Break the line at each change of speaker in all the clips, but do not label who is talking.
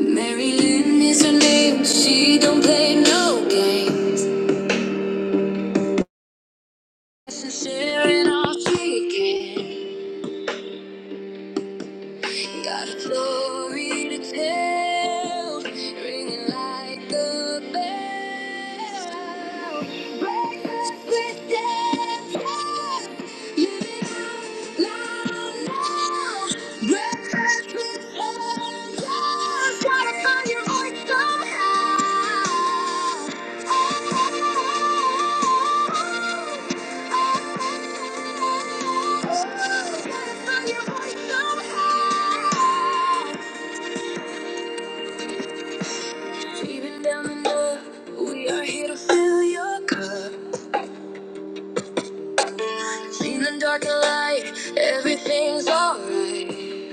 Mary Lynn is her name. She don't play no games. Sharing in all she can. Got a story to tell. Ringing like a bell. Breakfast with death. Living out loud now. Breakfast. with Even down the road, we are here to fill your cup. Seen the dark and light, everything's alright.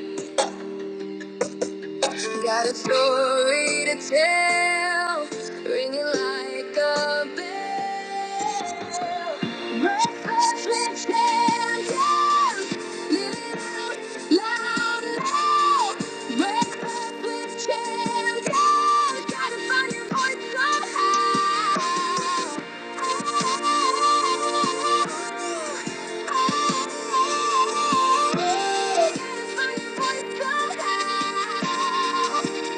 Got a story to tell, ringing like a bell. Breakfast with champions, living out loud and loud. Breakfast with champions, gotta find your voice somehow. Gotta find your voice somehow.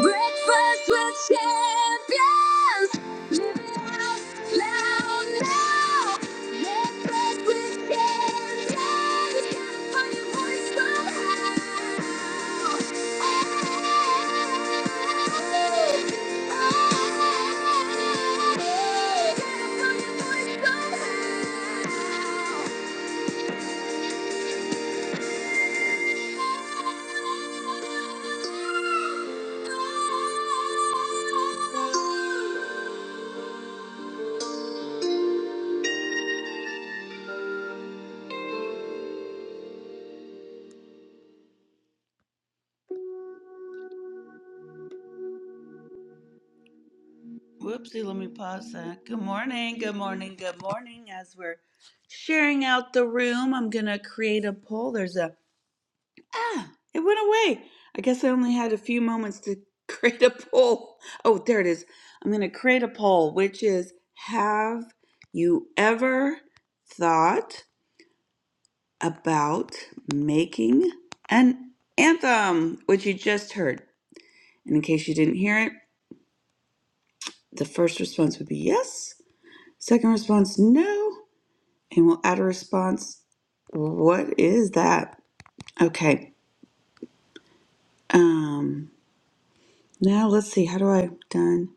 Breakfast with champions. Live it out loud now. Breakfast with champions. Amplify your voice somehow. Amplify your voice somehow. Whoopsie, let me pause that. Good morning, good morning, good morning. As we're sharing out the room, I'm going to create a poll. There's a, ah, it went away. I guess I only had a few moments to create a poll. Oh, there it is. I'm going to create a poll, which is Have you ever thought? about making an anthem, which you just heard. And in case you didn't hear it, the first response would be yes, second response, no, and we'll add a response. What is that? Okay. Um, now let's see. How do I done?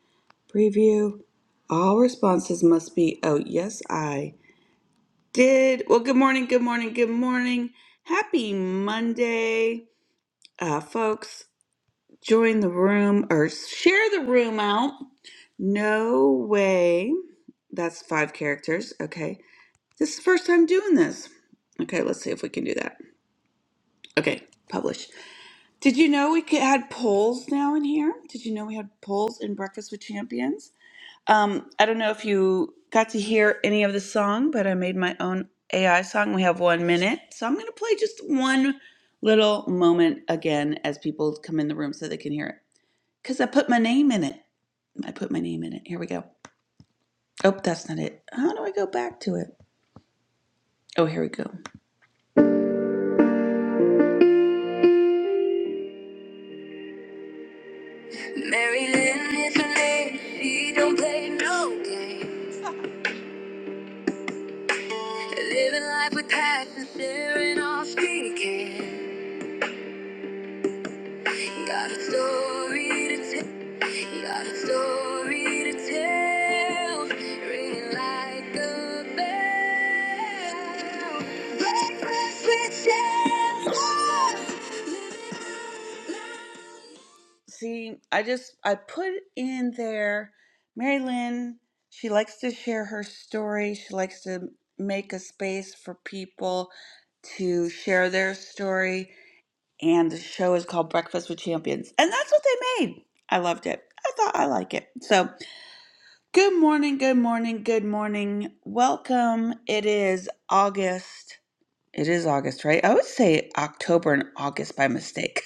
Preview. All responses must be, oh, yes, I did. Well, good morning, good morning, good morning. Happy Monday, uh, folks. Join the room or share the room out. No way. That's five characters. Okay. This is the first time doing this. Okay, let's see if we can do that. Okay, publish. Did you know we could, had polls now in here? Did you know we had polls in Breakfast with Champions? Um, I don't know if you got to hear any of the song, but I made my own AI song. We have one minute. So I'm going to play just one little moment again as people come in the room so they can hear it. Because I put my name in it. I put my name in it. Here we go. Oh, that's not it. How do I go back to it? Oh, here we go. Mary Lynn is her name. She don't play no game. Living life with passion, staring off she Got a story to tell. Got a story to tell. Ringing like a bell. Breakfast with champions. See, I just I put in there Mary Lynn, she likes to share her story. She likes to make a space for people to share their story and the show is called Breakfast with Champions. And that's what they made. I loved it. I thought I like it. So, good morning, good morning, good morning. Welcome. It is August. It is August, right? I would say October and August by mistake.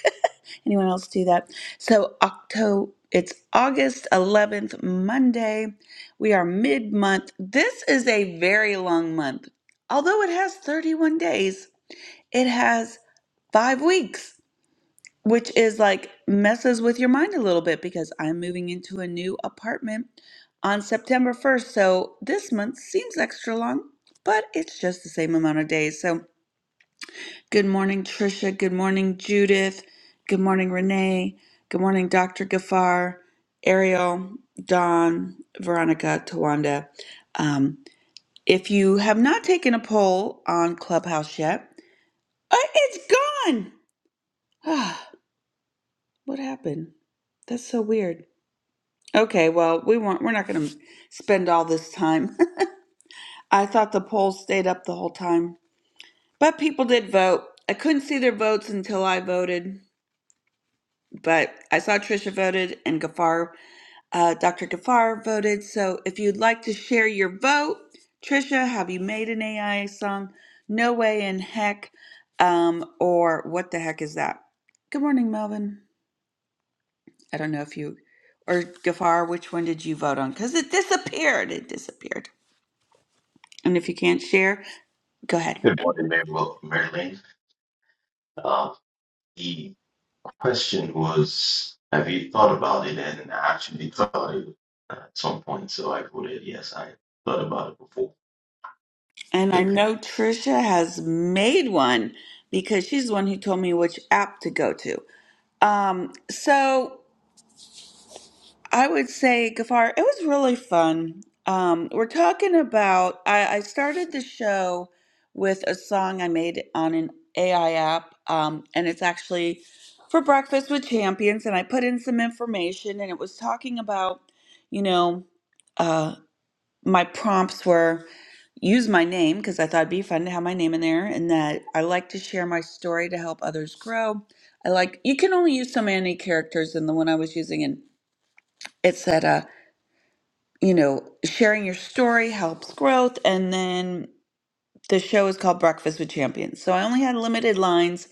Anyone else do that? So, Octo. it's August 11th, Monday. We are mid-month. This is a very long month. Although it has 31 days, it has 5 weeks which is like messes with your mind a little bit because I'm moving into a new apartment on September 1st. So this month seems extra long, but it's just the same amount of days. So good morning, Trisha. Good morning, Judith. Good morning, Renee. Good morning, Dr. Gafar, Ariel, Dawn, Veronica, Tawanda. Um, if you have not taken a poll on Clubhouse yet, uh, it's gone. what happened? That's so weird. Okay, well, we weren't, we're not going to spend all this time. I thought the polls stayed up the whole time, but people did vote. I couldn't see their votes until I voted, but I saw Trisha voted and Gafar, uh, Dr. Gafar voted. So if you'd like to share your vote, Trisha, have you made an AI song? No way in heck, um, or what the heck is that? Good morning, Melvin. I don't know if you or Gafar, which one did you vote on? Because it disappeared. It disappeared. And if you can't share, go ahead.
Good morning, Mary- well, Marilyn. Uh, the question was, have you thought about it? And I actually thought it uh, at some point, so I voted yes. I thought about it before.
And I
Okay.
know Trisha has made one because she's the one who told me which app to go to. Um, so I would say, Gafar, it was really fun. Um, we're talking about, I, I started the show with a song I made on an AI app, um, and it's actually for Breakfast with Champions. And I put in some information, and it was talking about, you know, uh, my prompts were use my name because I thought it'd be fun to have my name in there and that I like to share my story to help others grow. I like you can only use so many characters than the one I was using and it said uh you know sharing your story helps growth and then the show is called Breakfast with Champions. So I only had limited lines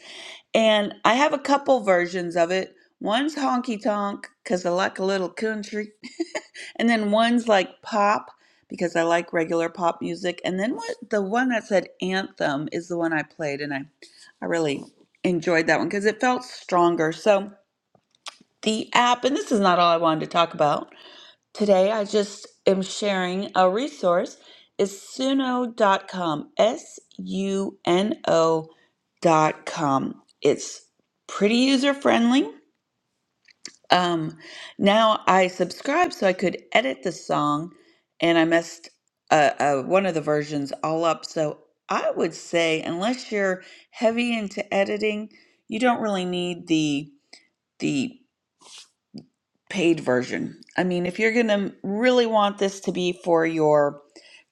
and I have a couple versions of it. One's honky tonk because I like a little country, and then one's like pop because I like regular pop music. And then what the one that said anthem is the one I played, and I I really enjoyed that one because it felt stronger. So the app, and this is not all I wanted to talk about. Today, I just am sharing a resource. It's suno dot com. S U N O dot com. It's pretty user friendly. Um, now I subscribed so I could edit the song, and I messed uh, uh, one of the versions all up. So I would say, unless you're heavy into editing, you don't really need the the paid version. I mean, if you're going to really want this to be for your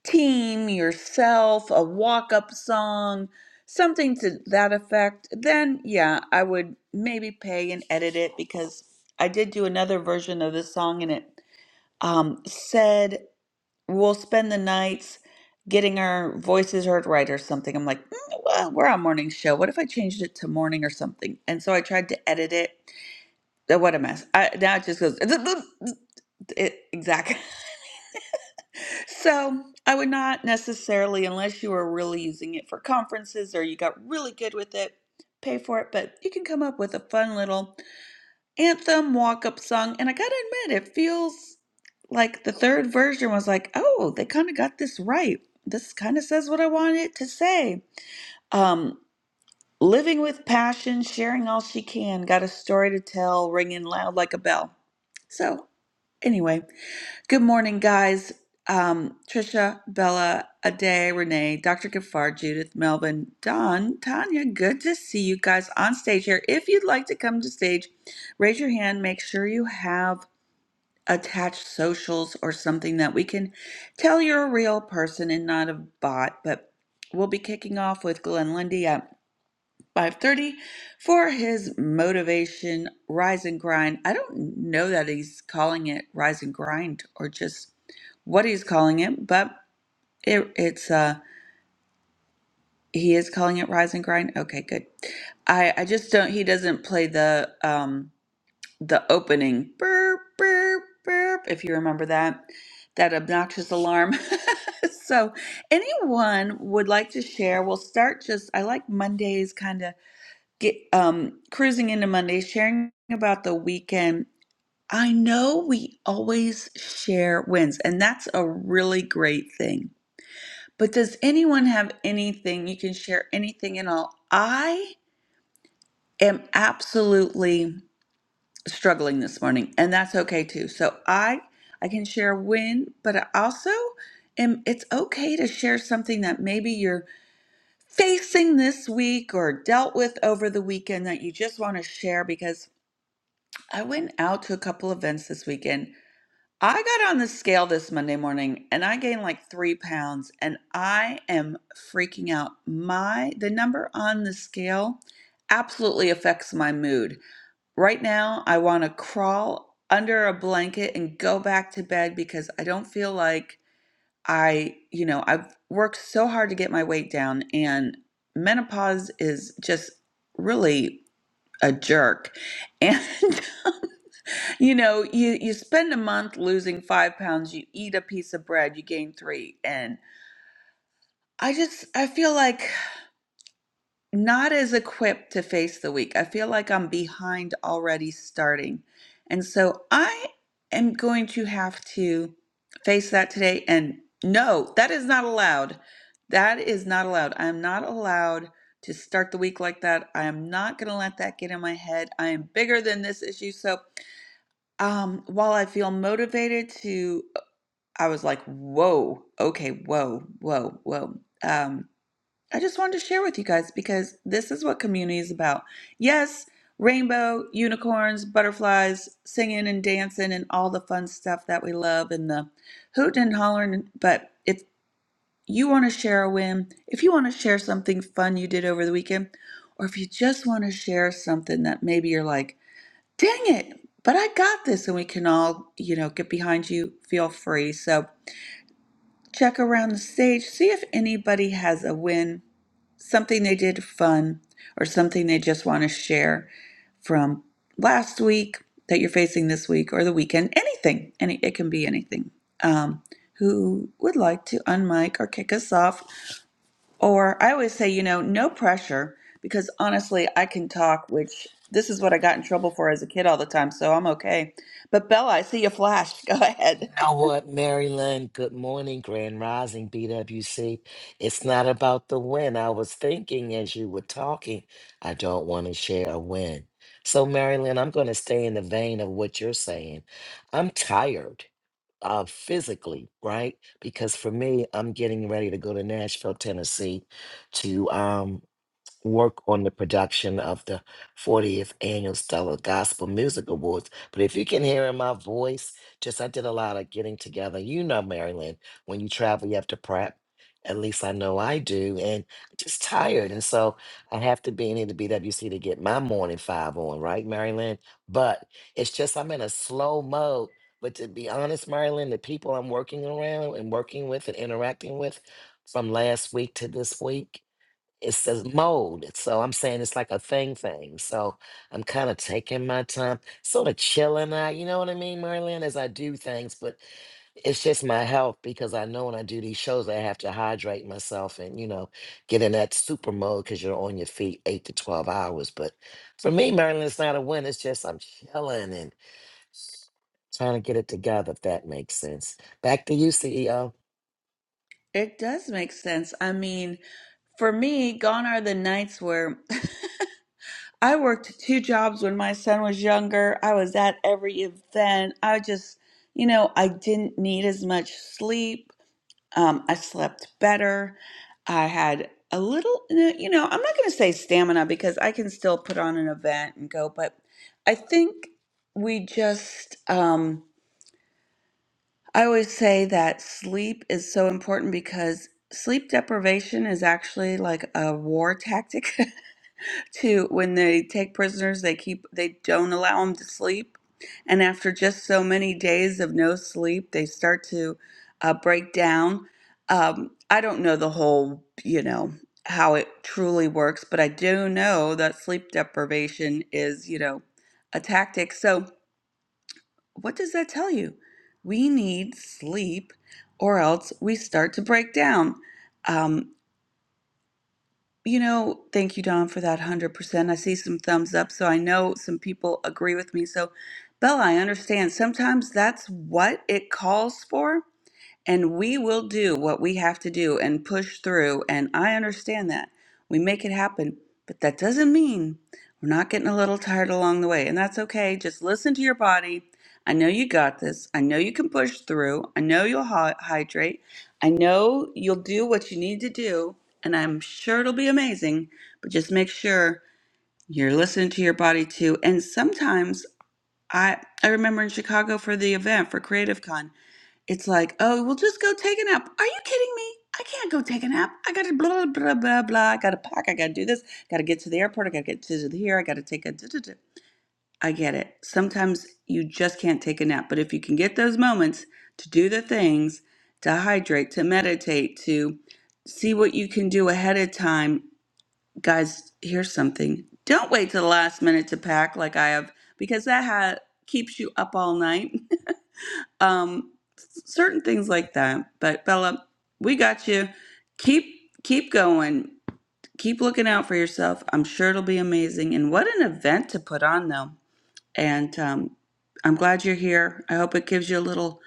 team, yourself, a walk up song, something to that effect, then yeah, I would maybe pay and edit it because I did do another version of this song and it um, said, We'll spend the nights getting our voices heard right or something. I'm like, mm, well, we're on morning show. What if I changed it to morning or something? And so I tried to edit it uh, What a mess. I, now it just goes it, exactly. So I would not necessarily, unless you are really using it for conferences or you got really good with it, pay for it. But you can come up with a fun little anthem walk up song. And I gotta admit, it feels like the third version was like, oh, they kind of got this right. This kind of says what I wanted it to say. Um, living with passion, sharing all she can, got a story to tell, ringing loud like a bell. So anyway. Good morning, guys. Um, Trisha, Bella, Ade, Renee, Dr. Gafar, Judith, Melvin, Don, Tanya, good to see you guys on stage here. If you'd like to come to stage, raise your hand. Make sure you have attached socials or something that we can tell you're a real person and not a bot. But we'll be kicking off with Glenn Lundy 5:30 for his motivation rise and grind. I don't know that he's calling it rise and grind or just what he's calling it, but it, it's uh he is calling it rise and grind. Okay, good. I I just don't he doesn't play the um the opening burp burp burp if you remember that that obnoxious alarm. so anyone would like to share, we'll start just I like Mondays kind of get um cruising into Monday, sharing about the weekend. I know we always share wins, and that's a really great thing. But does anyone have anything you can share anything at all? I am absolutely struggling this morning, and that's okay too. So I I can share a win, but I also am it's okay to share something that maybe you're facing this week or dealt with over the weekend that you just want to share because I went out to a couple events this weekend. I got on the scale this Monday morning and I gained like three pounds and I am freaking out. My the number on the scale absolutely affects my mood. Right now I want to crawl under a blanket and go back to bed because I don't feel like I, you know, I've worked so hard to get my weight down and menopause is just really a jerk. And You know, you you spend a month losing five pounds, you eat a piece of bread, you gain three. And I just I feel like not as equipped to face the week. I feel like I'm behind already starting. And so I am going to have to face that today. And no, that is not allowed. That is not allowed. I am not allowed to start the week like that. I am not going to let that get in my head. I am bigger than this issue. So um, while I feel motivated to I was like, whoa, okay, whoa, whoa, whoa. Um, I just wanted to share with you guys because this is what community is about. Yes, rainbow, unicorns, butterflies, singing and dancing, and all the fun stuff that we love, and the hooting and hollering. But if you want to share a win, if you want to share something fun you did over the weekend, or if you just want to share something that maybe you're like, dang it, but I got this, and we can all, you know, get behind you, feel free. So, check around the stage, see if anybody has a win, something they did fun, or something they just want to share from last week that you're facing this week or the weekend. Anything, any it can be anything. Um, who would like to unmic or kick us off? Or I always say, you know, no pressure because honestly, I can talk, which this is what I got in trouble for as a kid all the time, so I'm okay. But Bella, I see you flash. Go ahead.
Now what, Maryland? Good morning, Grand Rising BWC. It's not about the win. I was thinking as you were talking, I don't want to share a win. So, Marilyn, I'm going to stay in the vein of what you're saying. I'm tired uh, physically, right? Because for me, I'm getting ready to go to Nashville, Tennessee to um, work on the production of the 40th annual Stellar Gospel Music Awards. But if you can hear in my voice, just I did a lot of getting together. You know, Maryland, when you travel, you have to prep. At least I know I do, and I'm just tired. And so I have to be in here to BWC to get my morning five on, right, Maryland? But it's just I'm in a slow mode. But to be honest, Maryland, the people I'm working around and working with and interacting with from last week to this week, it says mold. So I'm saying it's like a thing thing. So I'm kind of taking my time, sort of chilling out, you know what I mean, Marlene, as I do things, but it's just my health because I know when I do these shows, I have to hydrate myself and, you know, get in that super mode because you're on your feet eight to 12 hours. But for me, Marilyn, it's not a win. It's just I'm chilling and trying to get it together, if that makes sense. Back to you, CEO.
It does make sense. I mean, for me, gone are the nights where I worked two jobs when my son was younger. I was at every event. I just, you know, I didn't need as much sleep. Um, I slept better. I had a little, no, you know, I'm not going to say stamina because I can still put on an event and go, but I think we just, um, I always say that sleep is so important because sleep deprivation is actually like a war tactic to when they take prisoners, they keep they don't allow them to sleep. And after just so many days of no sleep, they start to uh, break down. Um, I don't know the whole, you know, how it truly works, but I do know that sleep deprivation is, you know, a tactic. So, what does that tell you? We need sleep or else we start to break down. Um, you know, thank you, Don, for that 100%. I see some thumbs up, so I know some people agree with me. So, Bella, I understand. Sometimes that's what it calls for and we will do what we have to do and push through. And I understand that. We make it happen. But that doesn't mean we're not getting a little tired along the way. And that's okay. Just listen to your body. I know you got this. I know you can push through. I know you'll hy- hydrate. I know you'll do what you need to do. And I'm sure it'll be amazing. But just make sure you're listening to your body too. And sometimes I, I remember in Chicago for the event for Creative Con it's like, oh, well, just go take a nap. Are you kidding me? I can't go take a nap. I got to blah, blah, blah, blah. I got to pack. I got to do this. Got to get to the airport. I got to get to the here. I got to take a. duh, duh, duh. I get it. Sometimes you just can't take a nap. But if you can get those moments to do the things, to hydrate, to meditate, to see what you can do ahead of time, guys, here's something. Don't wait till the last minute to pack like I have, because that ha- keeps you up all night. um certain things like that but bella we got you keep keep going keep looking out for yourself i'm sure it'll be amazing and what an event to put on though and um i'm glad you're here i hope it gives you a little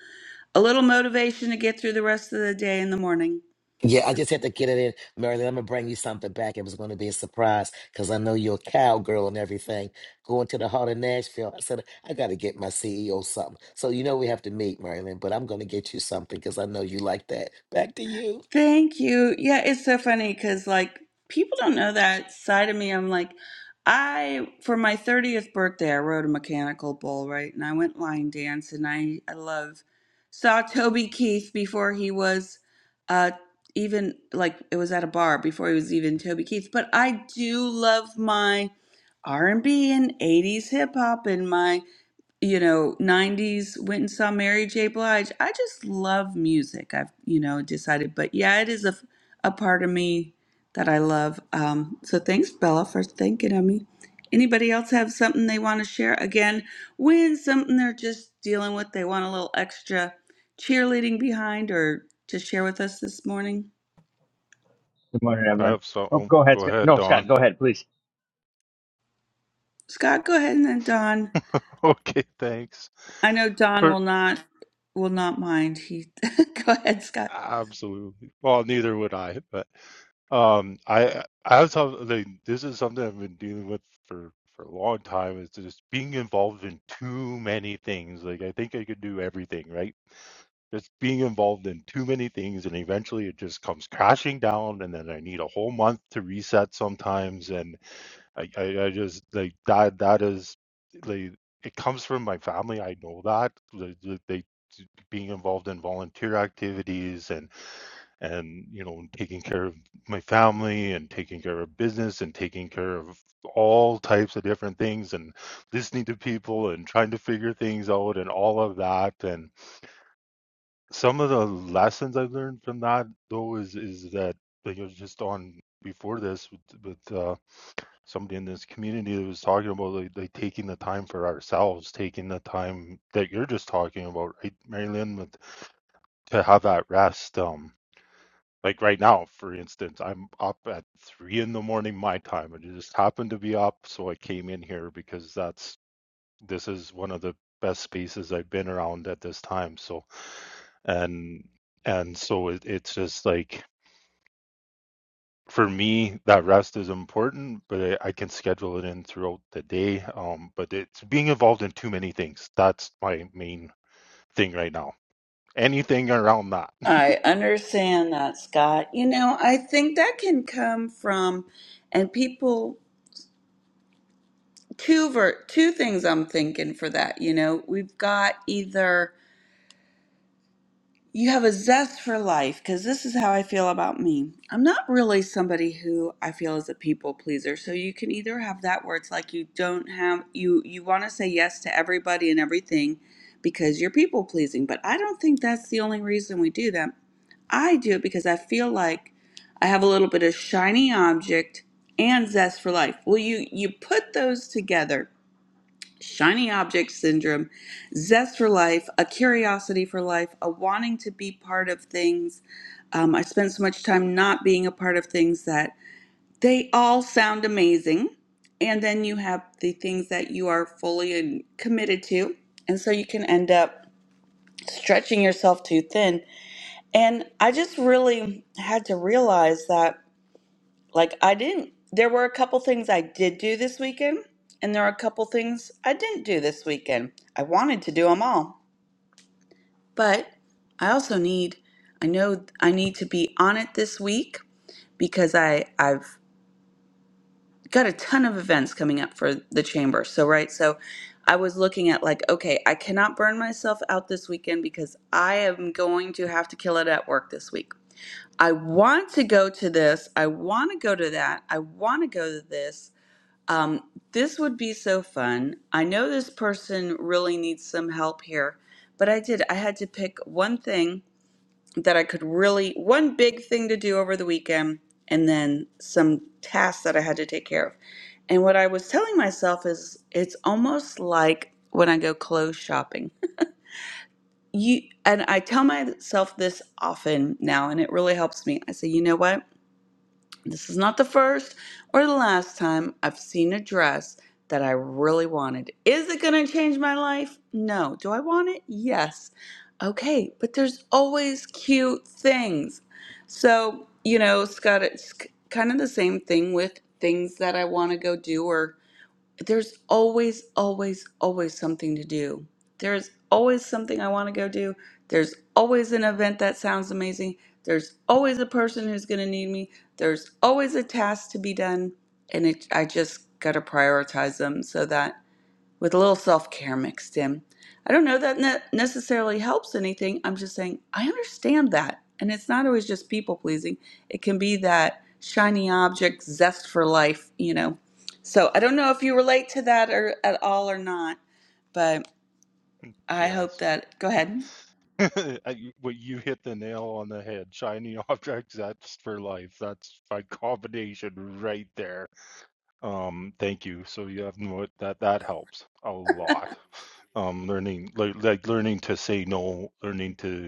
a little motivation to get through the rest of the day in the morning
Yeah, I just had to get it in. Marilyn, I'm gonna bring you something back. It was gonna be a surprise because I know you're a cowgirl and everything. Going to the heart of Nashville. I said, I gotta get my CEO something. So you know we have to meet, Marilyn, but I'm gonna get you something because I know you like that. Back to you.
Thank you. Yeah, it's so funny because like people don't know that side of me. I'm like, I for my 30th birthday, I rode a mechanical bull, right? And I went line dance, and I I love saw Toby Keith before he was uh even like it was at a bar before he was even Toby Keith. But I do love my R&B and 80s hip hop and my you know, 90s, went and saw Mary J. Blige. I just love music. I've, you know, decided, but yeah, it is a, a part of me that I love. Um, so thanks, Bella, for thinking of me. Anybody else have something they want to share? Again, when something they're just dealing with, they want a little extra cheerleading behind or to share with us this morning.
Good morning,
I
everyone.
have so.
Oh,
Oh,
go ahead.
go
Scott.
ahead,
No,
Don.
Scott, go ahead, please.
Scott, go ahead and then Don.
okay, thanks
I know Don
for
will not will not mind. He go ahead, Scott.
absolutely. Well, neither would I, but um, I I was have like this is something I've been dealing with for for a long time. Is just being involved in too many things. Like I think I could do everything, right? Just being involved in too many things, and eventually it just comes crashing down, and then I need a whole month to reset sometimes, and I, I, I just like that. That is like it comes from my family. I know that like, like, they being involved in volunteer activities and and you know taking care of my family and taking care of business and taking care of all types of different things and listening to people and trying to figure things out and all of that and some of the lessons I learned from that though is is that like, it was just on before this with, with uh, somebody in this community that was talking about like, like taking the time for ourselves, taking the time that you're just talking about, right, Marilyn, with to have that rest. Um, like right now, for instance, I'm up at three in the morning my time. I just happened to be up, so I came in here because that's this is one of the best spaces I've been around at this time. So and and so it, it's just like for me, that rest is important, but I, I can schedule it in throughout the day. Um, but it's being involved in too many things. That's my main thing right now. Anything around that.
I understand that, Scott. You know, I think that can come from, and people, two ver- two things I'm thinking for that. You know, we've got either you have a zest for life, because this is how I feel about me. I'm not really somebody who I feel is a people pleaser. So you can either have that where it's like you don't have you you want to say yes to everybody and everything because you're people pleasing, but I don't think that's the only reason we do that. I do it because I feel like I have a little bit of shiny object and zest for life. Well, you you put those together. Shiny object syndrome, zest for life, a curiosity for life, a wanting to be part of things. Um, I spent so much time not being a part of things that they all sound amazing. And then you have the things that you are fully and committed to. And so you can end up stretching yourself too thin and I just really had to realize that, like, I didn't, there were a couple things I did do this weekend, and there are a couple things I didn't do this weekend. I wanted to do them all, but I also need, I know I need to be on it this week because I, I've got a ton of events coming up for the chamber. So, right, so I was looking at, like, okay, I cannot burn myself out this weekend because I am going to have to kill it at work this week. I want to go to this. I want to go to that. I want to go to this. Um, this would be so fun. I know this person really needs some help here, but I did. I had to pick one thing that I could really, one big thing to do over the weekend, and then some tasks that I had to take care of. And what I was telling myself is it's almost like when I go clothes shopping you and I tell myself this often now and it really helps me. I say, you know what? This is not the first or the last time I've seen a dress that I really wanted. Is it going to change my life? No. Do I want it? Yes. Okay, but there's always cute things. So, you know, Scott, it's kind of the same thing with things that I want to go do or there's always, always, always something to do. There's always something I want to go do. There's always an event that sounds amazing. There's always a person who's going to need me. There's always a task to be done. And it, I just got to prioritize them so that with a little self care mixed in. I don't know that ne- necessarily helps anything. I'm just saying I understand that. And it's not always just people pleasing, it can be that shiny object zest for life, you know. So I don't know if you relate to that or, at all or not, but I hope
Yes.
that. Go ahead.
I- you- What you hit the nail on the head. Shiny objects, that's for life. That's my combination right there. Um, thank you. So yeah, you have no that that helps a lot. Um, learning like like learning to say no, learning to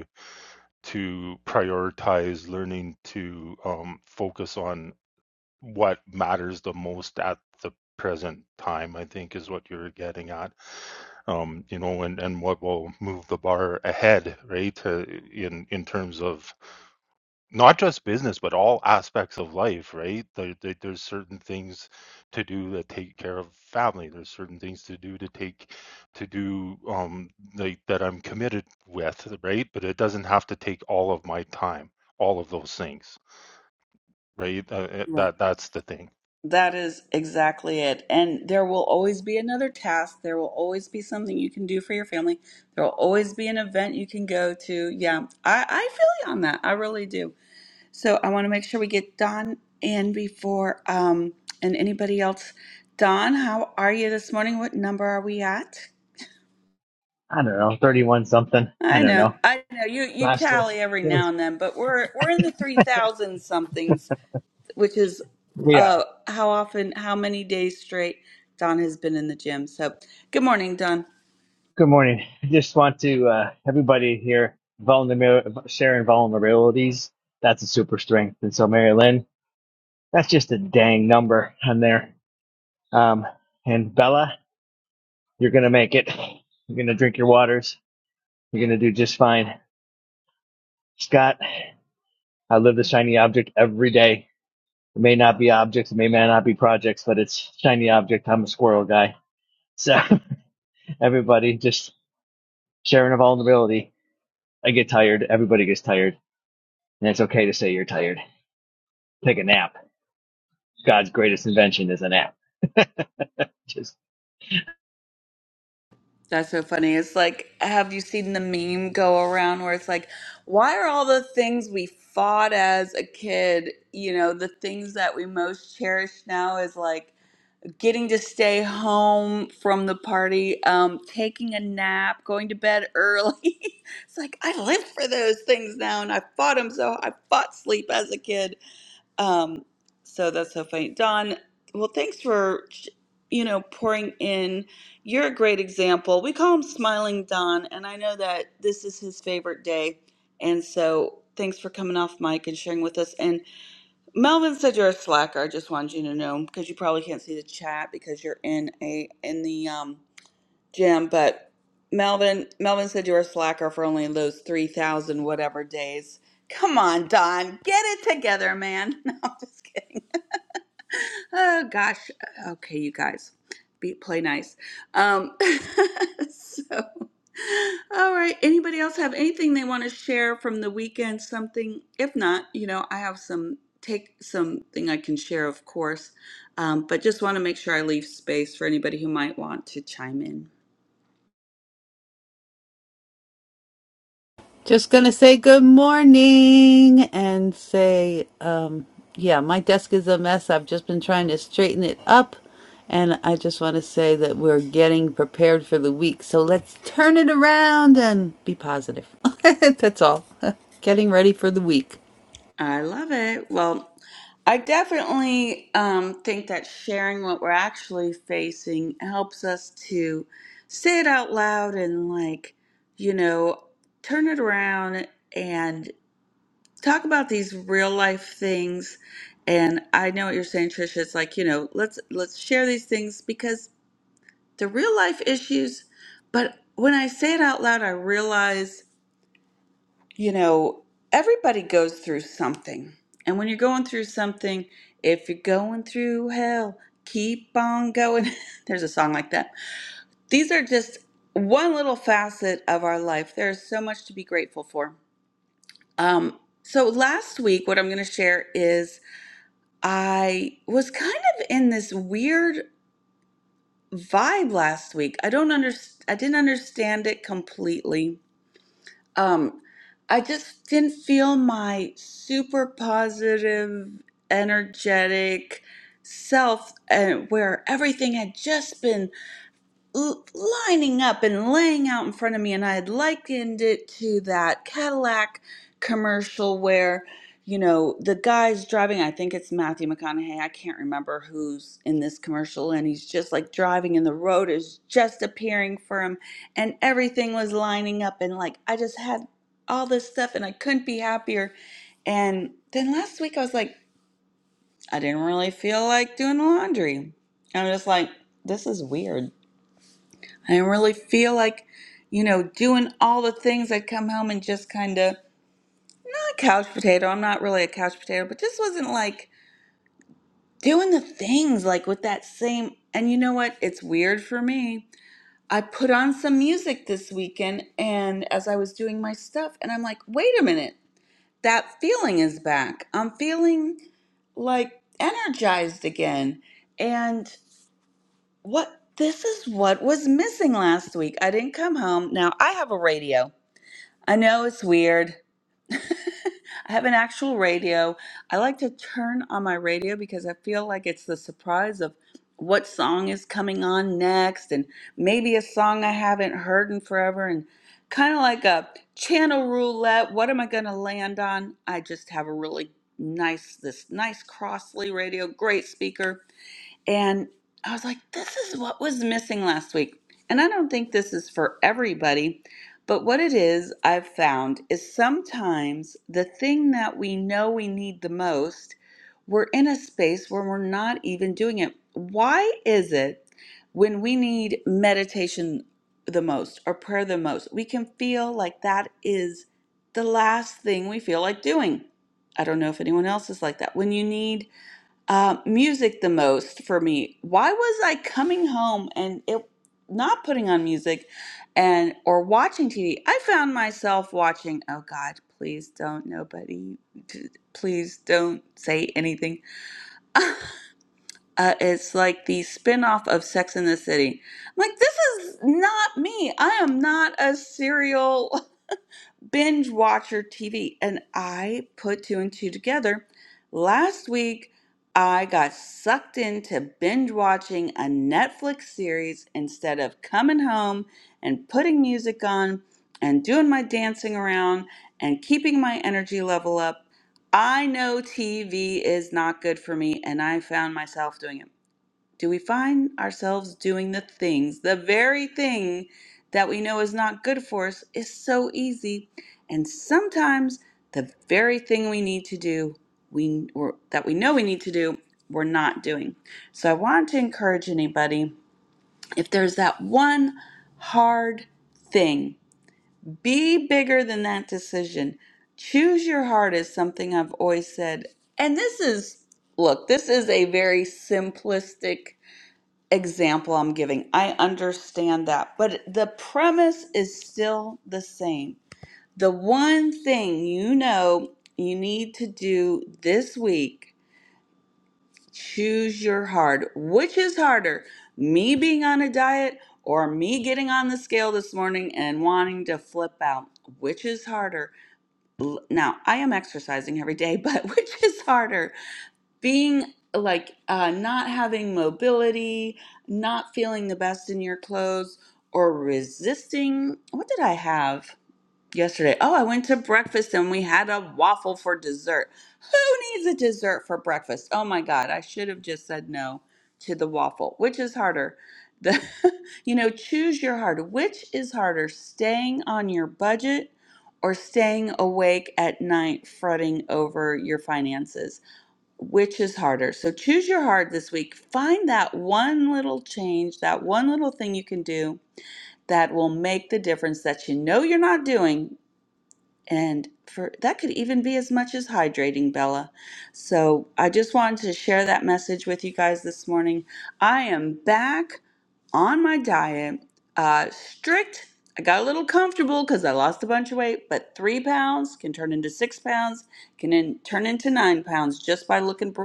to prioritize learning to um, focus on what matters the most at the present time i think is what you're getting at um, you know and, and what will move the bar ahead right uh, in in terms of not just business, but all aspects of life, right? There, there, there's certain things to do that take care of family. There's certain things to do to take to do um like that I'm committed with, right? But it doesn't have to take all of my time, all of those things, right? Uh, uh,
Right.
that that's the thing.
That is exactly it. And there will always be another task. There will always be something you can do for your family. There will always be an event you can go to. Yeah, I, I feel you on that. I really do. So I want to make sure we get Don in before, um, and anybody else. Don, how are you this morning? What number are we at?
I don't know, 31 something. I
I
don't
know,
know.
I know. You you
Last week,
tally every
it was,
now and then, but we're we're in the three thousand somethings, which is
we are.
uh how often, how many days straight Don has been in the gym. So good morning, Don.
Good morning. I just want to, uh, everybody here, Vulner sharing vulnerabilities. That's a super strength. And so, Mary Lynn, that's just a dang number on there. Um, and Bella, you're going to make it. You're going to drink your waters. You're going to do just fine. Scott, I live the shiny object every day. It may not be objects, it may not be projects, but it's shiny object. I'm a squirrel guy. So everybody just sharing a vulnerability. I get tired. Everybody gets tired. And it's okay to say you're tired. Take a nap. God's greatest invention is a nap. Just.
That's so funny. It's like, have you seen the meme go around where it's like, why are all the things we fought as a kid, you know, the things that we most cherish now is like getting to stay home from the party, um, taking a nap, going to bed early. it's like, I live for those things now and I fought them so I fought sleep as a kid. Um, so that's so funny. Don, well, thanks for, you know, pouring in. You're a great example. We call him Smiling Don, and I know that this is his favorite day. And so thanks for coming off mic and sharing with us. And Melvin said you're a slacker. I just wanted you to know because you probably can't see the chat because you're in a in the um Jim, but Melvin Melvin said you're a slacker for only those three thousand whatever days. Come on, Don, get it together, man. No, I'm just kidding. Oh gosh. Okay, you guys, be play nice. Um, so, all right. Anybody else have anything they want to share from the weekend? Something? If not, you know, I have some take something I can share, of course. Um, but just want to make sure I leave space for anybody who might want to chime in.
Just gonna say good morning and say, um, yeah, my desk is a mess. I've just been trying to straighten it up. And I just want to say that we're getting prepared for the week. So let's turn it around and be positive. That's all. getting ready for the week.
I love it. Well, I definitely um, think that sharing what we're actually facing helps us to say it out loud and, like, you know, turn it around and talk about these real life things. And I know what you're saying, Trisha. It's like, you know, let's let's share these things because they're real life issues. But when I say it out loud, I realize you know, everybody goes through something. And when you're going through something, if you're going through hell, keep on going. There's a song like that. These are just one little facet of our life. There's so much to be grateful for. Um, so last week, what I'm going to share is I was kind of in this weird vibe last week. I don't understand. I didn't understand it completely Um, I just didn't feel my super positive, energetic self, and where everything had just been l- lining up and laying out in front of me and i had likened it to that cadillac commercial where you know the guy's driving i think it's matthew mcconaughey i can't remember who's in this commercial and he's just like driving and the road is just appearing for him and everything was lining up and like i just had all this stuff and i couldn't be happier and then last week i was like i didn't really feel like doing laundry i'm just like this is weird I didn't really feel like, you know, doing all the things. I'd come home and just kind of, not a couch potato. I'm not really a couch potato, but just wasn't like doing the things like with that same. And you know what? It's weird for me. I put on some music this weekend and as I was doing my stuff, and I'm like, wait a minute, that feeling is back. I'm feeling like energized again. And what this is what was missing last week. I didn't come home. Now I have a radio. I know it's weird. I have an actual radio. I like to turn on my radio because I feel like it's the surprise of what song is coming on next and maybe a song I haven't heard in forever and kind of like a channel roulette. What am I going to land on? I just have a really nice this nice Crossley radio, great speaker and I was like, this is what was missing last week. And I don't think this is for everybody, but what it is I've found is sometimes the thing that we know we need the most, we're in a space where we're not even doing it. Why is it when we need meditation the most or prayer the most, we can feel like that is the last thing we feel like doing? I don't know if anyone else is like that. When you need uh, music the most for me. Why was I coming home and it not putting on music and or watching TV? I found myself watching, oh God, please don't nobody d- please don't say anything. Uh, it's like the spin-off of Sex in the City. I'm like, this is not me. I am not a serial binge watcher TV. And I put two and two together. Last week, I got sucked into binge watching a Netflix series instead of coming home and putting music on and doing my dancing around and keeping my energy level up. I know TV is not good for me, and I found myself doing it do we find ourselves doing the things, the very thing that we know is not good for us is so easy. And sometimes the very thing we need to do, we or that we know we need to do, we're not doing. So I want to encourage anybody, if there's that one hard thing, be bigger than that decision. Choose your heart is something I've always said. And this is look, this is a very simplistic example I'm giving. I understand that, but the premise is still the same. The one thing you know you need to do this week choose your hard. Which is harder, me being on a diet or me getting on the scale this morning and wanting to flip out? Which is harder? L- Now, I am exercising every day, but which is harder? being like uh, not having mobility, not feeling the best in your clothes, or resisting. What did I have yesterday? Oh, I went to breakfast and we had a waffle for dessert. Who needs a dessert for breakfast? Oh my God, I should have just said no to the waffle. Which is harder? The, you know, choose your heart. Which is harder, staying on your budget or staying awake at night fretting over your finances? which is harder. So choose your heart this week. Find that one little change, that one little thing you can do that will make the difference that you know you're not doing. And for that could even be as much as hydrating, Bella. So I just wanted to share that message with you guys this morning. I am back on my diet. Uh, strict. I got a little comfortable because I lost a bunch of weight, but three pounds can turn into six pounds, can in, turn into nine pounds just by looking br-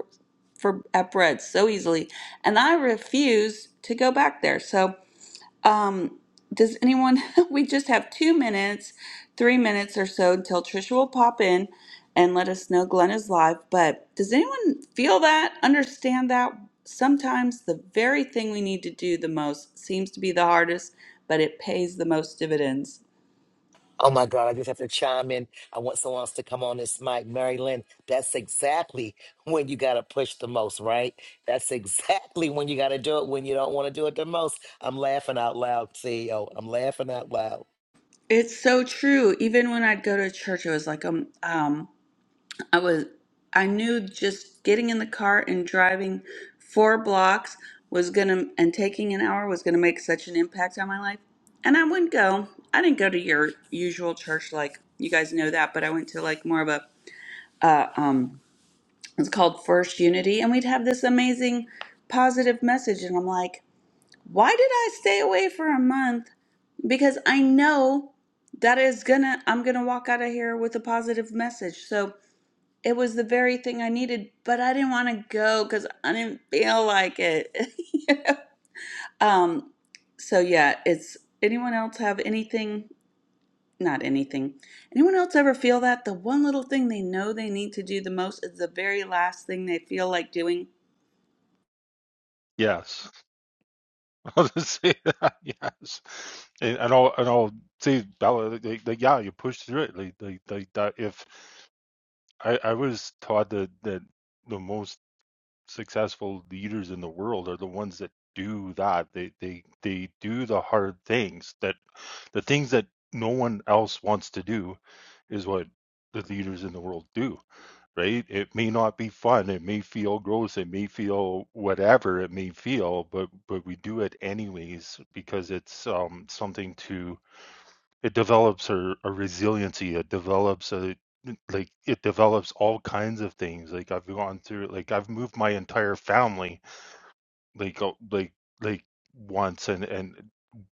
for at bread so easily. And I refuse to go back there. So um, does anyone? we just have two minutes, three minutes or so until Trisha will pop in and let us know Glenn is live. But does anyone feel that? Understand that? Sometimes the very thing we need to do the most seems to be the hardest, but it pays the most dividends.
Oh my God, I just have to chime in. I want someone else to come on this mic. Marilyn, that's exactly when you gotta push the most, right? That's exactly when you gotta do it when you don't wanna do it the most. I'm laughing out loud, CEO. I'm laughing out loud.
It's so true. Even when I'd go to church, it was like um, um I was I knew just getting in the car and driving four blocks was gonna and taking an hour was gonna make such an impact on my life. And I wouldn't go. I didn't go to your usual church like you guys know that, but I went to like more of a uh, um it's called First Unity and we'd have this amazing positive message and I'm like, why did I stay away for a month? Because I know that is gonna I'm gonna walk out of here with a positive message. So it was the very thing I needed, but I didn't want to go because I didn't feel like it. You know? Um, so yeah, it's anyone else have anything? Not anything. Anyone else ever feel that the one little thing they know they need to do the most is the very last thing they feel like doing?
Yes, I'll just say that. Yes, and, and I'll and I'll say Bella, like, like, like, yeah, you push through it, like like, like that. If I I was taught that that the most successful leaders in the world are the ones that do that they they they do the hard things that the things that no one else wants to do is what the leaders in the world do right it may not be fun it may feel gross it may feel whatever it may feel but but we do it anyways because it's um something to it develops a, a resiliency it develops a like it develops all kinds of things like i've gone through like i've moved my entire family like uh, like like once and and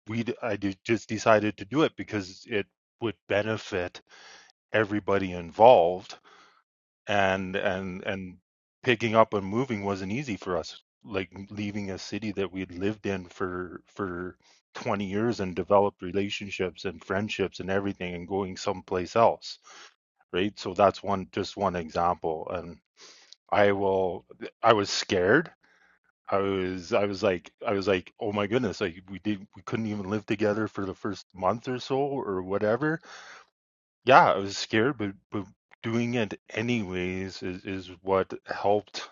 we d- i did, just decided to do it because it would benefit everybody involved and and and picking up and moving wasn't easy for us like leaving a city that we'd lived in for for 20 years and developed relationships and friendships and everything and going someplace else right so that's one just one example and i will i was scared i was i was like i was like oh my goodness like we did we couldn't even live together for the first month or so or whatever yeah, I was scared, but but doing it anyways is is what helped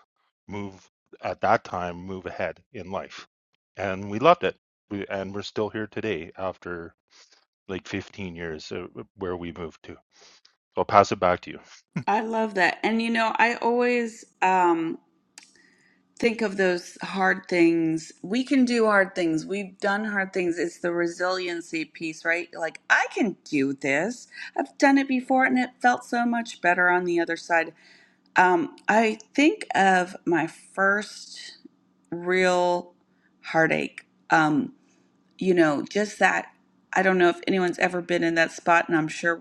move at that time move ahead in life. And we loved it. We, and we're still here today after like 15 years uh, where we moved to. I'll pass it back to you.
I love that. And you know, I always um, think of those hard things. We can do hard things. We've done hard things. It's the resiliency piece, right? Like, I can do this. I've done it before and it felt so much better on the other side. Um, I think of my first real heartache. Um, you know, just that. I don't know if anyone's ever been in that spot, and I'm sure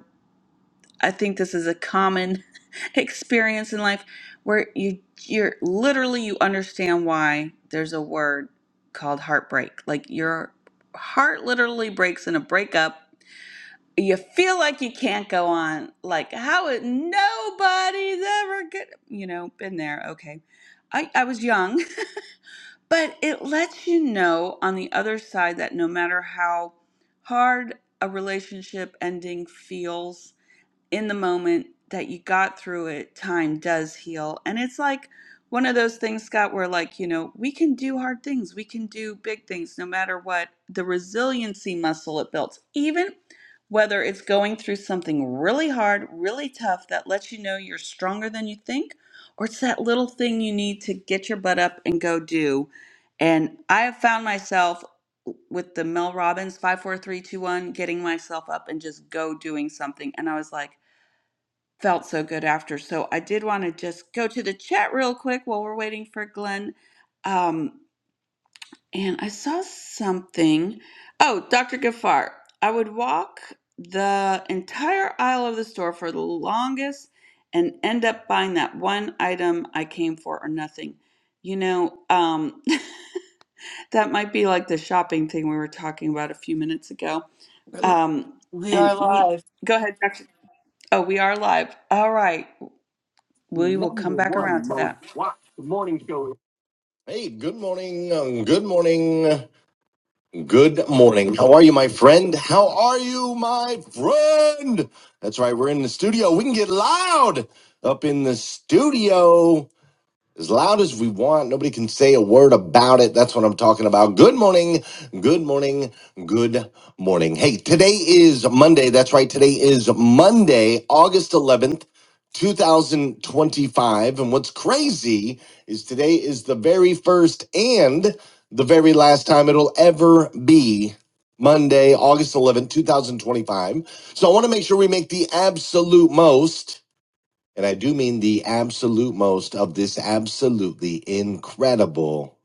I think this is a common experience in life where you you're literally you understand why there's a word called heartbreak. Like your heart literally breaks in a breakup. You feel like you can't go on. Like how it nobody's ever good you know, been there, okay. I, I was young, but it lets you know on the other side that no matter how hard a relationship ending feels, in the moment that you got through it, time does heal. And it's like one of those things, Scott, where like, you know, we can do hard things, we can do big things no matter what. The resiliency muscle it builds, even whether it's going through something really hard, really tough that lets you know you're stronger than you think, or it's that little thing you need to get your butt up and go do. And I have found myself with the Mel Robbins 54321 getting myself up and just go doing something. And I was like, felt so good after. So I did want to just go to the chat real quick while we're waiting for Glenn. Um, and I saw something. Oh, Dr. Gafar, I would walk the entire aisle of the store for the longest and end up buying that one item I came for or nothing. You know, um, that might be like the shopping thing we were talking about a few minutes ago. Um,
We are
and eat.
live.
Go ahead, Dr. Oh, we are live. All right. we will
Number
come back around
one
to
most
that.
watched morning show. Hey, good morning. um, Good morning. Good morning. How are you, my friend? How are you, my friend? That's right, we're in the studio. We can get loud up in the studio as loud as we want. Nobody can say a word about it. That's what I'm talking about. Good morning. Good morning. Good morning. Hey, today is Monday. That's right. Today is Monday, August 11th. 2025. And what's crazy is today is the very first and the very last time it'll ever be Monday, August 11th, 2025. So I want to make sure we make the absolute most and I do mean the absolute most of this absolutely incredible,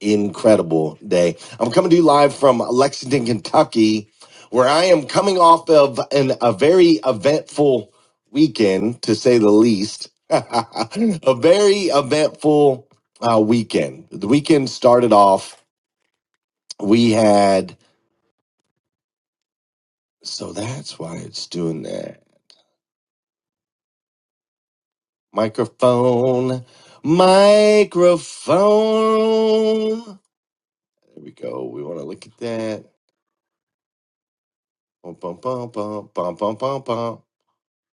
incredible day. I'm coming to you live from Lexington, Kentucky, where I am coming off of an, a very eventful weekend, to say the least. a very eventful uh, weekend. The weekend started off, we had, so that's why it's doing that. Microphone, microphone. There we go. We want to look at that. Bum, bum, bum, bum, bum, bum, bum, bum.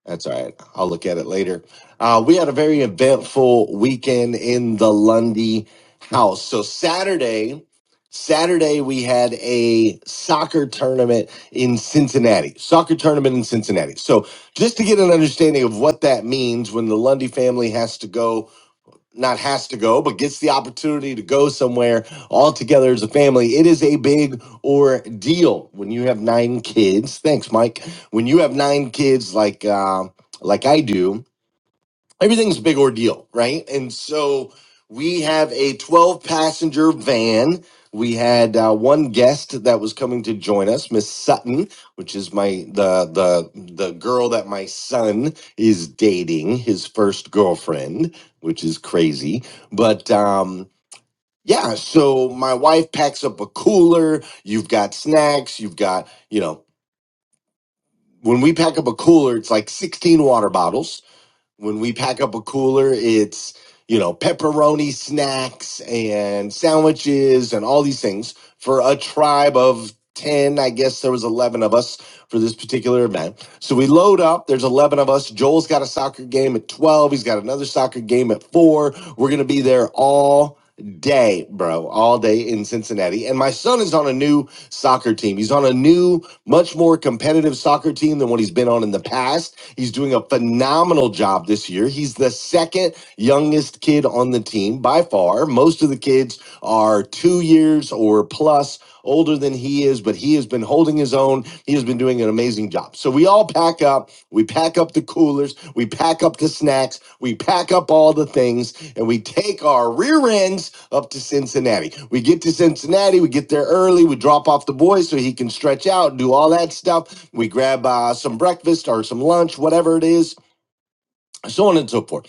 That's all right. I'll look at it later. Uh, we had a very eventful weekend in the Lundy house. So Saturday, Saturday we had a soccer tournament in Cincinnati. Soccer tournament in Cincinnati. So just to get an understanding of what that means when the Lundy family has to go not has to go, but gets the opportunity to go somewhere all together as a family. It is a big ordeal when you have nine kids. Thanks, Mike. When you have nine kids, like uh, like I do, everything's a big ordeal, right? And so we have a 12 passenger van. We had uh, one guest that was coming to join us, Miss Sutton, which is my the the the girl that my son is dating, his first girlfriend, which is crazy. But um yeah, so my wife packs up a cooler. You've got snacks, you've got, you know, when we pack up a cooler, it's like 16 water bottles when we pack up a cooler, it's you know pepperoni snacks and sandwiches and all these things for a tribe of 10 i guess there was 11 of us for this particular event so we load up there's 11 of us joel's got a soccer game at 12 he's got another soccer game at 4 we're gonna be there all day bro all day in cincinnati and my son is on a new soccer team he's on a new much more competitive soccer team than what he's been on in the past He's doing a phenomenal job this year. He's the second youngest kid on the team by far. Most of the kids are two years or plus older than he is, but he has been holding his own. He has been doing an amazing job. So we all pack up. We pack up the up the coolers, we pack up the snacks, we pack up all the things, and we take our rear ends up to Cincinnati. We get to Cincinnati, we get there early, we drop off the boy so he can stretch out, do all that stuff. We grab uh, some breakfast or some lunch, whatever it is, so on and so forth.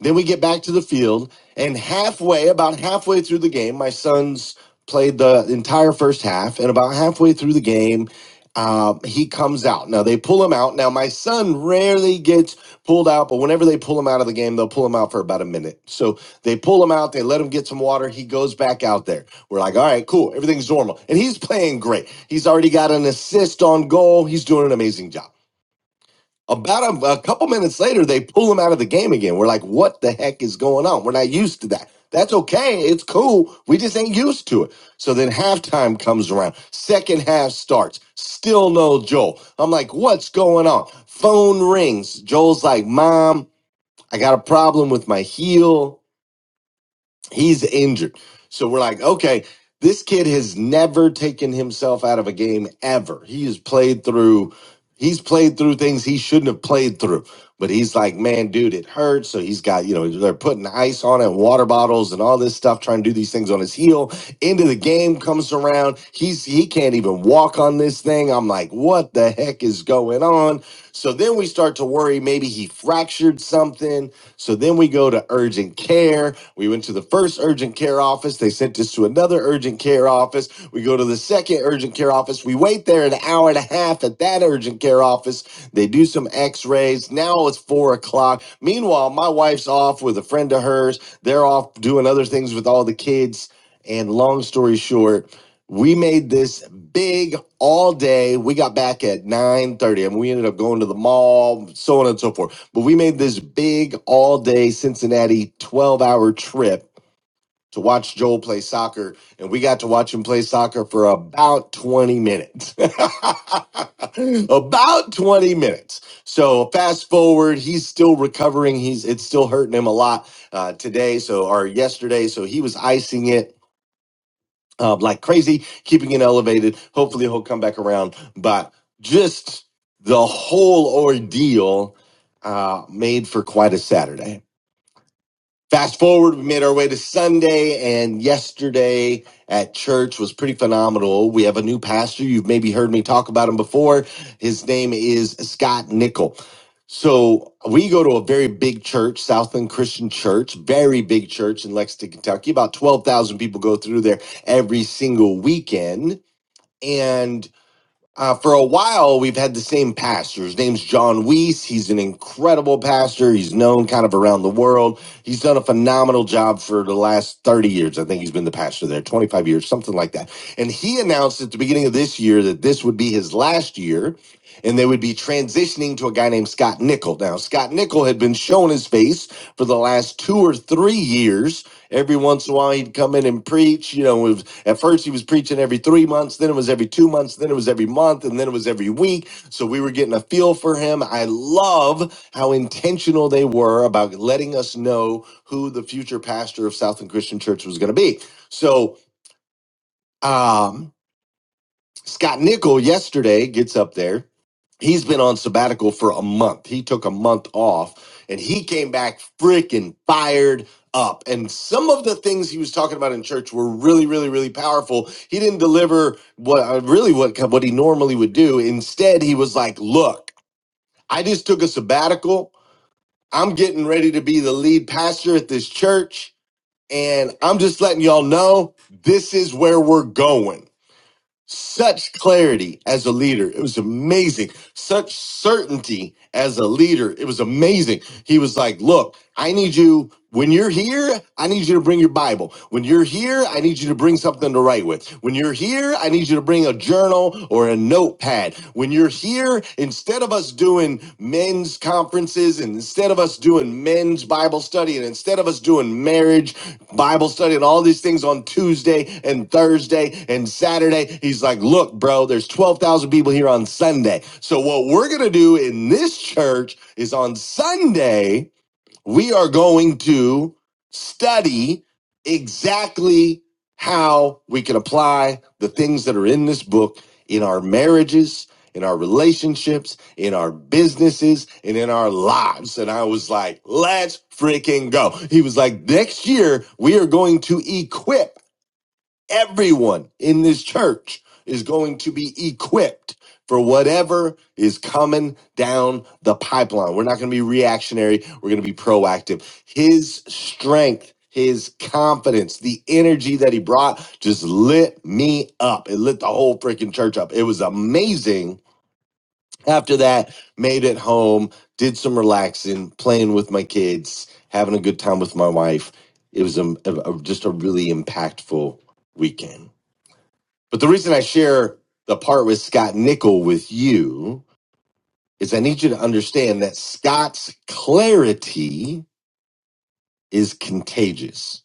Then we get back to the field, and halfway, about halfway through the game, my sons played the entire first half, and about halfway through the game, uh, he comes out. Now they pull him out. Now my son rarely gets pulled out, but whenever they pull him out of the game, they'll pull him out for about a minute. So they pull him out, they let him get some water. He goes back out there. We're like, all right, cool, everything's normal, and he's playing great. He's already got an assist on goal. He's doing an amazing job. About a, a couple minutes later, they pull him out of the game again. We're like, what the heck is going on? We're not used to that. That's okay. It's cool. We just ain't used to it. So then halftime comes around. Second half starts. Still no Joel. I'm like, what's going on? Phone rings. Joel's like, Mom, I got a problem with my heel. He's injured. So we're like, okay, this kid has never taken himself out of a game ever. He has played through he's played through things he shouldn't have played through. But he's like, man, dude, it hurts. So he's got, you know, they're putting ice on it, water bottles and all this stuff, trying to do these things on his heel. Into the game comes around. He's he can't even walk on this thing. I'm like, what the heck is going on? So then we start to worry maybe he fractured something. So then we go to urgent care. We went to the first urgent care office. They sent us to another urgent care office. We go to the second urgent care office. We wait there an hour and a half at that urgent care office. They do some x rays. Now it's four o'clock. Meanwhile, my wife's off with a friend of hers. They're off doing other things with all the kids. And long story short, we made this big all day. We got back at 9:30 and we ended up going to the mall, so on and so forth. But we made this big all day Cincinnati 12-hour trip to watch Joel play soccer and we got to watch him play soccer for about 20 minutes. about 20 minutes. So fast forward, he's still recovering. He's it's still hurting him a lot uh, today, so or yesterday, so he was icing it uh, like crazy, keeping it elevated. Hopefully, he'll come back around. But just the whole ordeal uh, made for quite a Saturday. Fast forward, we made our way to Sunday, and yesterday at church was pretty phenomenal. We have a new pastor. You've maybe heard me talk about him before. His name is Scott Nickel. So we go to a very big church, Southland Christian Church, very big church in Lexington, Kentucky. About 12,000 people go through there every single weekend. And uh, for a while, we've had the same pastor. His name's John Weiss. He's an incredible pastor. He's known kind of around the world. He's done a phenomenal job for the last 30 years. I think he's been the pastor there, 25 years, something like that. And he announced at the beginning of this year that this would be his last year and they would be transitioning to a guy named Scott Nickel. Now, Scott Nickel had been shown his face for the last two or three years. Every once in a while, he'd come in and preach. You know, it was, at first he was preaching every three months, then it was every two months, then it was every month, and then it was every week. So we were getting a feel for him. I love how intentional they were about letting us know who the future pastor of Southland Christian Church was going to be. So, um, Scott Nickel yesterday gets up there. He's been on sabbatical for a month. He took a month off and he came back freaking fired up. And some of the things he was talking about in church were really, really, really powerful. He didn't deliver what uh, really what what he normally would do. Instead, he was like, "Look, I just took a sabbatical. I'm getting ready to be the lead pastor at this church, and I'm just letting y'all know this is where we're going." such clarity as a leader. It was amazing. Such certainty as a leader. It was amazing. He was like, Look, I need you. When you're here, I need you to bring your Bible. When you're here, I need you to bring something to write with. When you're here, I need you to bring a journal or a notepad. When you're here, instead of us doing men's conferences and instead of us us doing men's Bible study and instead of us doing marriage Bible study and all these things on Tuesday and Thursday and Saturday, he's like, look, bro, there's 12,000 people here on Sunday. So what we're going to do in this church is on Sunday we are going to study exactly how we can apply the things that are in this book in our marriages, in our relationships, in our businesses, and in our lives. And I was like, let's freaking go. He was like, next year, we are going to equip everyone in this church is going to be equipped for whatever is coming down the pipeline. We're not going to be reactionary, we're going to be proactive. His strength, his confidence, the energy that he brought just lit me up. It lit the whole freaking church up. It was amazing. After that, made it home, did some relaxing, playing with my kids, having a good time with my wife. It was a, a- a- just a really impactful weekend. But the reason I share the part with Scott Nickel with you is I need you to understand that Scott's clarity is contagious.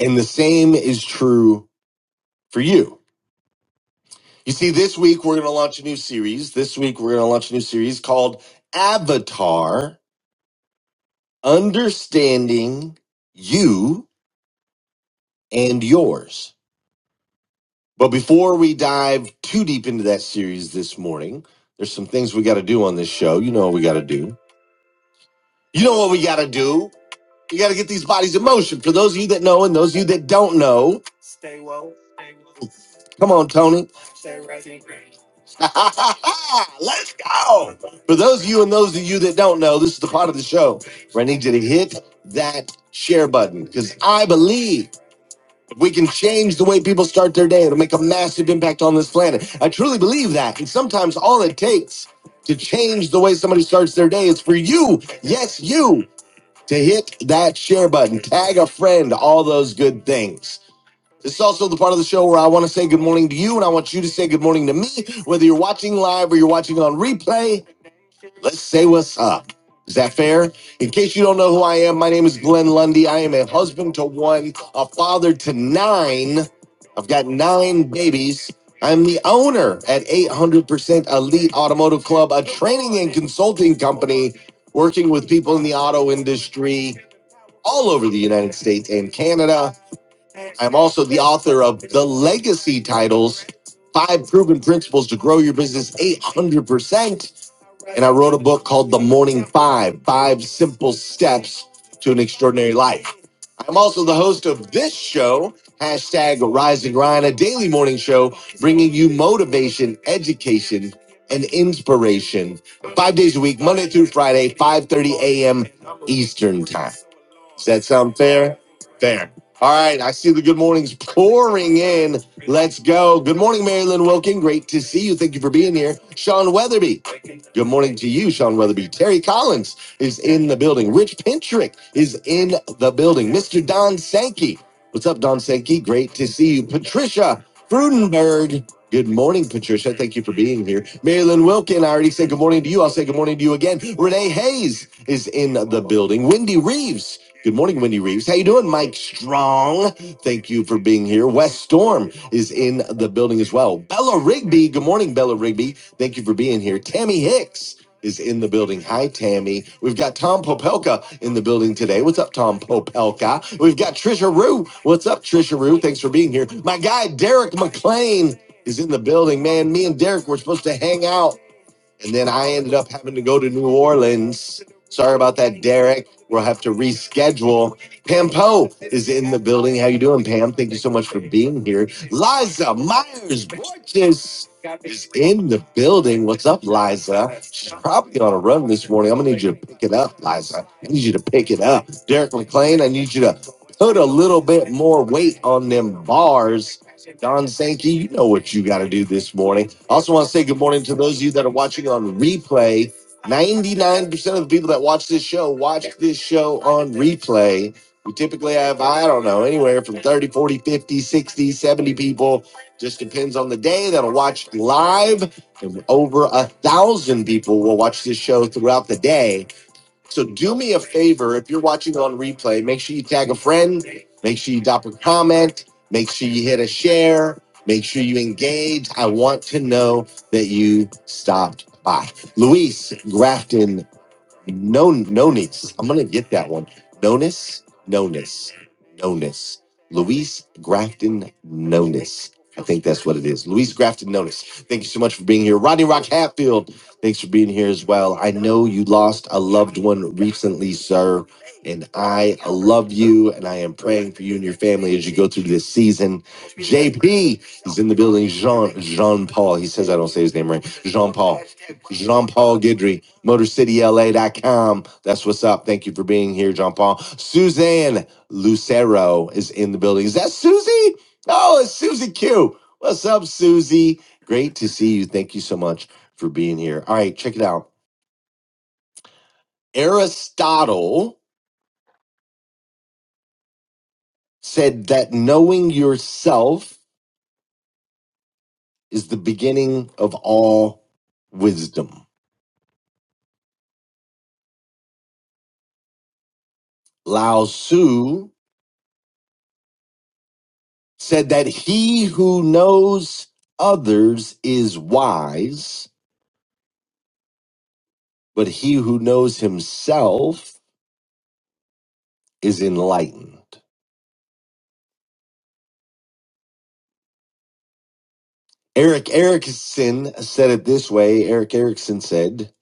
And the same is true for you. You see, this week we're going to launch a new series. This week we're going to launch a new series called Avatar Understanding You and Yours. But before we dive too deep into that series this morning, there's some things we got to do on this show. You know what we got to do. You know what we got to do? We got to get these bodies in motion. For those of you that know and those of you that don't know, come on, Tony. Let's go. For those of you and those of you that don't know, this is the part of the show where I need you to hit that share button because I believe if we can change the way people start their day, it'll make a massive impact on this planet. I truly believe that. And sometimes all it takes to change the way somebody starts their day is for you, yes, you to hit that share button, tag a friend, all those good things. This is also the part of the show where I want to say good morning to you and I want you to say good morning to me, whether you're watching live or you're watching on replay. Let's say what's up. Is that fair? In case you don't know who I am, my name is Glenn Lundy. I am a husband to one, a father to nine. I've got nine babies. I'm the owner at 800% Elite Automotive Club, a training and consulting company working with people in the auto industry all over the United States and Canada. I'm also the author of The Legacy Titles Five Proven Principles to Grow Your Business 800%. And I wrote a book called The Morning Five Five Simple Steps to an Extraordinary Life. I'm also the host of this show, hashtag Rising Ryan, a daily morning show bringing you motivation, education, and inspiration five days a week, Monday through Friday, 5.30 a.m. Eastern Time. Does that sound fair? Fair. All right, I see the good mornings pouring in. Let's go. Good morning, Marilyn Wilkin. Great to see you. Thank you for being here. Sean Weatherby. Good morning to you, Sean Weatherby. Terry Collins is in the building. Rich Pintrick is in the building. Mr. Don Sankey What's up, Don Sankey? Great to see you. Patricia Frudenberg. Good morning, Patricia. Thank you for being here. Marilyn Wilkin, I already said good morning to you. I'll say good morning to you again. Renee Hayes is in the building. Wendy Reeves. Good morning, Wendy Reeves. How you doing, Mike Strong? Thank you for being here. Wes Storm is in the building as well. Bella Rigby. Good morning, Bella Rigby. Thank you for being here. Tammy Hicks. Davis is in the building. Hi, Tammy. We've got Tom Popelka in the building today. What's up, Tom Popelka? We've got Trisha Rue. What's up, Trisha Rue? Thanks for being here. My guy, Derek McLean, is in the building. Man, me and Derek were supposed to hang out and then I ended up having to go to New Orleans. Sorry about that, Derek. We'll have to reschedule. Pam Poe is in the building. How you doing, Pam? Thank you so much for being here. Liza Myers Borges is in the building. What's up, Liza? She's probably on a run this morning. I'm gonna need you to pick it up, Liza. I need you to pick it up. Derek McLean, I need you to put a little bit more weight on them bars. Don Sankey, you know what you got to do this morning. I also want to say good morning to those of you that are watching on replay. 99% of the people that watch this show watch this show on replay. We typically have, I don't know, anywhere from 30, 40, 50, 60, 70 people. Just depends on the day that'll watch live. And over a thousand people will watch this show throughout the day so do me a favor if you're watching on replay, make sure you tag a friend, make sure you drop a comment, make sure you hit a share, make sure you engage. I want to know that you stopped by. Luis Grafton no, Nonis. I'm gonna get that one. Nonis, Nonis, Nonis. Luis Grafton Nonis. I think that's what it is. Luis Grafton Nonis. Thank you so much for being here. Rodney Rock Hatfield, thanks for being here as well. I know you lost a loved one recently, sir, and I love you and I am praying for you and your family as you go through this season. JP is in the building. Jean Jean Paul. He says I don't say his name right. Jean Paul. Jean Paul Guidry motor city L A dot com. That's what's up. Thank you for being here, John Paul. Suzanne Lucero is in the building. Is that Susie? Oh, it's Susie Q. What's up, Susie? Great to see you. Thank you so much for being here. All right, check it out. Aristotle said that knowing yourself is the beginning of all wisdom. Lao Tzu said that he who knows others is wise but he who knows himself is enlightened. Eric Erickson said it this way Eric Erickson said,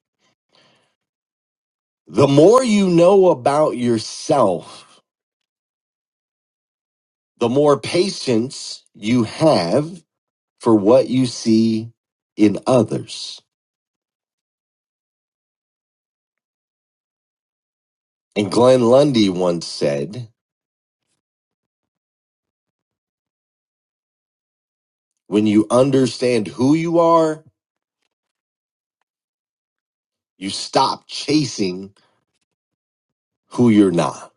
The more you know about yourself, the more patience you have for what you see in others. And Glenn Lundy once said, When you understand who you are, you stop chasing who you're not.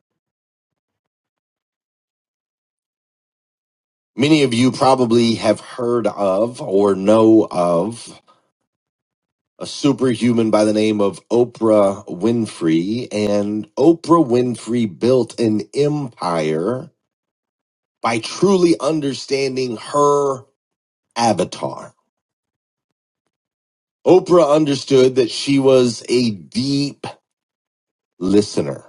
Many of you probably have heard of or know of a superhuman by the name of Oprah Winfrey. And Oprah Winfrey built an empire by truly understanding her avatar. Oprah understood that she was a deep listener.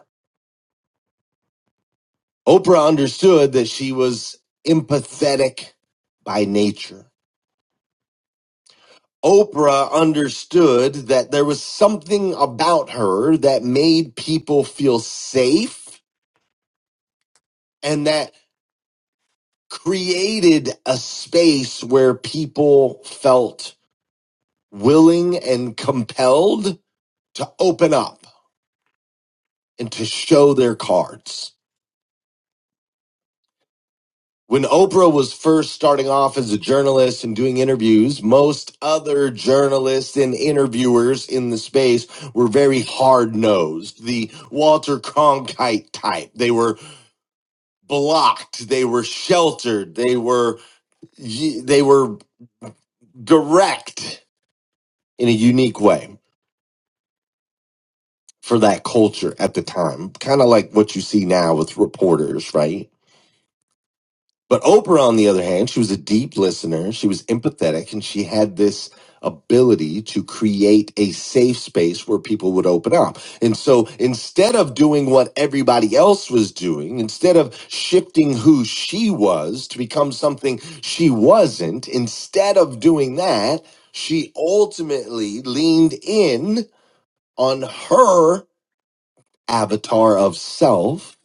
Oprah understood that she was empathetic by nature. Oprah understood that there was something about her that made people feel safe and that created a space where people felt willing and compelled to open up and to show their cards. When Oprah was first starting off as a journalist and doing interviews, most other journalists and interviewers in the space were very hard nosed, the Walter Cronkite type. They were blocked, they were sheltered, they were, they were direct in a unique way. for that culture at the time, kind of like what you see now with reporters, right? But Oprah, on the other hand, she was a deep listener. She was empathetic and she had this ability to create a safe space where people would open up. And so instead of doing what everybody else was doing, instead of shifting who she was to become something she wasn't, instead of doing that, she ultimately leaned in on her avatar of self,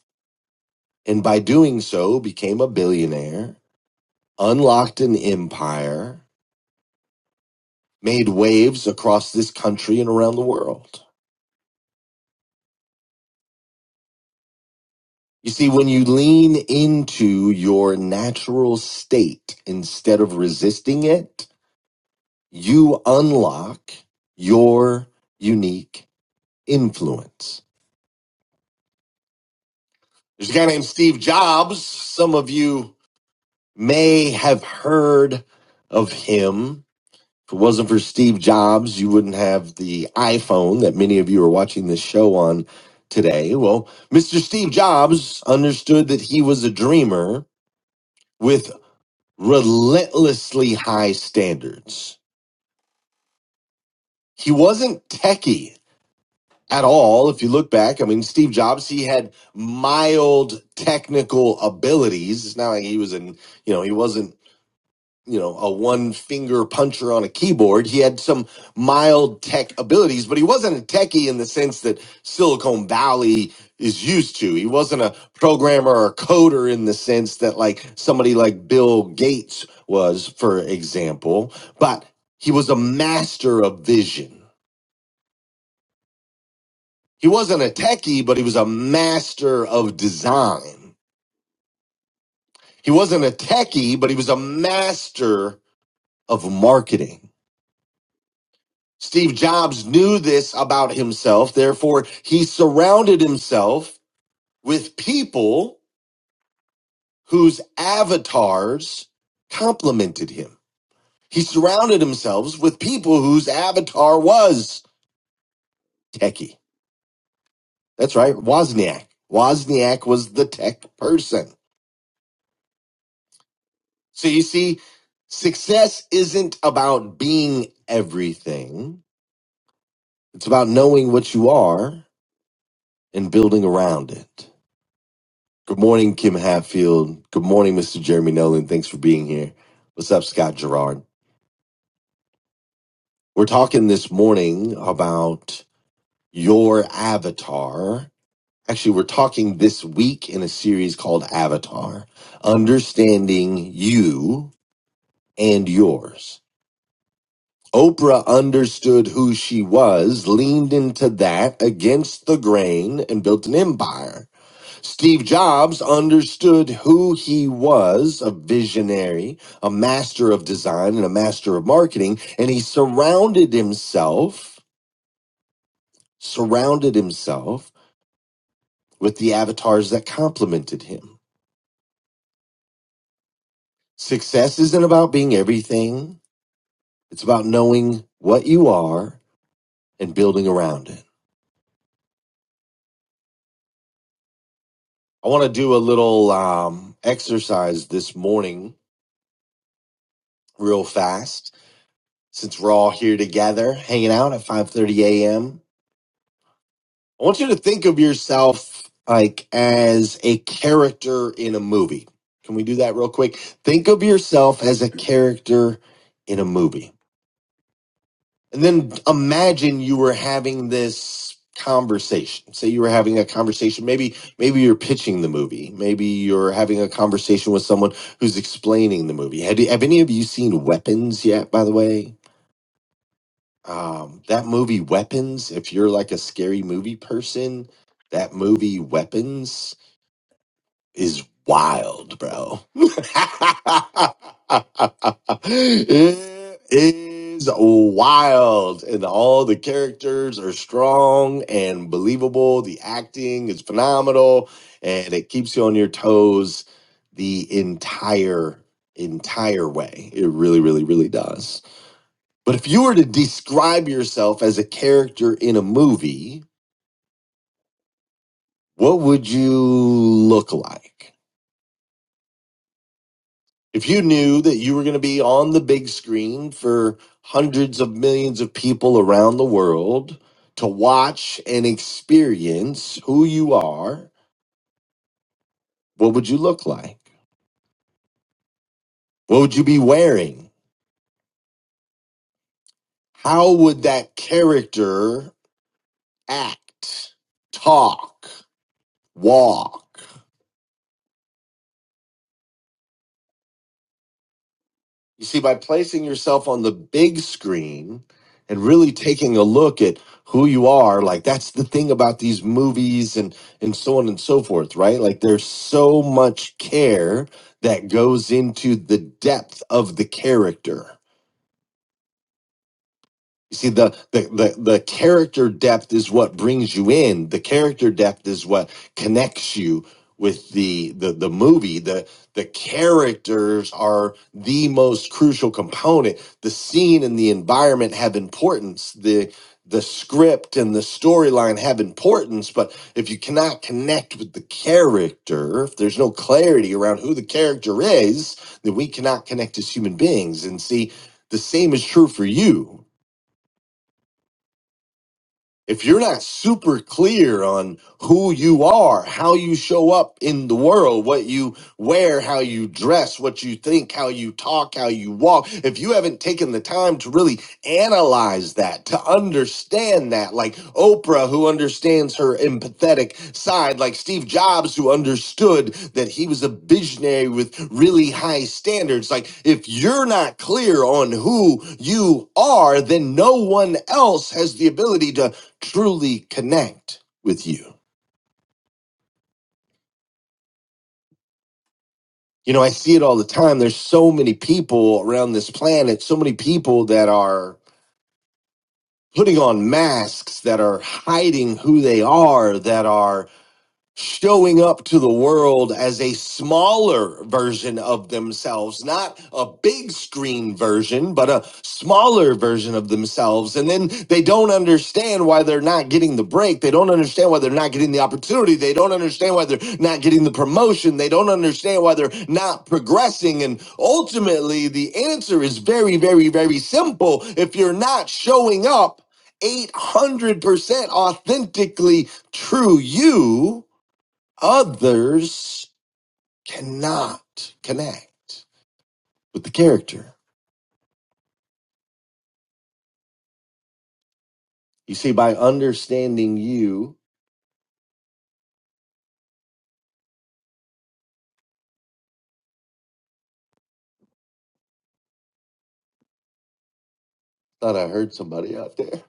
and by doing so became a billionaire, unlocked an empire, made waves across this country and around the world. You see, when you lean into your natural state instead of resisting it, you unlock your unique influence. There's a guy named Steve Jobs. Some of you may have heard of him If it wasn't for Steve Jobs, you wouldn't have the iPhone that many of you are watching this show on today. Well, Mr. Steve Jobs understood that he was a dreamer with relentlessly high standards. He wasn't techie at all. If you look back, I mean, Steve Jobs, he had mild technical abilities. It's not like he was in, you know, he wasn't you know, a one finger puncher on a keyboard. He had some mild tech abilities, but he wasn't a techie in the sense that Silicon Valley is used to. He wasn't a programmer or a coder in the sense that like somebody like Bill Gates was, for example, but he was a master of vision. He wasn't a techie, but he was a master of design. He wasn't a techie, but he was a master of marketing Steve Jobs knew this about himself. Therefore, he surrounded himself with people whose avatars complemented him. He surrounded himself with people whose avatar was techie. That's right, Wozniak. Wozniak was the tech person. So you see, success isn't about being everything. It's about knowing what you are and building around it. Good morning, Kim Hatfield. Good morning, Mr. Jeremy Nolan. Thanks for being here. What's up, Scott Gerard? We're talking this morning about your avatar. Actually, we're talking this week in a series called Avatar Understanding You and Yours. Oprah understood who she was, leaned into that against the grain, and built an empire. Steve Jobs understood who he was a visionary, a master of design, and a master of marketing. And he surrounded himself, surrounded himself with the avatars that complemented him. Success isn't about being everything, it's about knowing what you are and building around it. I want to do a little um, exercise this morning, real fast, since we're all here together, hanging out at 5 30 a.m. I want you to think of yourself like as a character in a movie. Can we do that real quick? Think of yourself as a character in a movie. And then imagine you were having this conversation. Say you were having a conversation, maybe maybe you're pitching the movie. Maybe you're having a conversation with someone who's explaining the movie. Have, you- have any of you seen Weapons yet, by the way? Um, that movie Weapons, if you're like a scary movie person, that movie Weapons is wild, bro. it is wild, and all the characters are strong and believable. The acting is phenomenal, and it keeps you on your toes the entire entire way. It really, really, really does. But if you were to describe yourself as a character in a movie, what would you look like? If you knew that you were going to be on the big screen for hundreds of millions of people around the world to watch and experience who you are, what would you look like? What would you be wearing? How would that character act, talk, walk? You see, by placing yourself on the big screen and really taking a look at who you are, like that's the thing about these movies and, and so on and so forth, right? Like there's so much care that goes into the depth of the character you see, the, the the the character depth is what brings you in. The character depth is what connects you with the the the movie. The the characters are the most crucial component. The scene and the environment have importance. The the script and the storyline have importance, but if you cannot connect with the character, if there's no clarity around who the character is, then we cannot connect as human beings. And see, the same is true for you if you're not super clear on who you are, how you show up in the world, what you wear, how you dress, what you think, how you talk, how you walk, if you haven't taken the time to really analyze that, to understand that, like Oprah, who understands her empathetic side, like Steve Jobs, who understood that he was a visionary with really high standards, like if you're not clear on who you are, then no one else has the ability to truly connect with you. You know, I see it all the time. There's so many people around this planet, so many people that are putting on masks, that are hiding who they are, that are showing up to the world as a smaller version of themselves, not a big screen version, but a smaller version of themselves. And then they don't understand why they're not getting the break. They don't understand why they're not getting the opportunity. They don't understand why they're not getting the promotion. They don't understand why they're not progressing. And ultimately, the answer is very, very, very simple. If you're not showing up, 800% authentically true you, Others cannot connect with the character. You see, by understanding you, thought I heard somebody out there.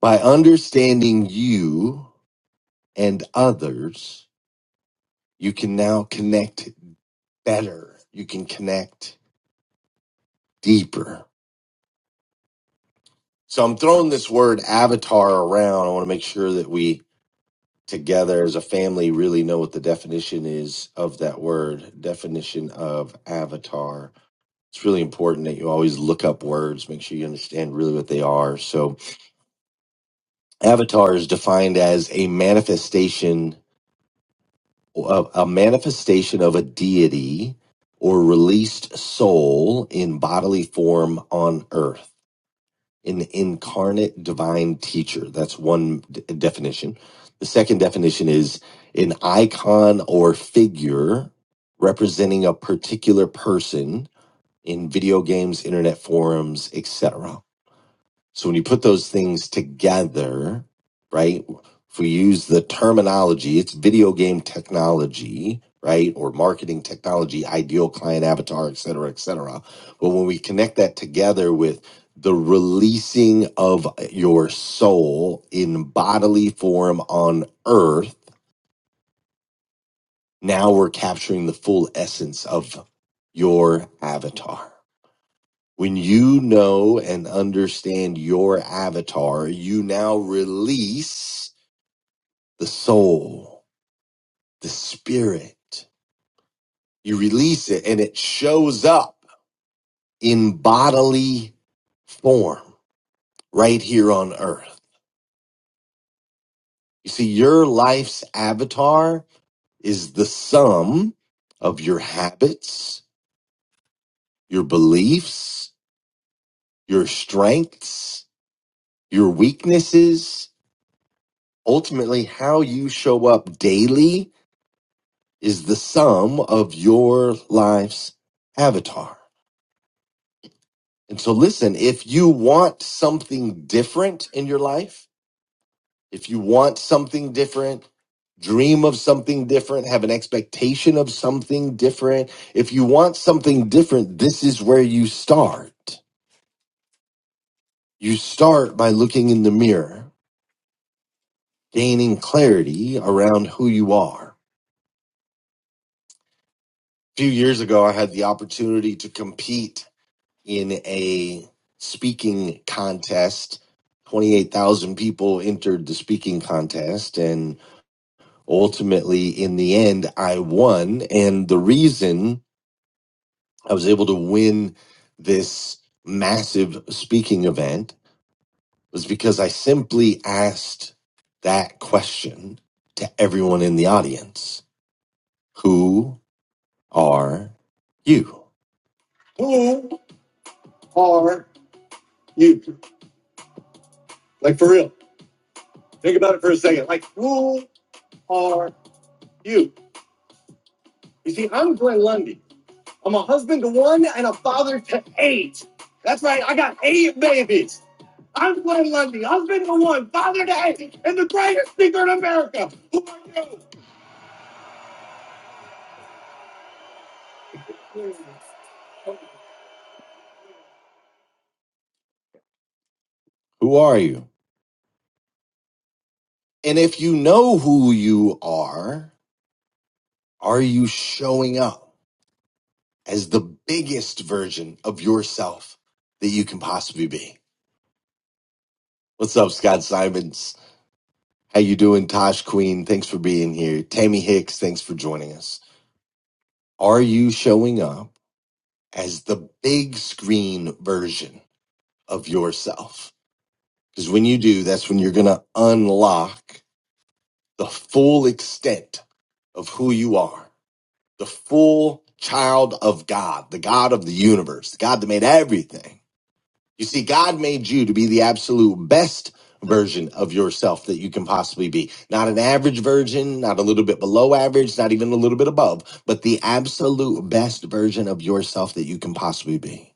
By understanding you and others, you can now connect better. You can connect deeper. So I'm throwing this word avatar around. I want to make sure that we together as a family really know what the definition is of that word definition of avatar it's really important that you always look up words, make sure you understand really what they are. So, avatar is defined as a manifestation, a, a manifestation of a deity or released soul in bodily form on earth, an incarnate divine teacher. That's one d- definition. The second definition is an icon or figure representing a particular person in video games, internet forums, etc. So when you put those things together, right? If we use the terminology, it's video game technology, right? Or marketing technology, ideal client avatar, et cetera, et cetera. But when we connect that together with the releasing of your soul in bodily form on earth, now we're capturing the full essence of your avatar. When you know and understand your avatar, you now release the soul, the spirit. You release it and it shows up in bodily form right here on earth. You see, your life's avatar is the sum of your habits, your beliefs, your strengths, your weaknesses, ultimately how you show up daily is the sum of your life's avatar. And so, listen, if you want something different in your life, if you want something different, dream of something different, have an expectation of something different, if you want something different, this is where you start. You start by looking in the mirror, gaining clarity around who you are. A few years ago, I had the opportunity to compete in a speaking contest. 28,000 people entered the speaking contest, and ultimately, in the end, I won. And the reason I was able to win this massive speaking event was because I simply asked that question to everyone in the audience Who are you? You, like for real. Think about it for a second. Like, who are you? You see, I'm Glenn Lundy. I'm a husband to one and a father to eight. That's right, I got eight babies. I'm Glenn Lundy, husband to one, father to eight, and the greatest speaker in America. Who are you? Who are you? And if you know who you are, are you showing up as the biggest version of yourself that you can possibly be? What's up, Scott Simons? How you doing, Tosh Queen? Thanks for being here. Tammy Hicks, thanks for joining us. Are you showing up as the big screen version of yourself? Because when you do, that's when you're going to unlock the full extent of who you are, the full child of God, the God of the universe, the God that made everything. You see, God made you to be the absolute best version of yourself that you can possibly be. Not an average version, not a little bit below average, not even a little bit above, but the absolute best version of yourself that you can possibly be.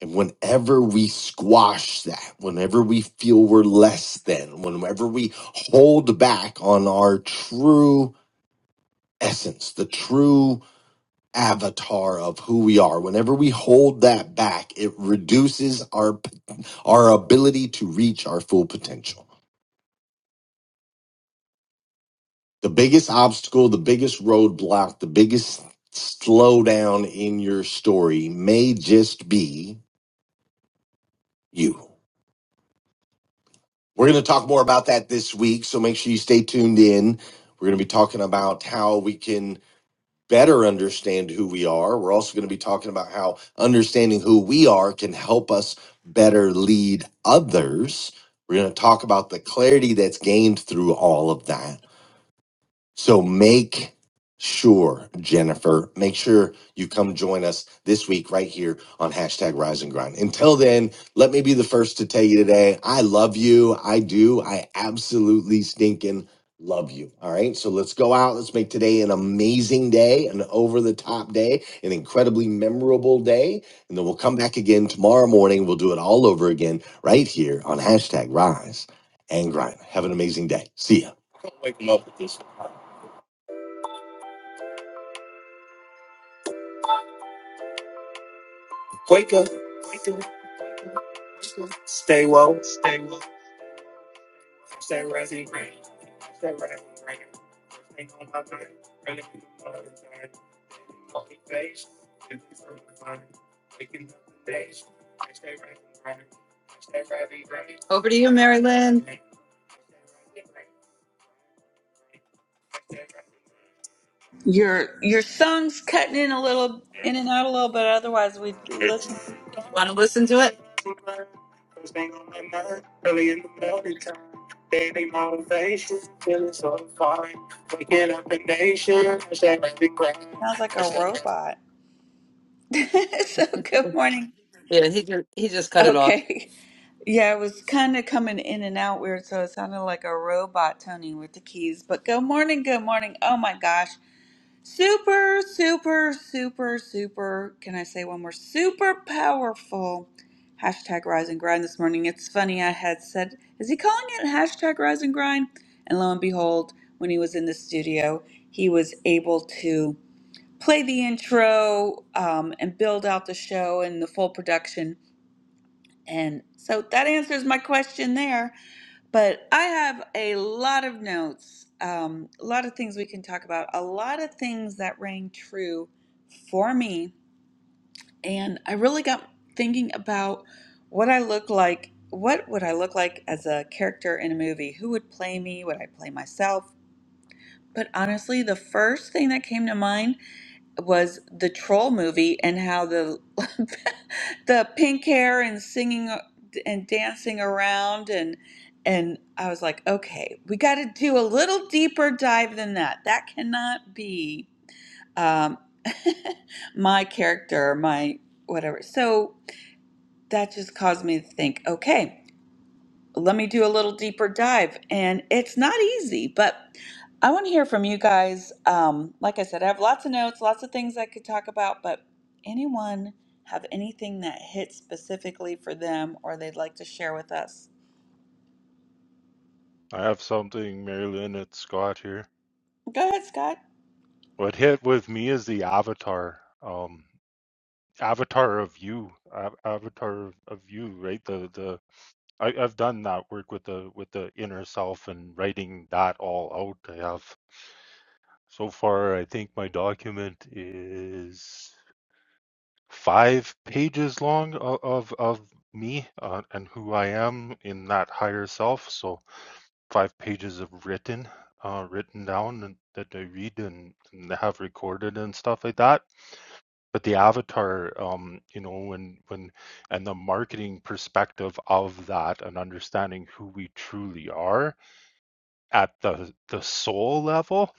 And whenever we squash that, whenever we feel we're less than, whenever we hold back on our true essence, the true avatar of who we are. Whenever we hold that back, it reduces our our ability to reach our full potential. The biggest obstacle, the biggest roadblock, the biggest slowdown in your story may just be you. We're going to talk more about that this week, so make sure you stay tuned in. We're going to be talking about how we can better understand who we are. We're also going to be talking about how understanding who we are can help us better lead others. We're going to talk about the clarity that's gained through all of that. So make sure, Jennifer, make sure you come join us this week right here on hashtag rise and grind. Until then, let me be the first to tell you today, I love you. I do. I absolutely stinking love you. All right. So let's go out. Let's make today an amazing day, an over the top day, an incredibly memorable day. And then we'll come back again tomorrow morning. We'll do it all over again right here on hashtag rise and grind. Have an amazing day. See ya. Don't wake 'em up with this. Wake up. Over to you, Mary Lynn.
Your your song's cutting in a little in and out a little bit. Otherwise, we listen. To,
Want to listen to it?
sounds like a robot. so good morning.
Yeah, he ju- he just cut it off.
Okay, yeah, it was kind of coming in and out weird, so it sounded like a robot toning with the keys. But good morning, good morning. Oh my gosh, super, super, super, super. Can I say one more? Super powerful. Hashtag rise and grind this morning. It's funny, I had said, is he calling it hashtag rise and grind? And lo and behold, when he was in the studio, he was able to play the intro um, and build out the show and the full production. And so that answers my question there. But I have a lot of notes, um, a lot of things we can talk about, a lot of things that rang true for me. And I really got thinking about what I look like. What would I look like as a character in a movie? Who would play me? Would I play myself? But honestly, the first thing that came to mind was the troll movie and how the the pink hair and singing and dancing around and and I was like, okay, we got to do a little deeper dive than that. That cannot be um, my character, my whatever. So that just caused me to think, okay, let me do a little deeper dive. And it's not easy, but I want to hear from you guys. Um, like I said, I have lots of notes, lots of things I could talk about, but anyone have anything that hits specifically for them or they'd like to share with us?
I have something, Marilyn and Scott here.
Go ahead, Scott.
What hit with me is the avatar, um, avatar of you, a- avatar of you, right? The the I, I've done that work with the with the inner self and writing that all out. I have so far. I think my document is five pages long of of, of me uh, and who I am in that higher self. So five pages of written, uh, written down and, that I read and, and have recorded and stuff like that. But the avatar, um, you know, when when and the marketing perspective of that and understanding who we truly are at the the soul level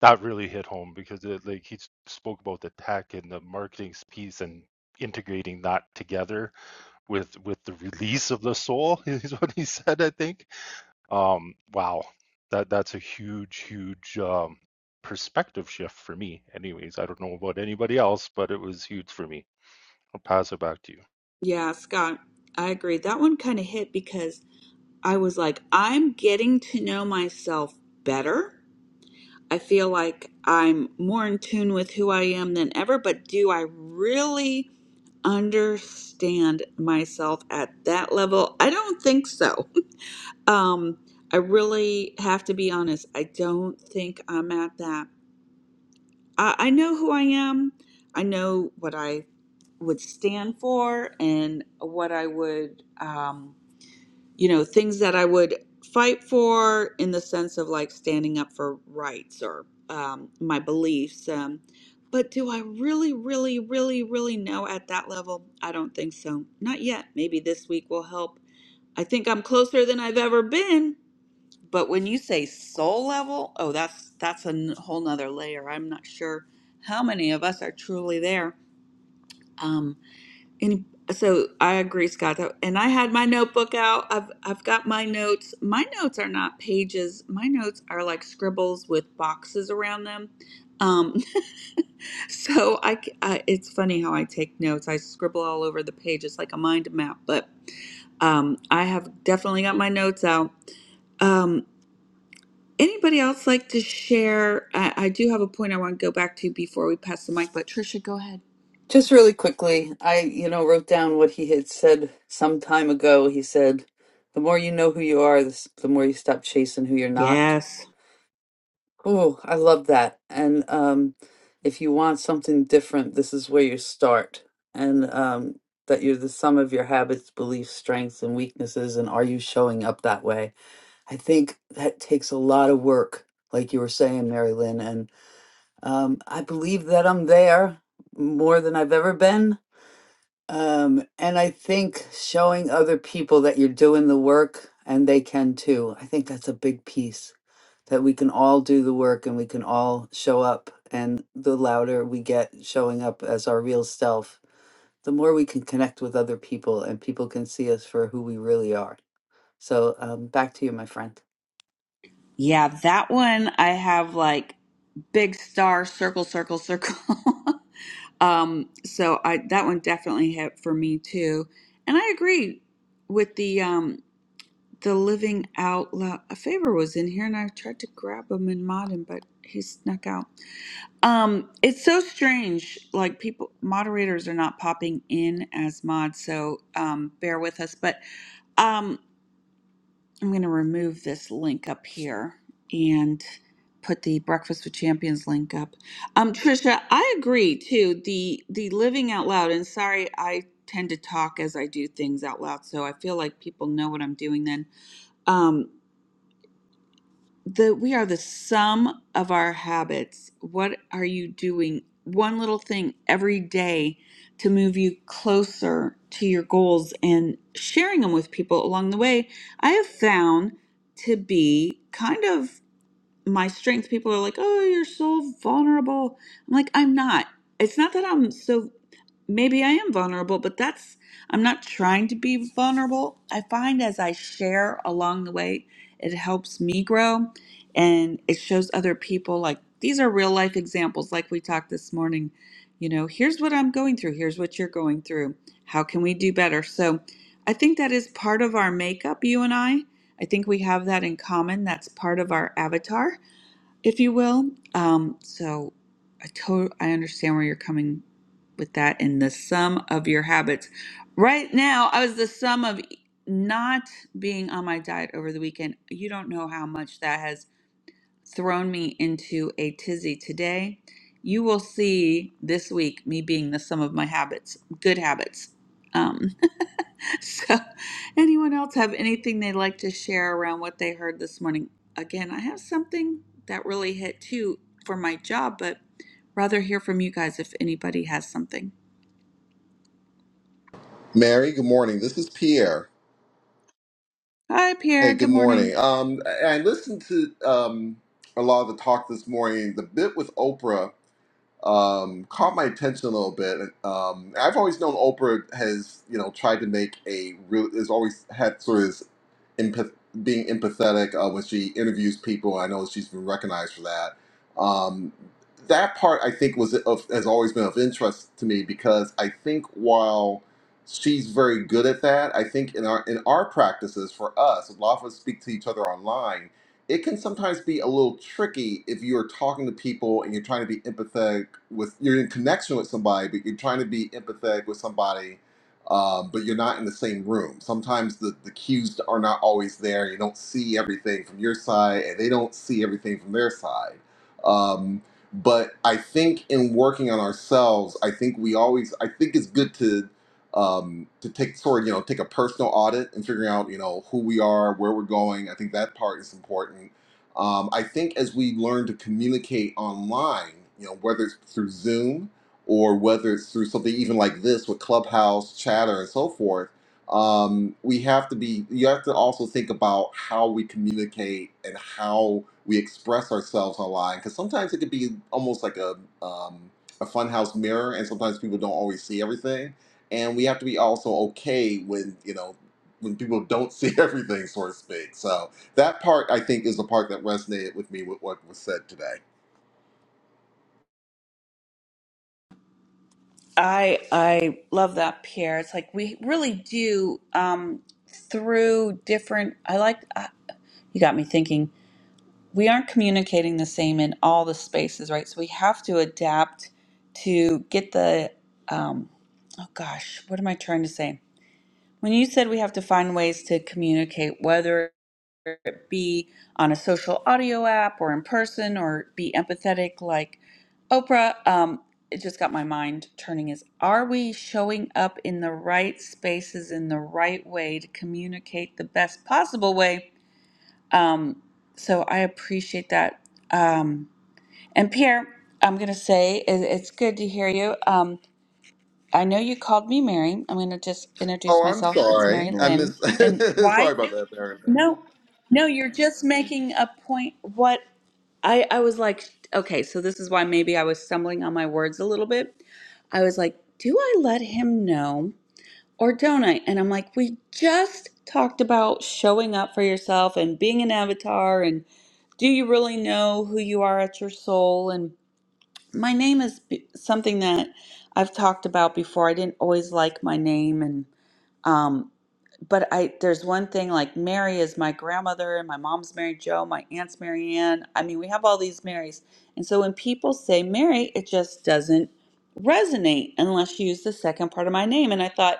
that really hit home because it, like he spoke about the tech and the marketing piece and integrating that together with with the release of the soul is what he said i think um wow that that's a huge huge um perspective shift for me anyways i don't know about anybody else but it was huge for me i'll pass it back to you
Yeah, Scott, I agree. That one kind of hit because I was like, I'm getting to know myself better. I feel like I'm more in tune with who I am than ever, but do I really? understand myself at that level? I don't think so. Um, I really have to be honest. I don't think I'm at that. I, I know who I am. I know what I would stand for and what I would. Um, you know, things that I would fight for in the sense of like standing up for rights or um, my beliefs. Um, but do I really, really, really, really know at that level? I don't think so. Not yet. Maybe this week will help. I think I'm closer than I've ever been. But when you say soul level, oh, that's that's a n- whole nother layer. I'm not sure how many of us are truly there. Um, any, so I agree, Scott. And I had my notebook out. I've I've got my notes. My notes are not pages. My notes are like scribbles with boxes around them. Um, so I, c- I- it's funny how I take notes. I scribble all over the page. It's like a mind map. But um, I have definitely got my notes out. Um, anybody else like to share? I, I do have a point I want to go back to before we pass the mic. But Trisha, go ahead.
Just really quickly, I you know wrote down what he had said some time ago. He said, "The more you know who you are, the, s- the more you stop chasing who you're not."
Yes.
Oh, I love that. And um, if you want something different, this is where you start. And um, that you're the sum of your habits, beliefs, strengths, and weaknesses. And are you showing up that way? I think that takes a lot of work, like you were saying, Mary Lynn. And um, I believe that I'm there more than I've ever been. Um, and I think showing other people that you're doing the work and they can too. I think that's a big piece that we can all do the work and we can all show up. And the louder we get showing up as our real self, the more we can connect with other people and people can see us for who we really are. So um, back to you, my friend.
Yeah, that one I have like big star circle circle circle. um so I that one definitely hit for me too. And I agree with the um the living out loud. A favor was in here and I tried to grab him and mod him but he snuck out. Um it's so strange like people moderators are not popping in as mods so um bear with us but um I'm going to remove this link up here and put the Breakfast with Champions link up. Um, Trisha, I agree too. The the living out loud, and sorry, I tend to talk as I do things out loud, so I feel like people know what I'm doing. Then, Um, the we are the sum of our habits. What are you doing? One little thing every day to move you closer to your goals and sharing them with people along the way. I have found to be kind of my strength people are like oh you're so vulnerable i'm like i'm not it's not that i'm so maybe i am vulnerable but that's i'm not trying to be vulnerable i find as i share along the way it helps me grow and it shows other people like these are real life examples like we talked this morning you know here's what i'm going through here's what you're going through how can we do better so i think that is part of our makeup you and i I think we have that in common. That's part of our avatar if you will. Um, so I totally I understand where you're coming with that And the sum of your habits. Right now, I was the sum of e-, not being on my diet over the weekend. You don't know how much that has thrown me into a tizzy today. You will see this week me being the sum of my habits, good habits. Um, so, anyone else have anything they'd like to share around what they heard this morning? Again, I have something that really hit too for my job, but rather hear from you guys if anybody has something.
Mary, good morning. This is Pierre.
Hi, Pierre.
Hey, good
Good morning.
morning. Um, I I listened to um, a lot of the talk this morning. The bit with Oprah um, caught my attention a little bit. Um, I've always known Oprah has, you know, tried to make a real, has always had sort of empath- being empathetic uh, when she interviews people. I know she's been recognized for that. Um, that part I think was of, has always been of interest to me because I think while she's very good at that, I think in our in our practices for us, a lot of us speak to each other online. It can sometimes be a little tricky if you're talking to people and you're trying to be empathetic with you're in connection with somebody, but you're trying to be empathetic with somebody um, but you're not in the same room. Sometimes the, the cues are not always there. You don't see everything from your side, and they don't see everything from their side. Um, but I think in working on ourselves, I think we always, I think it's good to um, to take sort of you know take a personal audit and figuring out you know who we are, where we're going. I think that part is important. Um, I think as we learn to communicate online, you know, whether it's through Zoom or whether it's through something even like this with Clubhouse, Chatter, and so forth, um, we have to be, you have to also think about how we communicate and how we express ourselves online. Because sometimes it could be almost like a, um, a funhouse mirror, and sometimes people don't always see everything. And we have to be also okay when, you know, when people don't see everything, so to speak. So that part, I think, is the part that resonated with me with what was said today.
I I love that Pierre. It's like we really do um, through different. I like. you got me thinking we aren't communicating the same in all the spaces right so we have to adapt to get the um, oh gosh what am i trying to say when you said we have to find ways to communicate whether it be on a social audio app or in person or be empathetic like oprah um, it just got my mind turning is are we showing up in the right spaces in the right way to communicate the best possible way um, so I appreciate that. Um, and Pierre, I'm going to say it, it's good to hear you. Um, I know you called me Mary. I'm going to just introduce
Oh, I'm
myself. It's Mary
sorry. I
Lynn.
miss.
And why?
sorry about that, Erica.
No, no, you're just making a point. What I, I was like, okay, so this is why maybe I was stumbling on my words a little bit. I was like, do I let him know or don't I? And I'm like, we just talked about showing up for yourself and being an avatar and. Do you really know who you are at your soul? And my name is b- something that I've talked about before. I didn't always like my name, and um, but I there's one thing like Mary is my grandmother and my mom's Mary Joe, my aunt's Mary Ann. I mean, we have all these Marys. And so when people say Mary, it just doesn't resonate unless you use the second part of my name. And I thought,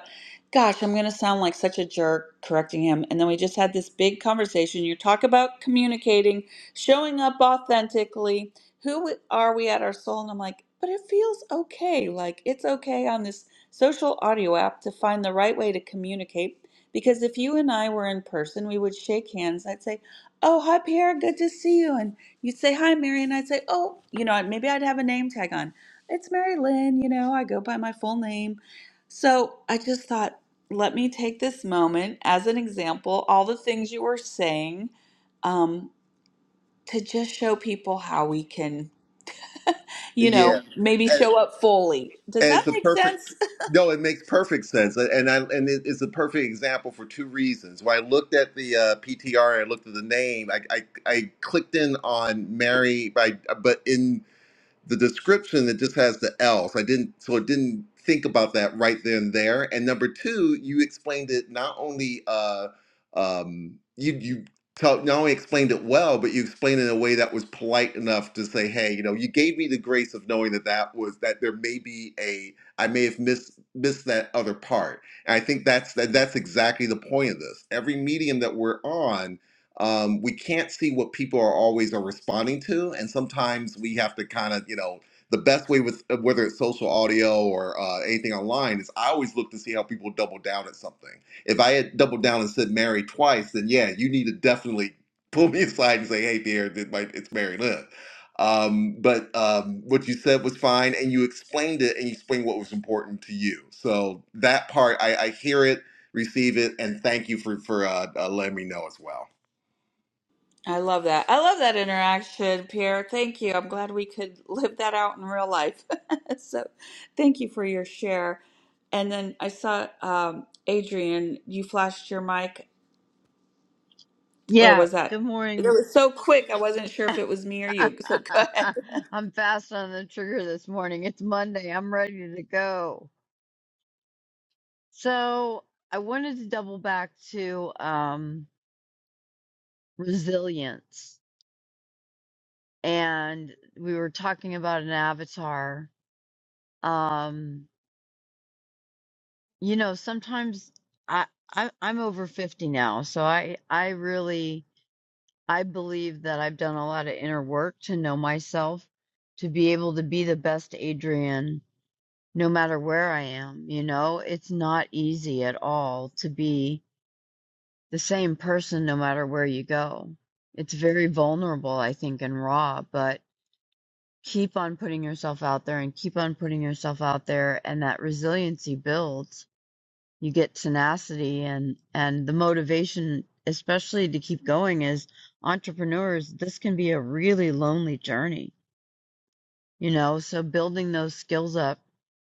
gosh, I'm gonna sound like such a jerk correcting him. And then we just had this big conversation. You talk about communicating, showing up authentically. Who are we at our soul? And I'm like, but it feels okay. Like it's okay on this social audio app to find the right way to communicate because if you and I were in person, we would shake hands. I'd say, Oh, hi, Pierre. Good to see you. And you'd say, Hi, Mary. And I'd say, Oh, you know, maybe I'd have a name tag on. It's Mary Lynn. You know, I go by my full name. So I just thought, let me take this moment as an example, all the things you were saying, um, to just show people how we can, you
Yeah,
know, maybe
and,
show up fully. Does
and
that
it's a
make
perfect.
sense?
No, it makes perfect sense, and I and it- it's a perfect example for two reasons. When I looked at the uh, PTR and I looked at the name, I, I I clicked in on Mary by, but in the description it just has the else i didn't so it didn't think about that right then and there and number two you explained it not only uh um you you tell not only explained it well but you explained it in a way that was polite enough to say hey you know you gave me the grace of knowing that that was that there may be a i may have missed missed that other part and i think that's that that's exactly the point of this every medium that we're on um, we can't see what people are always are responding to, and sometimes we have to kind of, you know, the best way with uh, whether it's social audio or uh, anything online is I always look to see how people double down at something. If I had doubled down and said Mary twice, then yeah, you need to definitely pull me aside and say, "Hey, dear, it might, it's Mary Lynn." Um, but um, what you said was fine, and you explained it, and you explained what was important to you. So that part, I, I hear it, receive it, and thank you for for uh, uh, letting me know as well.
I love that. I love that interaction, Pierre. Thank you. I'm glad we could live that out in real life. so, thank you for your share. And then I saw um, Adrian. You flashed your mic, or
Yeah,
was
good
that? It
morning.
was so quick. I wasn't sure if it was me or you. So go ahead.
I'm fast on the trigger this morning. It's Monday. I'm ready to go. So, I wanted to double back to um resilience and we were talking about an avatar. Um, you know, sometimes I, I I'm over 50 now, so I I really I believe that I've done a lot of inner work to know myself to be able to be the best Adrian no matter where I am. You know, it's not easy at all to be the same person no matter where you go. It's very vulnerable, I think, and raw, but keep on putting yourself out there and keep on putting yourself out there and that resiliency builds. You get tenacity and and the motivation especially to keep going is entrepreneurs, this can be a really lonely journey, you know, so building those skills up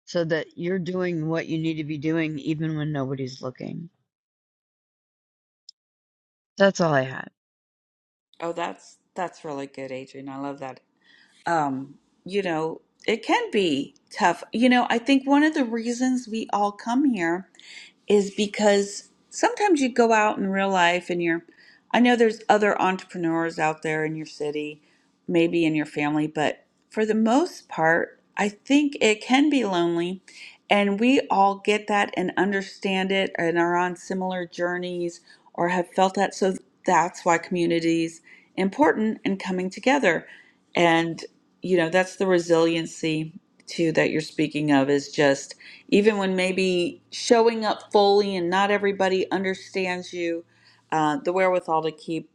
so that you're doing what you need to be doing even when nobody's looking. That's all I had.
Oh, that's that's really good, Adrian. I love that. Um, you know, it can be tough. You know, I think one of the reasons we all come here is because sometimes you go out in real life and you're I know there's other entrepreneurs out there in your city, maybe in your family, but for the most part, I think it can be lonely and we all get that and understand it and are on similar journeys or have felt that so that's why communities important and coming together you know that's the resiliency too that you're speaking of is just even when maybe showing up fully and not everybody understands you uh, the wherewithal to keep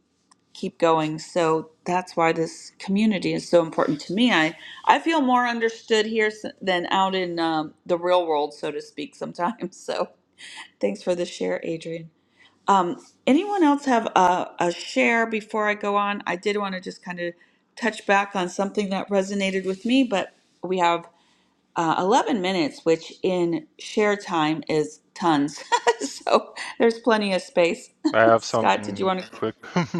keep going so that's why this community is so important to me i i feel more understood here s- than out in um, the real world so to speak sometimes so thanks for the share adrian um, Anyone else have a, a share before I go on? I did want to just kind of touch back on something that resonated with me, but we have uh, 11 minutes, which in share time is tons. so there's plenty of space.
i have
Scott, did you
something
want to?
quick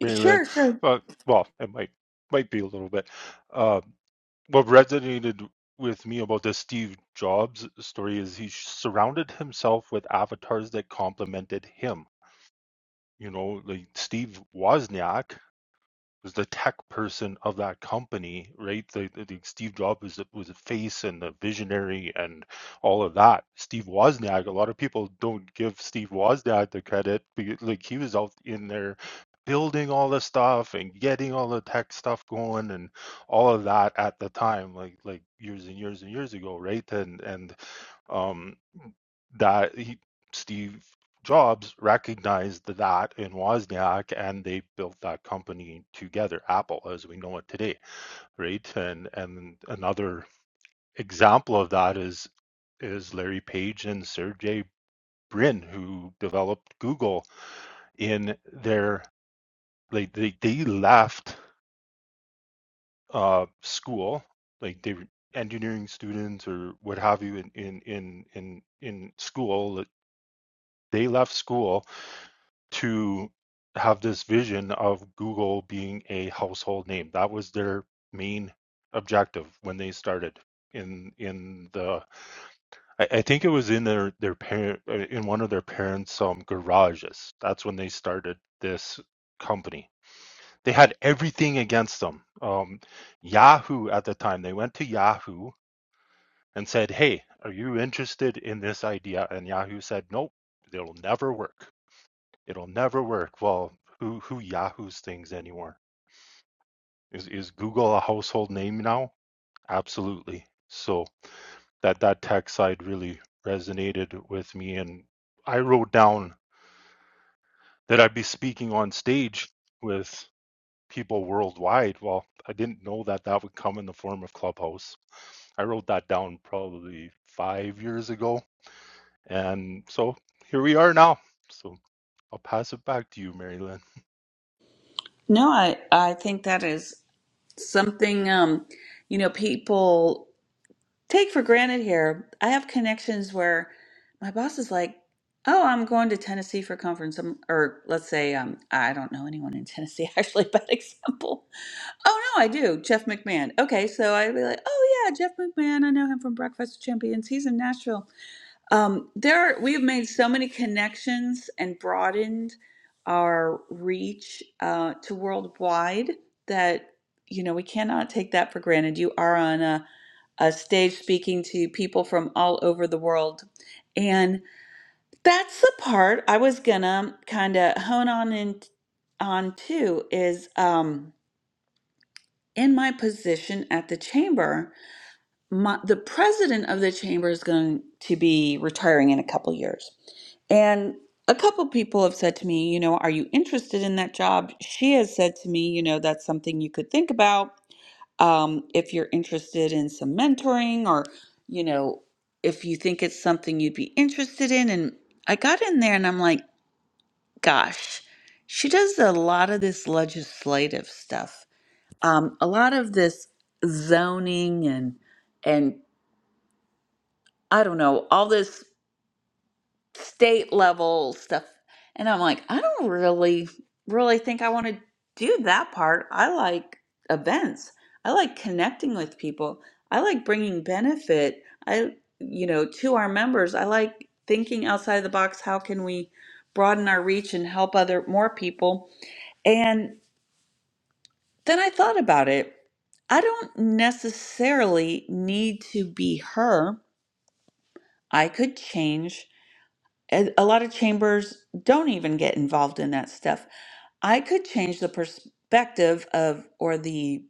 Mary Lynn.
Sure, sure.
Uh, well, it might might be a little bit. Um, what resonated with me about the Steve Jobs story is he surrounded himself with avatars that complemented him. You know, like Steve Wozniak was the tech person of that company, right? The, the, Steve Jobs was a, was a face and a visionary and all of that. Steve Wozniak, a lot of people don't give Steve Wozniak the credit because like he was out in there building all the stuff and getting all the tech stuff going and all of that at the time, like like years and years and years ago, right? And and um, that he, Steve Jobs recognized that in Wozniak, and they built that company together, Apple as we know it today, right? And and another example of that is is Larry Page and Sergey Brin, who developed Google in their like they they left uh, school, like they were engineering students or what have you in in in in, in school. They left school to have this vision of Google being a household name. That was their main objective when they started in in the I, I think it was in their their parent uh, in one of their parents um garages. That's when they started this company. They had everything against them. Um, Yahoo at the time, they went to Yahoo and said, "Hey, are you interested in this idea?" And Yahoo said, "Nope, it'll never work." It'll never work. Well, who who Yahoo's things anymore? Is is Google a household name now? Absolutely. So that that tech side really resonated with me, and I wrote down that I'd be speaking on stage with people worldwide. Well, I didn't know that that would come in the form of Clubhouse. I wrote that down probably five years ago, and so here we are now. So I'll pass it back to you, Mary Lynn.
No, I, I think that is something, um, you know, people. take for granted here. I have connections where my boss is like, "Oh, I'm going to Tennessee for conference," um, or let's say, um, I don't know anyone in Tennessee actually. Bad example. Oh no, I do. Jeff McMahon. Okay, so I'd be like, "Oh yeah, Jeff McMahon. I know him from Breakfast with Champions. He's in Nashville." Um, there, we have made so many connections and broadened our reach uh, to worldwide that you know we cannot take that for granted. You are on a a stage speaking to people from all over the world. And that's the part I was gonna kind of hone on in on too is um, in my position at the chamber, my, the president of the chamber is going to be retiring in a couple years. And a couple people have said to me, you know, are you interested in that job? She has said to me, you know, that's something you could think about um, if you're interested in some mentoring or, you know, if you think it's something you'd be interested in. And I got in there and I'm like, gosh, she does a lot of this legislative stuff, um, a lot of this zoning and, and I don't know, all this state level stuff. And I'm like, I don't really, really think I want to do that part. I like events. I like connecting with people. I like bringing benefit. I, you know, to our members. I like thinking outside the box. How can we broaden our reach and help other more people? And then I thought about it. I don't necessarily need to be her. I could change And a lot of chambers don't even get involved in that stuff. I could change the perspective of or the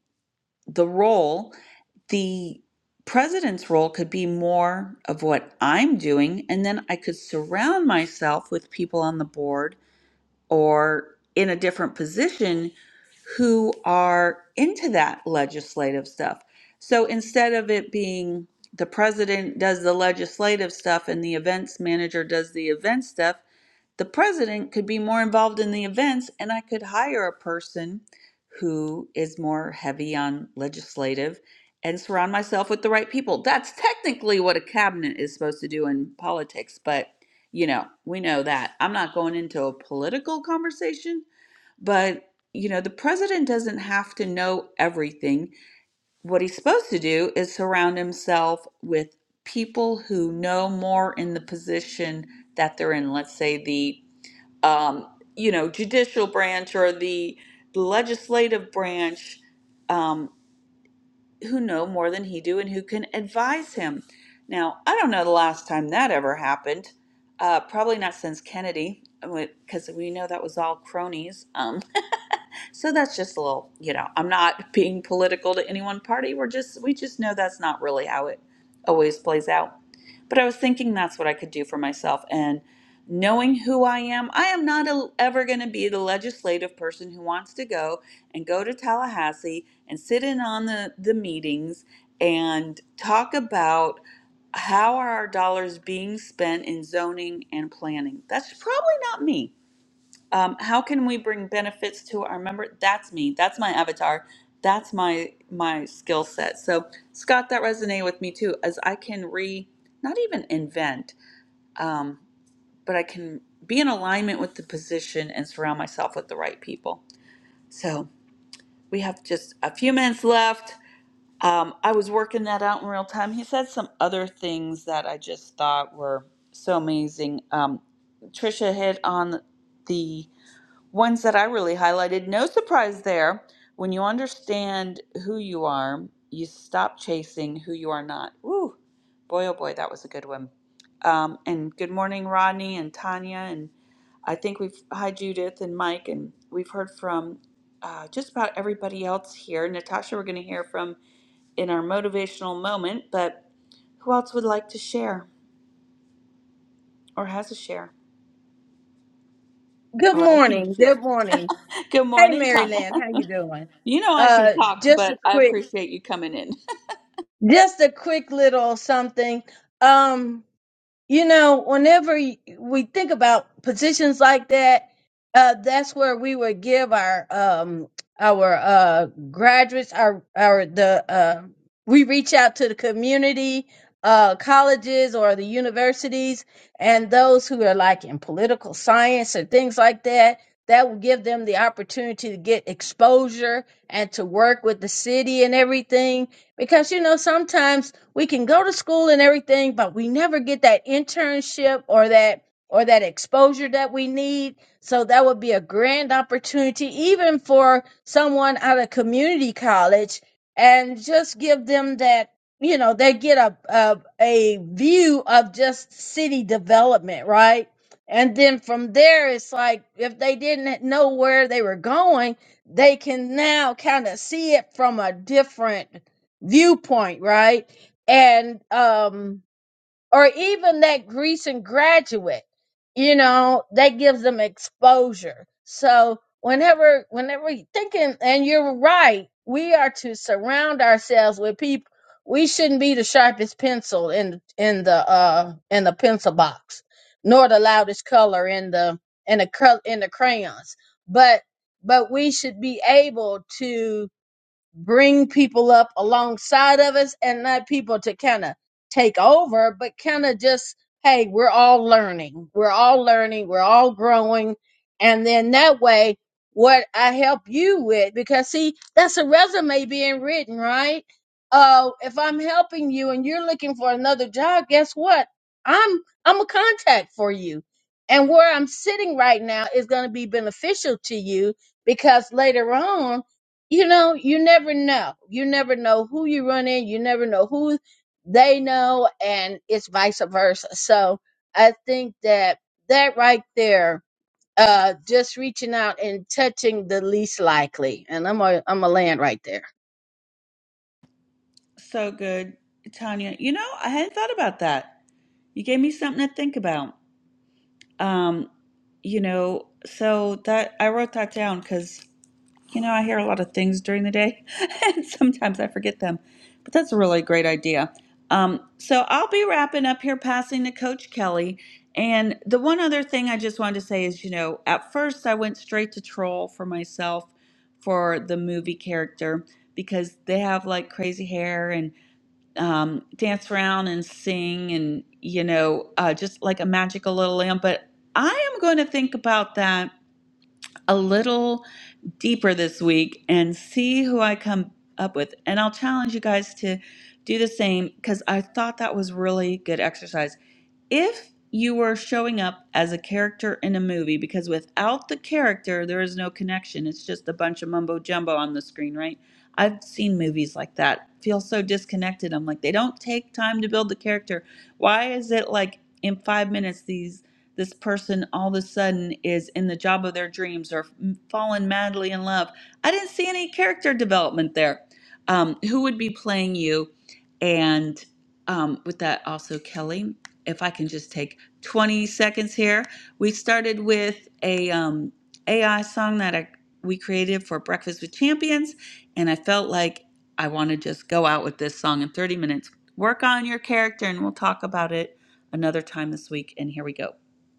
the role. The president's role could be more of what I'm doing, and then I could surround myself with people on the board or in a different position who are into that legislative stuff. So instead of it being the president does the legislative stuff and the events manager does the event stuff, the president could be more involved in the events and I could hire a person who is more heavy on legislative and surround myself with the right people. That's technically what a cabinet is supposed to do in politics, but you know, we know that. I'm not going into a political conversation, but you know, the president doesn't have to know everything. What he's supposed to do is surround himself with people who know more in the position that they're in. Let's say the um, you know, judicial branch or the legislative branch um, who know more than he do and who can advise him. Now, I don't know the last time that ever happened. Uh, probably not since Kennedy, because we know that was all cronies. um, so that's just a little, you know, I'm not being political to any one party. We're just, we just know that's not really how it always plays out. But I was thinking that's what I could do for myself. And knowing who I am, I am not a, ever going to be the legislative person who wants to go and go to Tallahassee and sit in on the, the meetings and talk about how are our dollars being spent in zoning and planning. That's probably not me um, how can we bring benefits to our member that's me that's my avatar that's my my skill set so scott that resonated with me too as i can re not even invent um, but i can be in alignment with the position and surround myself with the right people so we have just a few minutes left um, i was working that out in real time he said some other things that i just thought were so amazing um, trisha hit on the ones that I really highlighted. No surprise there. When you understand who you are, you stop chasing who you are not. Woo! Boy, oh boy, that was a good one. Um, and good morning, Rodney and Tanya. And I think we've, hi, Judith and Mike. And we've heard from uh, just about everybody else here. Natasha, we're going to hear from in our motivational moment. But who else would like to share or has a share?
Good
Or I can
morning. Good
share.
morning.
Good
Hey,
morning,
Mary
Tanya.
Lynn, how you doing?
You know I can
Uh,
talk,
just a
but I
quick,
appreciate you coming in.
just a quick little something. Um, you know, whenever y- we think about positions like that, uh, that's where we would give our um, our uh, graduates, our our the uh, we reach out to the community, uh, colleges or the universities, and those who are like in political science or things like that. That will give them the opportunity to get exposure and to work with the city and everything. Because you know, sometimes we can go to school and everything but we never get that internship or that or that exposure that we need so that would be a grand opportunity even for someone out of community college and just give them that you know they get a a, a view of just city development right and then from there it's like if they didn't know where they were going they can now kind of see it from a different viewpoint right and um or even that recent graduate, you know, that gives them exposure. So whenever whenever you thinking and you're right, we are to surround ourselves with people we shouldn't be the sharpest pencil in in the uh in the pencil box, nor the loudest color in the in the col- in the crayons. But but we should be able to bring people up alongside of us and not people to kind of take over, but kind of just, hey, we're all learning. We're all learning. We're all growing. And then that way, what I help you with, because see, that's a resume being written, right? Uh, if I'm helping you and you're looking for another job, guess what? I'm I'm a contact for you. And where I'm sitting right now is going to be beneficial to you because later on you know, you never know. You never know who you run in. You never know who they know, and it's vice versa. So I think that that right there, uh, just reaching out and touching the least likely, and I'm a I'm a land right there.
So good, Tanya. You know, I hadn't thought about that. You gave me something to think about. Um, you know, so that I wrote that down because You know, I hear a lot of things during the day, and sometimes I forget them. But that's a really great idea. Um, so I'll be wrapping up here, passing to Coach Kelly. And the one other thing I just wanted to say is, you know, at first I went straight to troll for myself for the movie character because they have like crazy hair and um, dance around and sing and, you know, uh, just like a magical little lamp. But I am going to think about that a little deeper this week and see who I come up with. And I'll challenge you guys to do the same because I thought that was really good exercise if you were showing up as a character in a movie, because without the character, there is no connection. It's just a bunch of mumbo jumbo on the screen, right? I've seen movies like that. Feel so disconnected. I'm like, they don't take time to build the character. Why is it like in five minutes these this person all of a sudden is in the job of their dreams or fallen madly in love? I didn't see any character development there. Um, who would be playing you? And um, with that, also Kelly if I can just take 20 seconds here. We started with a um, AI song that I, we created for Breakfast with Champions, and I felt like I want to just go out with this song in 30 minutes. Work on your character, and we'll talk about it another time this week. And here we go.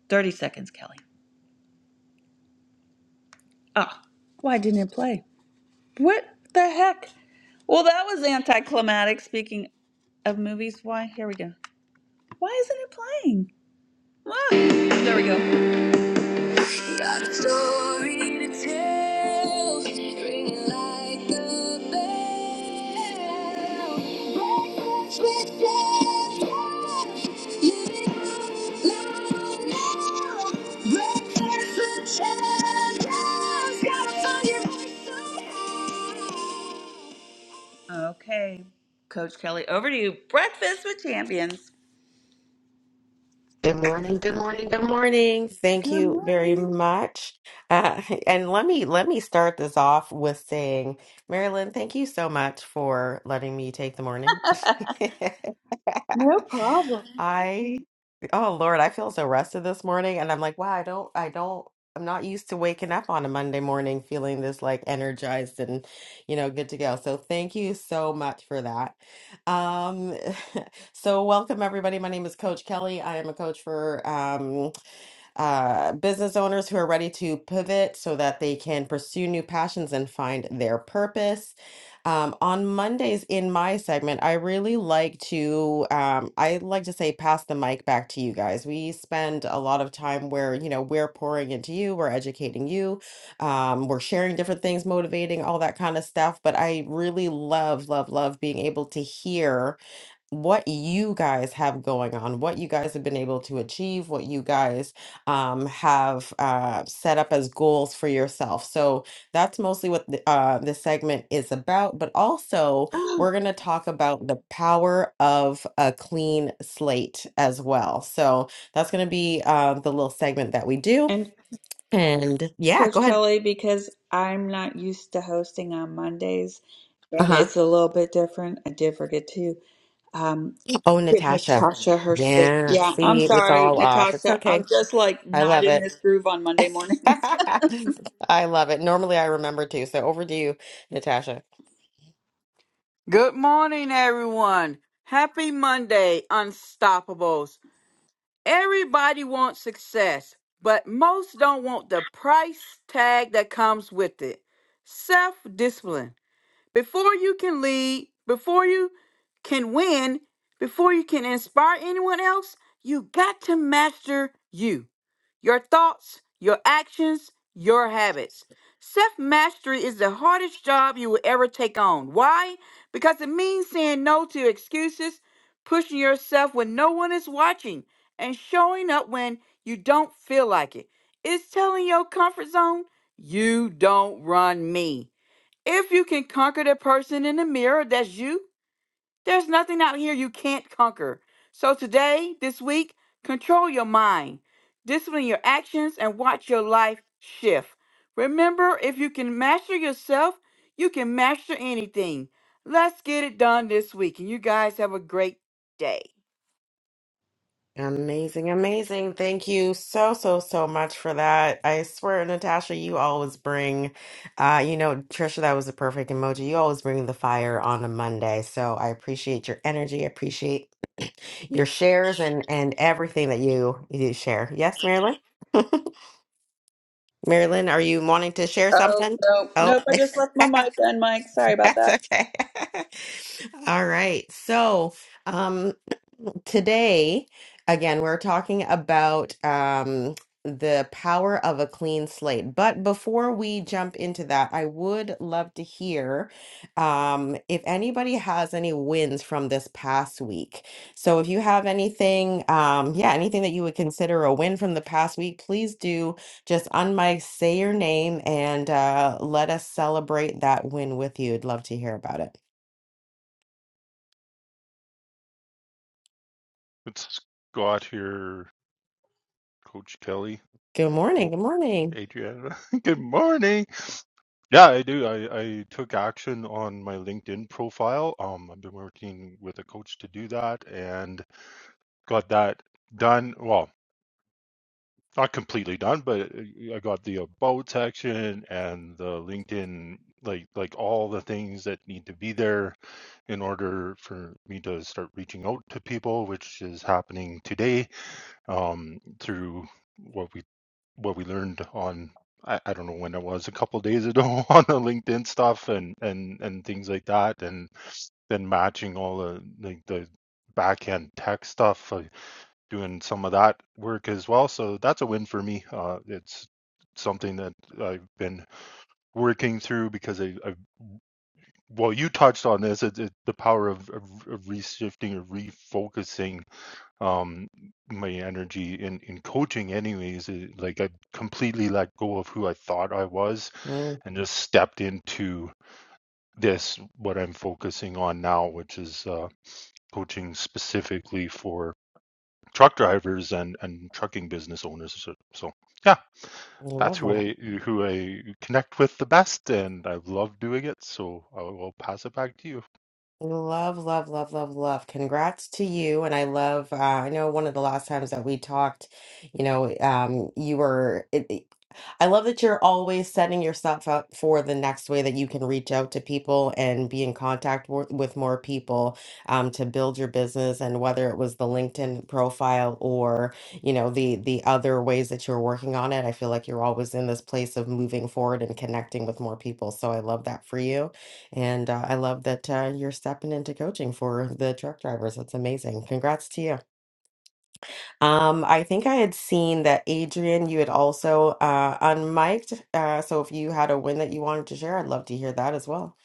30 seconds, Kelly. Oh, why didn't it play? What the heck? Well, that was anticlimactic. Speaking of movies, why? Here we go. Why isn't it playing? Look, there we go. Got a story to tell, ringing like the bell. Breakfast with champions, living life now. Breakfast with champions, gotta find your voice somehow. Okay, Coach Kelly, over to you. Breakfast with champions.
Good morning, good morning, good morning. Thank
Good
you very
morning.
much. Uh, and let me let me start this off with saying, Marilyn, thank you so much for letting me take the morning.
No problem.
I oh Lord, I feel so rested this morning and I'm like, wow, I don't I don't I'm not used to waking up on a Monday morning feeling this like energized and you know good to go. So thank you so much for that. Um so welcome everybody. My name is Coach Kelly. I am a coach for um uh, business owners who are ready to pivot so that they can pursue new passions and find their purpose. Um, on Mondays in my segment, I really like to, um, I like to say, pass the mic back to you guys. We spend a lot of time where, you know, we're pouring into you, we're educating you, um, we're sharing different things, motivating, all that kind of stuff. But I really love, love, love being able to hear what you guys have going on, what you guys have been able to achieve, what you guys um, have uh, set up as goals for yourself. So that's mostly what the, uh, this segment is about. But also,
Oh.
we're going to talk about the power of a clean slate as well. So that's going to be uh, the little segment that we do. And yeah,
Coach
go ahead.
Kelly, because I'm not used to hosting on Mondays,
Uh
and
huh.
it's a little bit different. I did forget to um,
Oh,
give
Natasha.
Natasha her space.
Yeah.
Yeah, I'm
See, it's
sorry,
all off. It's
Natasha.
okay.
I'm just like
I
not
love
in
it.
this groove on Monday mornings.
I love it. Normally I remember too. So over to you, Natasha.
Good morning, everyone. Happy Monday, Unstoppables. Everybody wants success, but most don't want the price tag that comes with it. Self discipline. Before you can lead, before you can win, before you can inspire anyone else, you got to master you your thoughts, your actions, your habits. Self mastery is the hardest job you will ever take on. Why? Because it means saying no to excuses, pushing yourself when no one is watching, and showing up when you don't feel like it. It's telling your comfort zone, you don't run me. If you can conquer the person in the mirror, that's you. There's nothing out here you can't conquer. So today, this week, control your mind, discipline your actions, and watch your life shift. Remember, if you can master yourself, you can master anything. Let's get it done this week, and you guys have a great day.
Amazing, amazing. Thank you so, so, so much for that. I swear, Natasha, you always bring, uh, you know, Trisha, that was a perfect emoji. You always bring the fire on a Monday. So I appreciate your energy. I appreciate your shares and and everything that you you share. Yes, Marilyn? Marilyn, are you wanting to share
Oh
something?
no,
Oh.
nope. I just left my mic on, Mike. Sorry about
That's
that.
okay. All right. So, um, Today, again, we're talking about um, the power of a clean slate. But before we jump into that, I would love to hear um, if anybody has any wins from this past week. So if you have anything, um, yeah, anything that you would consider a win from the past week, please do just unmic, say your name, and uh, let us celebrate that win with you. I'd love to hear about it.
It's Scott here. Coach Kelly.
Good morning.
Well,
Good morning.
Adriana. Good morning. Yeah, I do. I, I took action on my LinkedIn profile. Um, I've been working with a coach to do that and got that done. Well, not completely done, but uh, I got the about section and the LinkedIn, like like all the things that need to be there in order for me to start reaching out to people, which is happening today um, through what we. what we learned on I, I don't know when it was a couple of days ago on the LinkedIn stuff and and and things like that and then matching all the like the back end tech stuff uh, doing some of that work as well so that's a win for me uh it's something that I've been working through because I, I well you touched on this it, it, the power of, of, of reshifting or refocusing um my energy in in coaching anyways it, like i completely let go of who i thought i was
Mm,
and just stepped into this what i'm focusing on now which is uh coaching specifically for truck drivers and and trucking business owners so, so yeah
I
that's
love
who i who i connect with the best and i love doing it so i will pass it back to you
Love, love, love, love, love. Congrats to you. And I love, uh, I know one of the last times that we talked, you know, um, you were, it, it- I love that you're always setting yourself up for the next way that you can reach out to people and be in contact wor- with more people um, to build your business. And whether it was the LinkedIn profile or, you know, the the other ways that you're working on it, I feel like you're always in this place of moving forward and connecting with more people. So I love that for you. And uh, I love that uh, you're stepping into coaching for the truck drivers. That's amazing. Congrats to you. Um, I think I had seen that Adrian, you had also uh, unmiked. Uh, so if you had a win that you wanted to share, I'd love to hear that as well.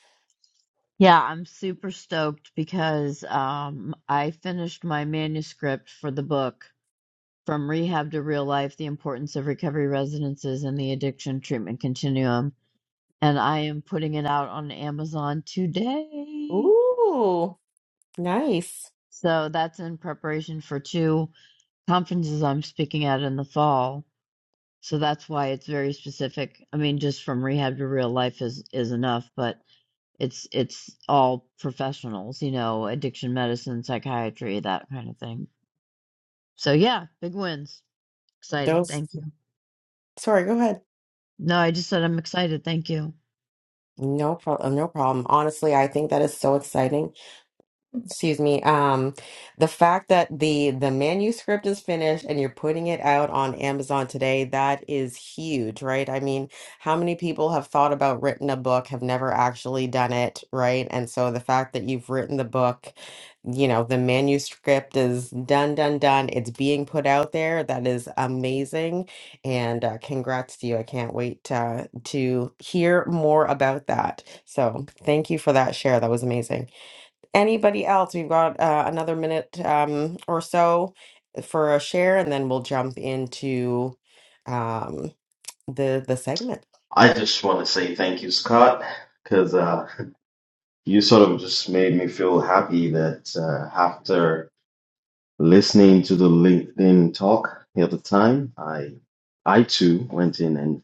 Yeah, I'm super stoked because um, I finished my manuscript for the book From Rehab to Real Life The Importance of Recovery Residences and the Addiction Treatment Continuum. And I am putting it out on Amazon today.
Ooh, nice.
So that's in preparation for two conferences I'm speaking at in the fall. So that's why it's very specific. I mean, just from rehab to real life is is enough, but it's it's all professionals, you know, addiction medicine, psychiatry, that kind of thing. So yeah, big wins. Excited.
Those.
Thank you.
Sorry, go ahead.
No, I just said I'm excited. Thank you.
No problem. No problem. Honestly, I think that is so exciting excuse me um the fact that the the manuscript is finished and you're putting it out on Amazon today that is huge right i mean how many people have thought about written a book have never actually done it right and so the fact that you've written the book you know the manuscript is done done done it's being put out there that is amazing and uh, congrats to you i can't wait uh, to hear more about that so thank you for that share that was amazing Anybody else? We've got uh, another minute um, or so for a share, and then we'll jump into um, the the segment.
I just want to say thank you, Scott, because uh, you sort of just made me feel happy that uh, after listening to the LinkedIn talk the other time, I I too went in and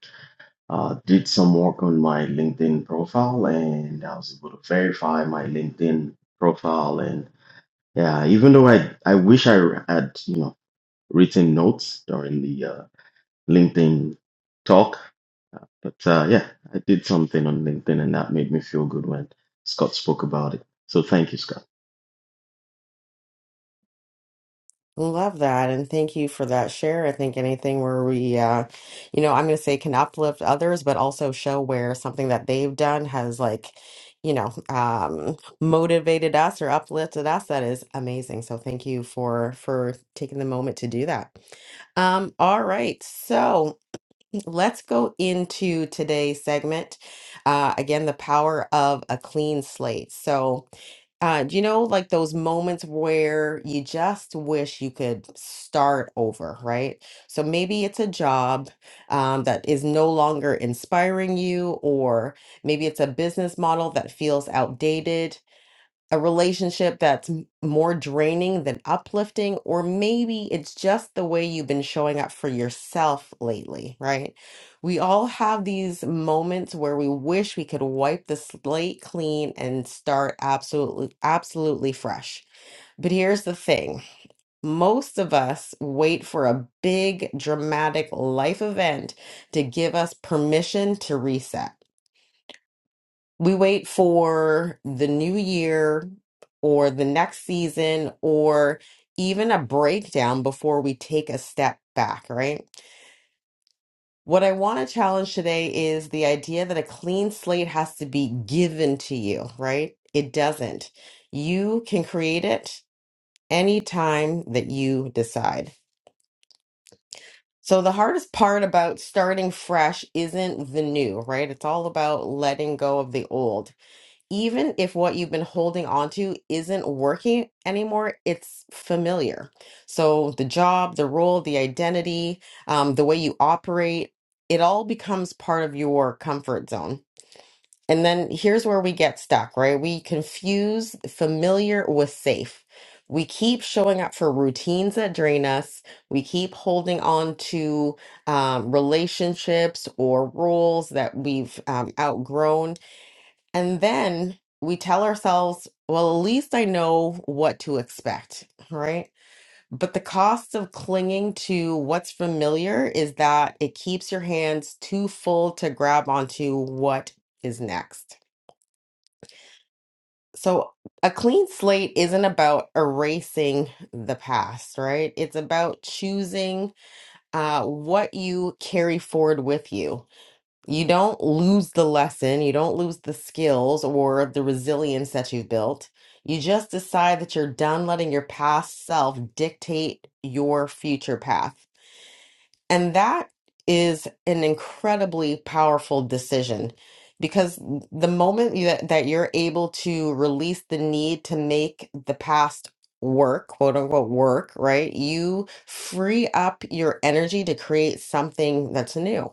uh, did some work on my LinkedIn profile and I was able to verify my LinkedIn profile. And yeah, even though I, I wish I had, you know, written notes during the uh, LinkedIn talk, but uh, yeah, I did something on LinkedIn and that made me feel good when Scott spoke about it. So thank you, Scott.
Love that, and thank you for that share. I think anything where we, uh, you know, I'm going to say can uplift others, but also show where something that they've done has like, you know, um, motivated us or uplifted us. That is amazing. So thank you for for taking the moment to do that. Um, all right, so. Let's go into today's segment. Uh, again, the power of a clean slate. So, uh, do you know, like those moments where you just wish you could start over, right? So maybe it's a job um, that is no longer inspiring you, or maybe it's a business model that feels outdated, a relationship that's m- more draining than uplifting, or maybe it's just the way you've been showing up for yourself lately, right? We all have these moments where we wish we could wipe the slate clean and start absolutely, absolutely fresh. But here's the thing most of us wait for a big, dramatic life event to give us permission to reset we wait for the new year or the next season or even a breakdown before we take a step back, right? What I want to challenge today is the idea that a clean slate has to be given to you, right? It doesn't. You can create it anytime that you decide. So, the hardest part about starting fresh isn't the new, right? It's all about letting go of the old. even if what you've been holding on to isn't working anymore, it's familiar. So the job, the role, the identity, um, the way you operate, it all becomes part of your comfort zone. And then here's where we get stuck, right? We confuse familiar with safe. We keep showing up for routines that drain us. We keep holding on to um, relationships or roles that we've um, outgrown and then we tell ourselves, well, at least I know what to expect, right? But the cost of clinging to what's familiar is that it keeps your hands too full to grab onto what is next. So, a clean slate isn't about erasing the past, right? It's about choosing uh, what you carry forward with you You don't lose the lesson, you don't lose the skills or the resilience that you've built. You just decide that you're done letting your past self dictate your future path. And that is an incredibly powerful decision because the moment you, that you're able to release the need to make the past work, quote unquote work, right? You free up your energy to create something that's new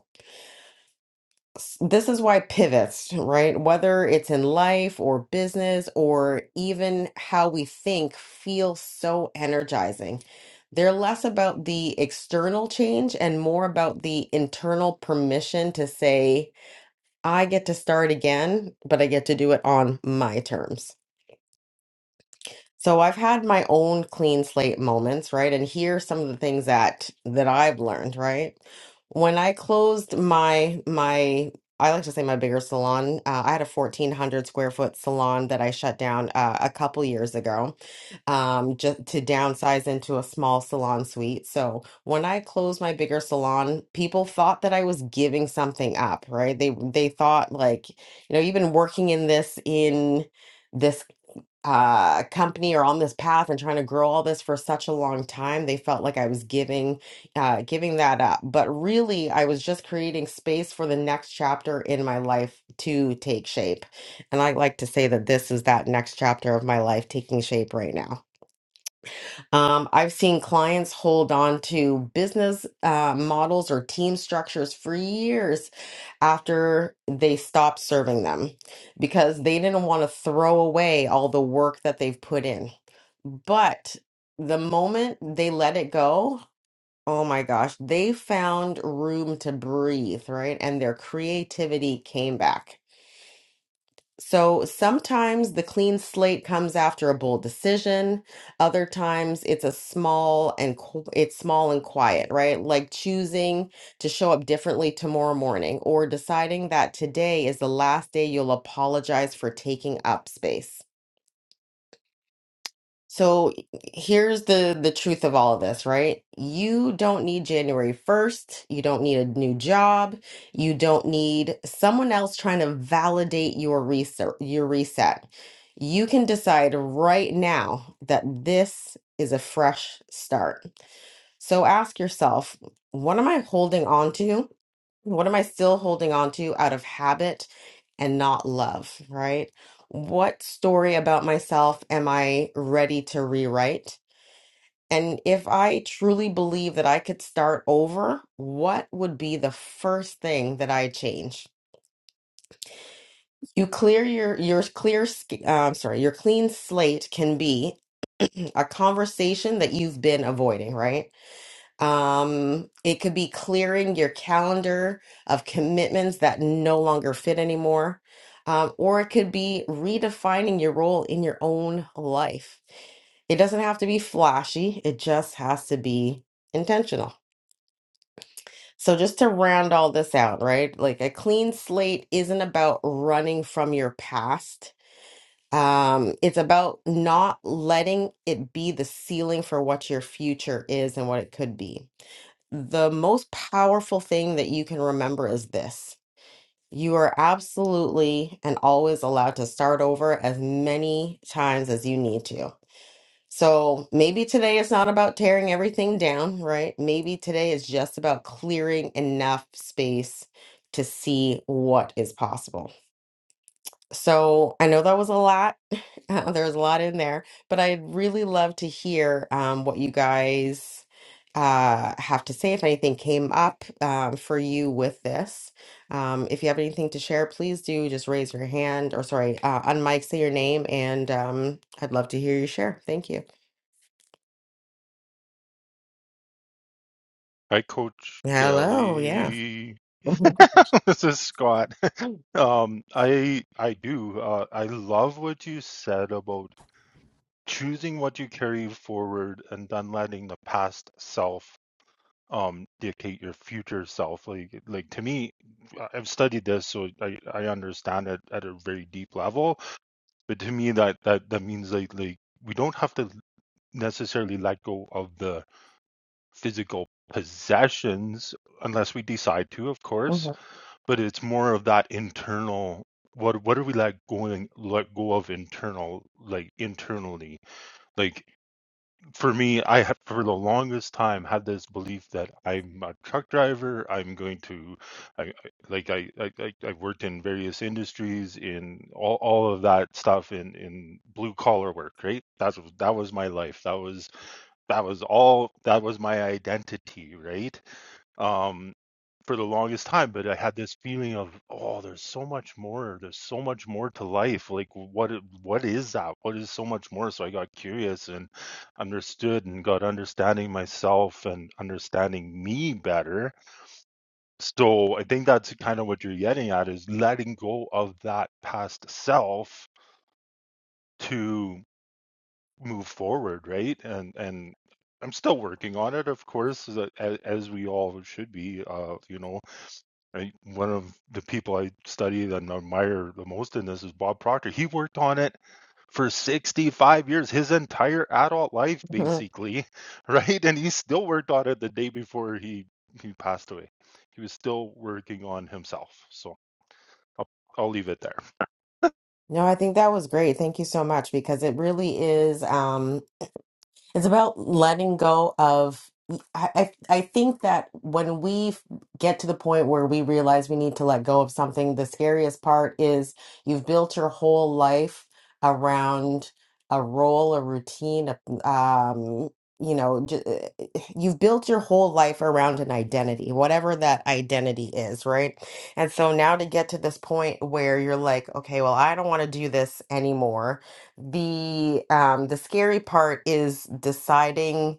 s- this is why pivots, right? Whether it's in life or business or even how we think, feel so energizing. They're less about the external change and more about the internal permission to say, I get to start again, but I get to do it on my terms. So I've had my own clean slate moments, right? And here are some of the things that that I've learned, right? When I closed my my I like to say my bigger salon. Uh, I had a 1,400 square foot salon that I shut down uh, a couple years ago um, just to downsize into a small salon suite. So when I closed my bigger salon, people thought that I was giving something up, right? They they thought like, you know, you've been working in this in this uh company or on this path and trying to grow all this for such a long time they felt like i was giving uh giving that up but really i was just creating space for the next chapter in my life to take shape and i like to say that this is that next chapter of my life taking shape right now um i've seen clients hold on to business uh models or team structures for years after they stopped serving them because they didn't want to throw away all the work that they've put in. But the moment they let it go, oh my gosh, they found room to breathe, right? And their creativity came back. So sometimes the clean slate comes after a bold decision. Other times it's a small and qu- it's small and quiet, right? Like choosing to show up differently tomorrow morning or deciding that today is the last day you'll apologize for taking up space. So here's the the truth of all of this, right? You don't need January 1st. You don't need a new job. You don't need someone else trying to validate your reset, your reset. You can decide right now that this is a fresh start. So ask yourself, what am I holding on to? What am I still holding on to out of habit and not love, right? What story about myself am I ready to rewrite? And if I truly believe that I could start over, what would be the first thing that I change? You clear your your clear sk- uh, I'm sorry, your clean slate can be a conversation that you've been avoiding, right? Um, it could be clearing your calendar of commitments that no longer fit anymore. Um, or it could be redefining your role in your own life. It doesn't have to be flashy, it just has to be intentional. So, just to round all this out, right? Like a clean slate isn't about running from your past. Um, it's about not letting it be the ceiling for what your future is and what it could be the most powerful thing that you can remember is this. You are absolutely and always allowed to start over as many times as you need to. So maybe today it's not about tearing everything down, right? Maybe today is just about clearing enough space to see what is possible. So I know that was a lot. Uh, there was a lot in there, but I'd really love to hear um, what you guys uh, have to say. If anything came up um, for you with this, um, if you have anything to share, please do just raise your hand or sorry, uh, on say your name, and um, I'd love to hear you share. Thank you.
hi coach
Hello. Yeah.
kelly This is Scott. Um, I I do. Uh, I love what you said about choosing what you carry forward and then letting the past self um dictate your future self. Like like to me, I- I've studied this, so I I understand it at a very deep level. But to me, that that that means like like we don't have to necessarily let go of the physical possessions unless we decide to, of course but it's more of that internal what what are we like going let go of internal like internally like for me i have for the longest time had this belief that i'm a truck driver i'm going to i I- like i i, I I worked in various industries in all, all of that stuff in in blue collar work right that's that was my life that was that was all that was my identity right um, for the longest time. But I had this feeling of, oh, there's so much more. There's so much more to life. Like, what i- what is that? What is so much more? So I got curious and understood and got understanding myself and understanding me better. So I think that's kind of what you're getting at is letting go of that past self to move forward, right? And and I'm still working on it, of course, as, as we all should be. Uh, you know, I, one of the people I study and admire the most in this is Bob Proctor. He worked on it for 65 years, his entire adult life, basically, right? And he still worked on it the day before he, he passed away. He was still working on himself. So I'll, I'll leave it there.
No, I think that was great. Thank you so much because it really is. Um, It's about letting go of. I, I I think that when we f- get to the point where we realize we need to let go of something, the scariest part is you've built your whole life around a role, a routine, a, um, you know, j- eh, eh, you've built your whole life around an identity, whatever that identity is, right? And so now to get to this point where you're like, okay, well, I don't want to do this anymore the um the scary part is deciding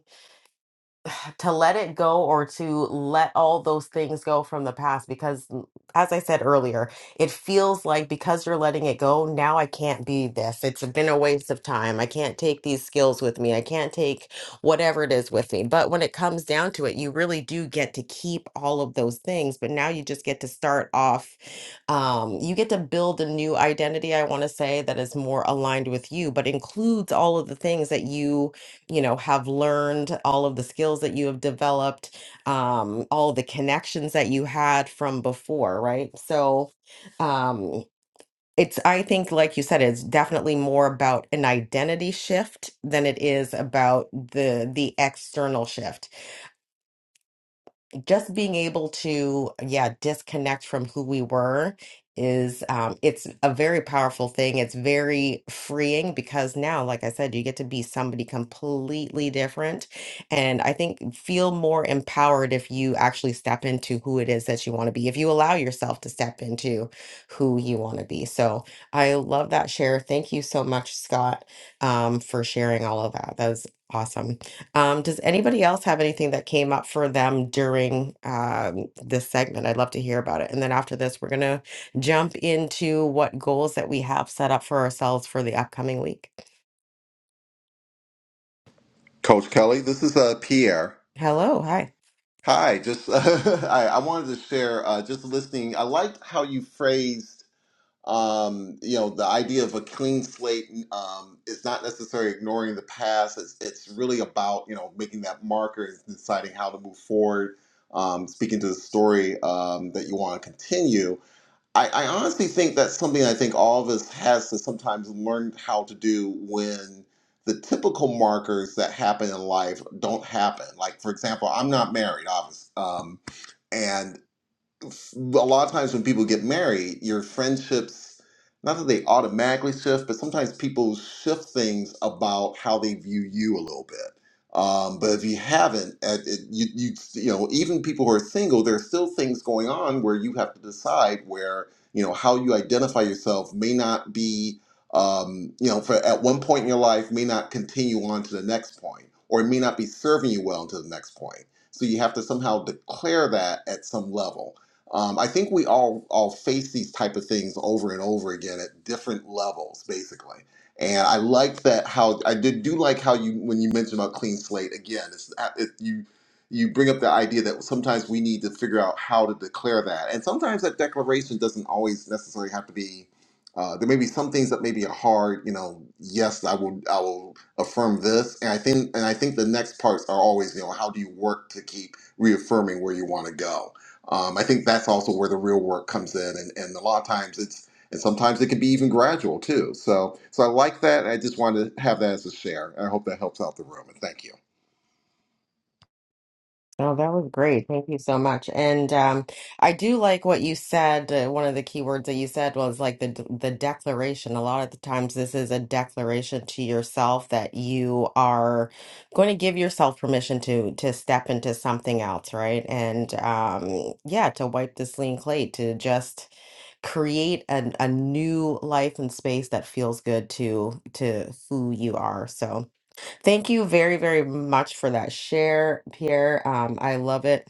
to let it go or to let all those things go from the past because mm, as i said earlier it feels like because you're letting it go now i can't be this it's been a waste of time i can't take these skills with me i can't take whatever it is with me but when it comes down to it you really do get to keep all of those things but now you just get to start off um, you get to build a new identity i want to say that is more aligned with you but includes all of the things that you you know have learned all of the skills that you have developed um all the connections that you had from before right so um it's i think like you said it's definitely more about an identity shift than it is about the the external shift just being able to yeah disconnect from who we were is um it's a very powerful thing it's very freeing because now like i said you get to be somebody completely different and i think feel more empowered if you actually step into who it is that you want to be if you allow yourself to step into who you want to be so i love that share thank you so much scott um for sharing all of that that was awesome um, does anybody else have anything that came up for them during um, this segment? I'd love to hear about it. And then after this, we're going to jump into what goals that we have set up for ourselves for the upcoming week.
Coach Kelly, this is uh, Pierre.
Hello. Hi.
Hi, just I, I wanted to share uh, just listening. I liked how you phrased, um, you know, the idea of a clean slate um, is not necessarily ignoring the past. It's, it's really about you know making that marker and deciding how to move forward. Um, speaking to the story um, that you want to continue, I, I honestly think that's something I think all of us has to sometimes learn how to do when the typical markers that happen in life don't happen. Like for example, I'm not married, obviously, um, and f- a lot of times when people get married, your friendships, not that they automatically shift, but sometimes people shift things about how they view you a little bit. Um, but if you haven't, at, it, you, you you know even people who are single, there are still things going on where you have to decide where you know how you identify yourself may not be um, you know for at one point in your life may not continue on to the next point, or it may not be serving you well until the next point. So you have to somehow declare that at some level um, I think we all all face these type of things over and over again at different levels, basically. And I like that how I did do like how you when you mentioned about clean slate again. It's uh, it, you you bring up the idea that sometimes we need to figure out how to declare that, and sometimes that declaration doesn't always necessarily have to be. Uh, there may be some things that may be a hard, you know. Yes, I will. I will affirm this, and I think, and I think the next parts are always, you know, how do you work to keep reaffirming where you want to go um, I think that's also where the real work comes in, and, and a lot of times it's and sometimes it can be even gradual too. So so I like that. I just wanted to have that as a share. I hope that helps out the room, and thank you.
Oh, that was great. Thank you so much. And um, I do like what you said. Uh, one of the key words that you said was like the the declaration. A lot of the times, this is a declaration to yourself that you are going to give yourself permission to to step into something else, right? And um, yeah, to wipe the clean slate, to just create an, a new life and space that feels good to to who you are. So. Thank you very, very much for that share, Pierre. Um, I love it.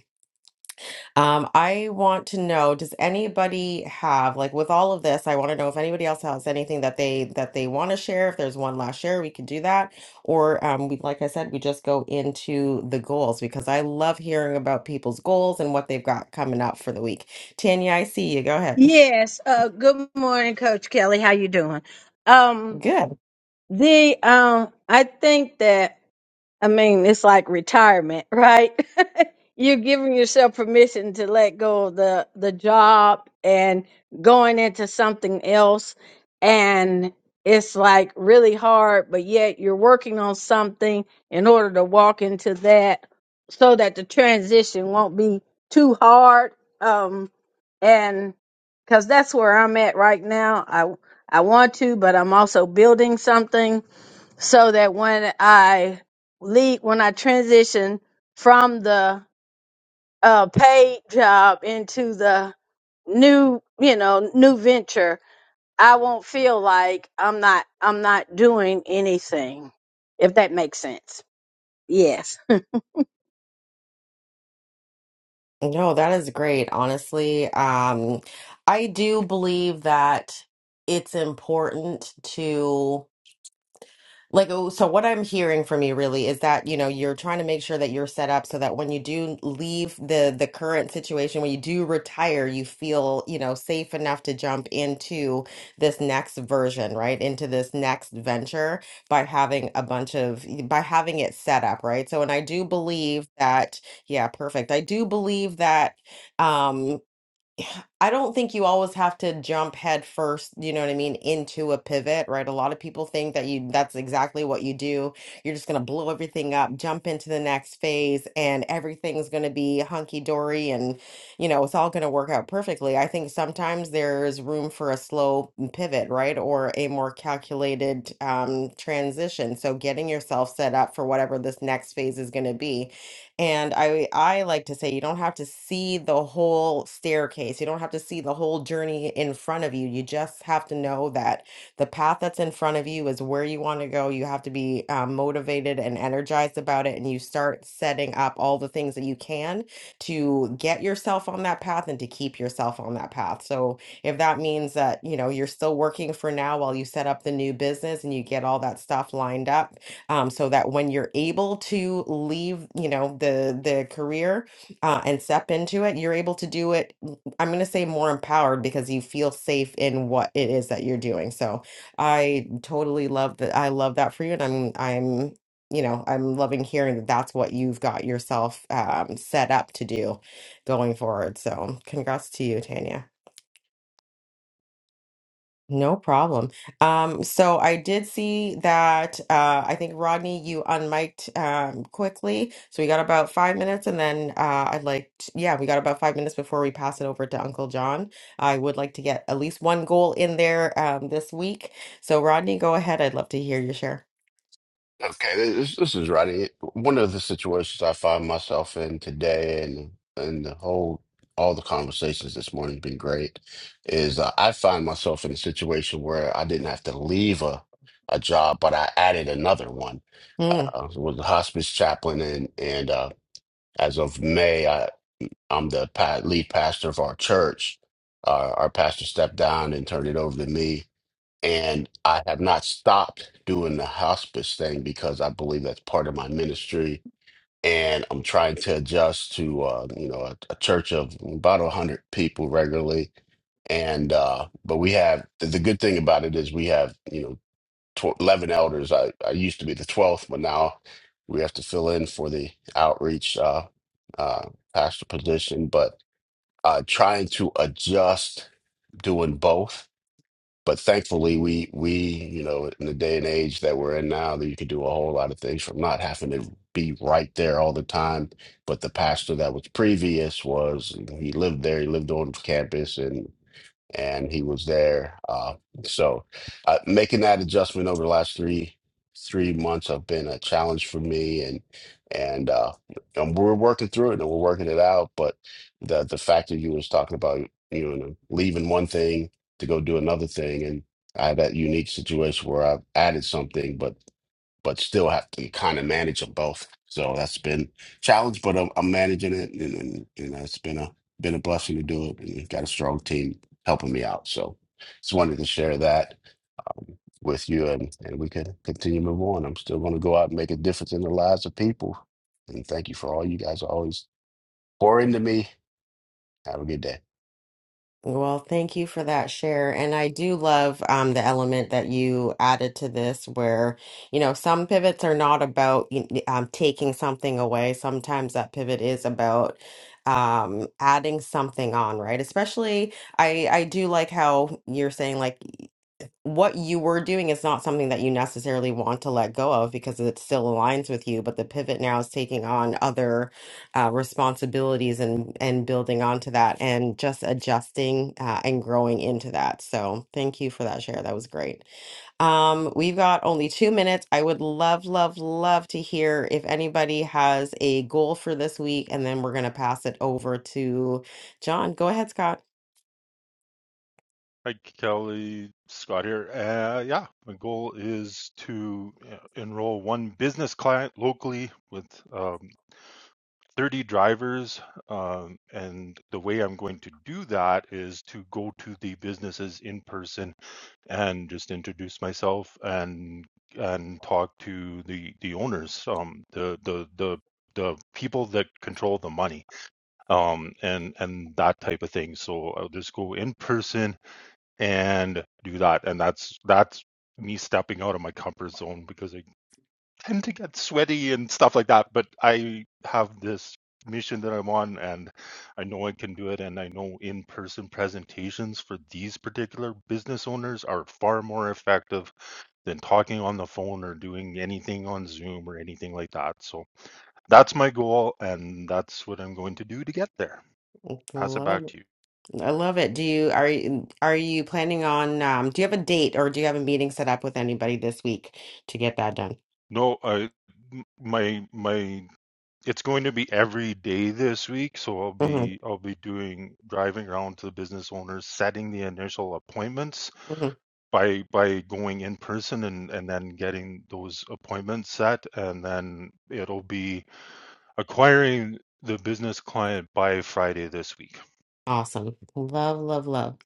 Um, I want to know, does anybody have, like with all of this, I want to know if anybody else has anything that they that they want to share. If there's one last share, we can do that. Or um, we, like I said, we just go into the goals because I love hearing about people's goals and what they've got coming up for the week. Tanya, I see you. Go ahead.
Yes. Uh, good morning, Coach Kelly. How you doing? Um,
Good.
the um, I think that I mean, it's like retirement, right? You're giving yourself permission to let go of the the job and going into something else and it's like really hard, but yet you're working on something in order to walk into that so that the transition won't be too hard. Um and cuz that's where I'm at right now. I I want to, but I'm also building something so that when I leave, when I transition from the uh, paid job into the new, you know, new venture, I won't feel like I'm not, I'm not doing anything. If that makes sense. Yes.
No, that is great, honestly. Um, I do believe that it's important to like, oh, so what I'm hearing from you really is that, you know, you're trying to make sure that you're set up so that when you do leave the the current situation, when you do retire, you feel, you know, safe enough to jump into this next version, right? Into this next venture by having a bunch of by having it set up, right? So, and I do believe that, yeah, perfect. I do believe that um, I don't think you always have to jump head first, you know what I mean, into a pivot, right? A lot of people think that you that's exactly what you do. You're just going to blow everything up, jump into the next phase and everything's going to be hunky dory and you know, it's all going to work out perfectly. I think sometimes there's room for a slow pivot, right? Or a more calculated um transition. So getting yourself set up for whatever this next phase is going to be and I I like to say you don't have to see the whole staircase. You don't have to see the whole journey in front of you. You just have to know that the path that's in front of you is where you want to go. You have to be um, motivated and energized about it, and you start setting up all the things that you can to get yourself on that path and to keep yourself on that path. So if that means that you know you're still working for now while you set up the new business and you get all that stuff lined up um, so that when you're able to leave, you know, the the career uh, and step into it, you're able to do it. m- I'm going to say more empowered because you feel safe in what it is that you're doing. So I totally love that. I love that for you, and I'm I'm you know I'm loving hearing that that's what you've got yourself um, set up to do going forward. So congrats to you, Tanya. No problem. Um, so I did see that uh, I think Rodney, you unmiked um, quickly. So we got about five minutes, and then uh, I'd like to, yeah, we got about five minutes before we pass it over to Uncle John. I would like to get at least one goal in there um, this week. So Rodney, go ahead. I'd love to hear your share.
Okay, this this is right. One of the situations I find myself in today, and and the whole all the conversations this morning has been great, is uh, I find myself in a situation where I didn't have to leave a a job, but I added another one. Uh,
Mm.
I was a hospice chaplain, and and uh, as of May, I I'm the pa lead pastor of our church. Uh, our pastor stepped down and turned it over to me and I have not stopped doing the hospice thing because I believe that's part of my ministry. And I'm trying to adjust to, uh, you know, a, a church of about 100 people regularly. And, uh, but we have the, the good thing about it is we have, you know, tw- 11 elders. I, I used to be the 12th, but now we have to fill in for the outreach uh, uh, pastor position. But uh, trying to adjust doing both but thankfully, we we you know in the day and age that we're in now, that you can do a whole lot of things from not having to be right there all the time. But the pastor that was previous was he lived there, he lived on campus, and and he was there. Uh, so uh, making that adjustment over the last three three months have been a challenge for me, and and uh, and we're working through it and we're working it out. But the the fact that you was talking about you know leaving one thing to go do another thing, and I had that unique situation where I've added something, but but still have to kind of manage them both. So that's been challenge, but I'm, I'm managing it, and, and and it's been a been a blessing to do it, and got a strong team helping me out. So just wanted to share that um, with you, and and we could continue to move on. I'm still going to go out and make a difference in the lives of people, and thank you for all you guys always pour into me. Have a good day.
Well, thank you for that share. And I do love um, the element that you added to this, where, you know, some pivots are not about y- y- um, taking something away. Sometimes that pivot is about um, adding something on, right? Especially, I, I do like how you're saying, like, what you were doing is not something that you necessarily want to let go of because it still aligns with you, but the pivot now is taking on other uh, responsibilities and and building onto that and just adjusting uh, and growing into that. So thank you for that share. That was great. Um, we've got only two minutes. I would love, love, love to hear if anybody has a goal for this week, and then we're gonna pass it over to John. Go ahead, Scott.
Hi, Kelly Scott here. Uh, yeah, my goal is to uh, enroll one business client locally with um, 30 drivers. Um, and the way I'm going to do that is to go to the businesses in person and just introduce myself and and talk to the the owners, um, the the the the people that control the money, um, and and that type of thing. So I'll just go in person and do that, and that's that's me stepping out of my comfort zone because I tend to get sweaty and stuff like that, but I have this mission that I'm on and I know I can do it. And I know in person presentations for these particular business owners are far more effective than talking on the phone or doing anything on Zoom or anything like that. So that's my goal and that's what I'm going to do to get there. Pass it
Love,
back
it.
to you.
I love it. Do you are you are you planning on um do you have a date or do you have a meeting set up with anybody this week to get that done?
No, I my my It's going to be every day this week, so I'll
Mm-hmm,
be I'll be doing driving around to the business owners, setting the initial appointments
mm-hmm.
by by going in person and and then getting those appointments set, and then it'll be acquiring the business client by Friday this week.
Awesome. Love, love, love.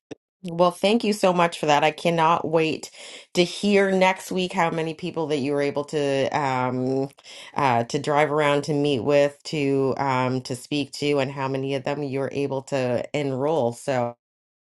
Well, thank you so much for that. I cannot wait to hear next week how many people that you were able to um uh to drive around to meet with, to um to speak to, and how many of them you were able to enroll. So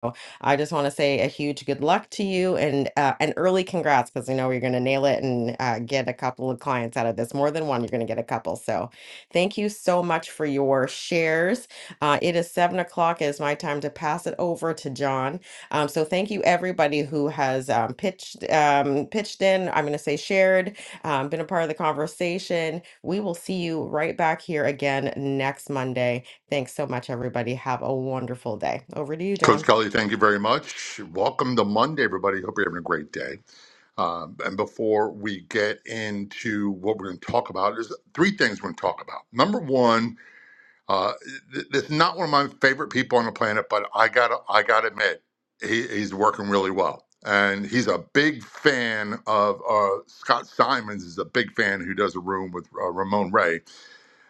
so, I just want to say a huge good luck to you and uh, an early congrats because I know you're going to nail it and uh, get a couple of clients out of this. More than one, you're going to get a couple. So thank you so much for your shares. Uh, it is seven o'clock. It is my time to pass it over to John. Um, so thank you everybody who has um, pitched um, pitched in. I'm going to say shared, um, been a part of the conversation. We will see you right back here again next Monday. Thanks so much, everybody. Have a wonderful day. Over to you, John.
Coach Kelly, thank you very much. Welcome to Monday, everybody. Hope you're having a great day. Um, and before we get into what we're going to talk about, there's three things we're going to talk about. Number one, uh, th- this is not one of my favorite people on the planet, but I got to I got to admit, he, he's working really well. And he's a big fan of uh, Scott Simons. Is a big fan who does a room with uh, Ramon Ray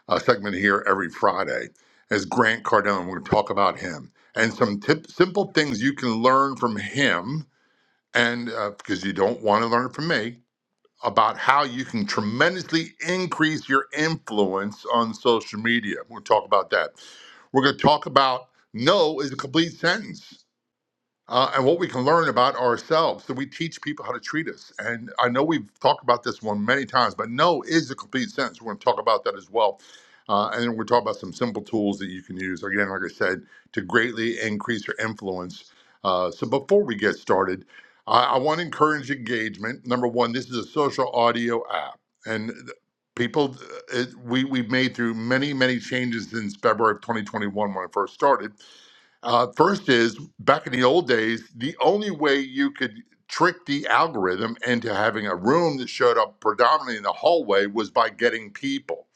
uh, segment here every Friday is Grant Cardone. We're going to talk about him and some tip, simple things you can learn from him, and uh, because you don't want to learn from me, about how you can tremendously increase your influence on social media. We're going to talk about that. We're going to talk about no is a complete sentence uh, and what we can learn about ourselves. So we teach people how to treat us. And I know we've talked about this one many times, but no is a complete sentence. We're going to talk about that as well. Uh, and then we're talking about some simple tools that you can use, again, like I said, to greatly increase your influence. Uh, so before we get started, I, I want to encourage engagement. Number one, this is a social audio app. And th- people, uh, it, we, we've made through many, many changes since February of 2021 when I first started uh, first is back in the old days, the only way you could trick the algorithm into having a room that showed up predominantly in the hallway was by getting people.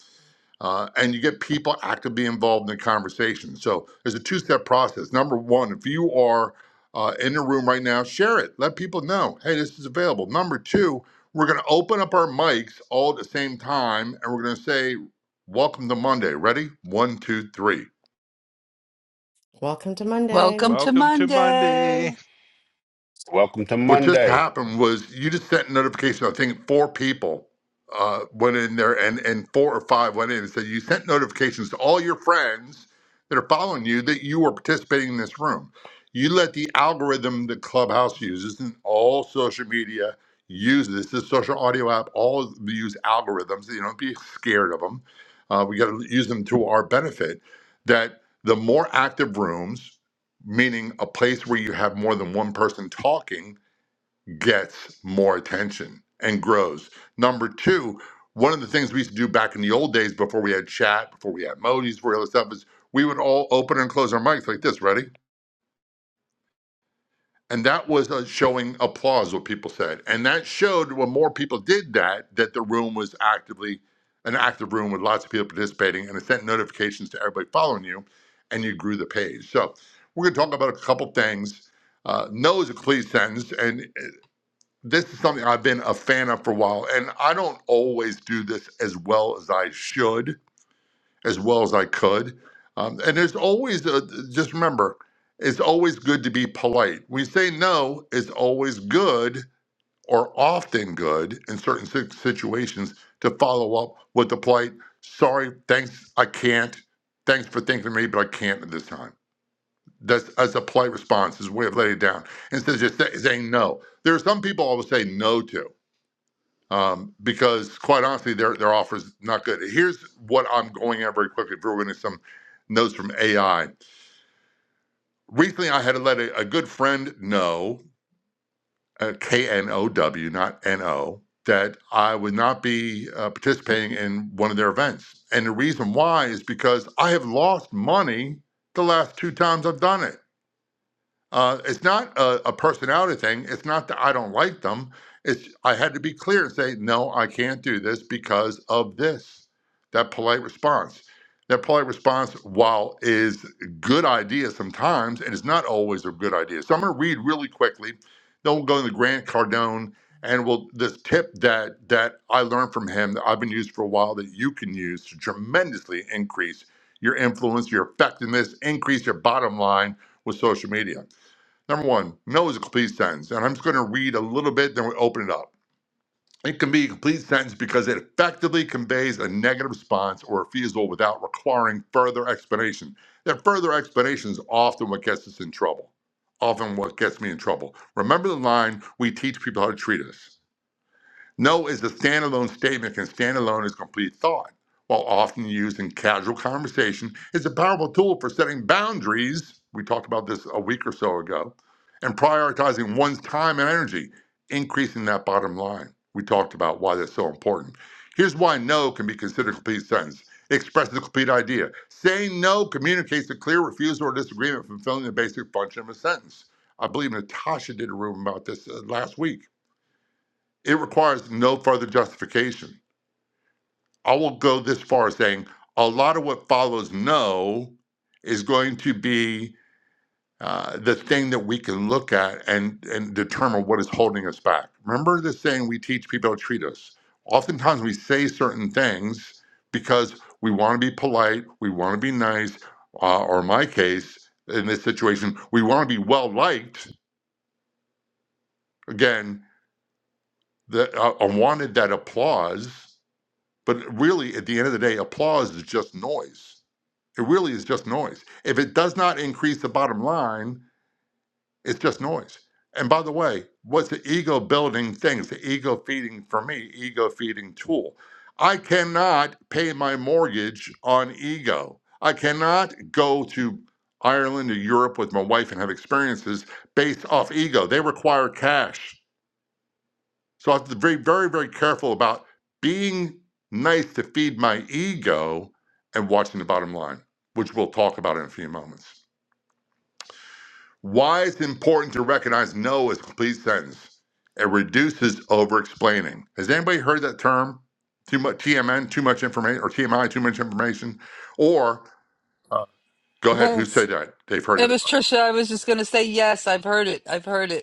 Uh, and you get people actively involved in the conversation. So there's a two step process. Number one, if you are uh, in the room right now, share it. Let people know, hey, this is available. Number two, we're going to open up our mics all at the same time and we're going to say, Welcome to Monday. Ready? One, two, three.
Welcome to Monday.
Welcome to
Welcome to Monday.
Monday.
Welcome to
What just
Monday.
happened was you just sent a notification. I think four people uh, went in there, and and four or five went in and said you sent notifications to all your friends that are following you that you were participating in this room. You let the algorithm that Clubhouse uses and all social media uses this is a social audio app all use algorithms. You know, don't be scared of them. Uh, we got to use them to our benefit. That the more active rooms meaning a place where you have more than one person talking gets more attention and grows. Number two, one of the things we used to do back in the old days before we had chat, before we had emojis, before all this stuff is we would all open and close our mics like this, ready? And that was uh, showing applause, what people said. And that showed when more people did that, that the room was actively an active room with lots of people participating and it sent notifications to everybody following you and you grew the page. So we're going to talk about a couple things. Uh, no is a complete sentence. and this is something I've been a fan of for a while, and I don't always do this as well as I should, as well as I could. Um, and there's always a, just remember, it's always good to be polite. When you say no, it's always good or often good in certain si- situations to follow up with the polite, sorry, thanks, I can't. Thanks for thinking of me, but I can't at this time. That's as a polite response, as a way of letting it down instead of just say, saying no. There are some people I will say no to um, because quite honestly, their their offer is not good. Here's what I'm going at very quickly. If we're getting some notes from AI recently, I had to let a, a good friend know, uh, K N O W, not N O, that I would not be uh, participating in one of their events, and the reason why is because I have lost money the last two times I've done it. Uh, it's not a, a personality thing. It's not that I don't like them. It's I had to be clear and say, no, I can't do this because of this. That polite response. That polite response, while is a good idea sometimes, and it's not always a good idea. So I'm going to read really quickly. Then we'll go into Grant Cardone, and we'll this tip that that I learned from him that I've been using for a while that you can use to tremendously increase your influence, your effectiveness, increase your bottom line with social media. Number one, no is a complete sentence. And I'm just going to read a little bit, then we open it up. It can be a complete sentence because it effectively conveys a negative response or refusal without requiring further explanation. That further explanation is often what gets us in trouble, often what gets me in trouble. Remember the line, we teach people how to treat us. No is a standalone statement can stand alone as complete thought. While often used in casual conversation, it's a powerful tool for setting boundaries. We talked about this a week or so ago, and prioritizing one's time and energy, increasing that bottom line. We talked about why that's so important. Here's why no can be considered a complete sentence. It expresses a complete idea. Saying no communicates a clear refusal or disagreement, fulfilling the basic function of a sentence. I believe Natasha did a room about this uh, last week it requires no further justification. I will go this far as saying a lot of what follows no is going to be uh, the thing that we can look at and, and determine what is holding us back. Remember the saying we teach people to treat us. Oftentimes we say certain things because we want to be polite, we want to be nice, uh, or in my case, in this situation, we want to be well liked. Again, the, uh, I wanted that applause But really, at the end of the day, applause is just noise. It really is just noise. If it does not increase the bottom line, it's just noise. And by the way, what's the ego building thing? It's the ego feeding, for me, ego feeding tool. I cannot pay my mortgage on ego. I cannot go to Ireland or Europe with my wife and have experiences based off ego. They require cash. So I have to be very, very, very careful about being nice to feed my ego and watching the bottom line, which we'll talk about in a few moments. Why it's important to recognize no as a complete sentence. It reduces over explaining. Has anybody heard that term? Too much TMN, too much information, or TMI, too much information? Or uh, go ahead, who
Yes.
said that? They've heard
It
that.
was Trisha. I was just going to say, yes, I've heard it. I've heard it.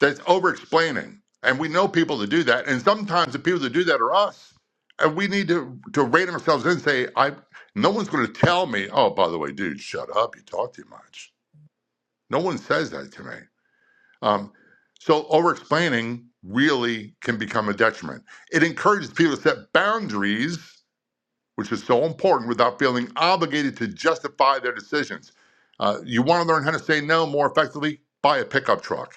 That's over explaining. And we know people that do that. And sometimes the people that do that are us. And we need to, to rein ourselves in and say, I no one's gonna tell me, oh, by the way, dude, shut up, you talk too much. No one says that to me. Um, so over explaining really can become a detriment. It encourages people to set boundaries, which is so important, without feeling obligated to justify their decisions. Uh, you want to learn how to say no more effectively? Buy a pickup truck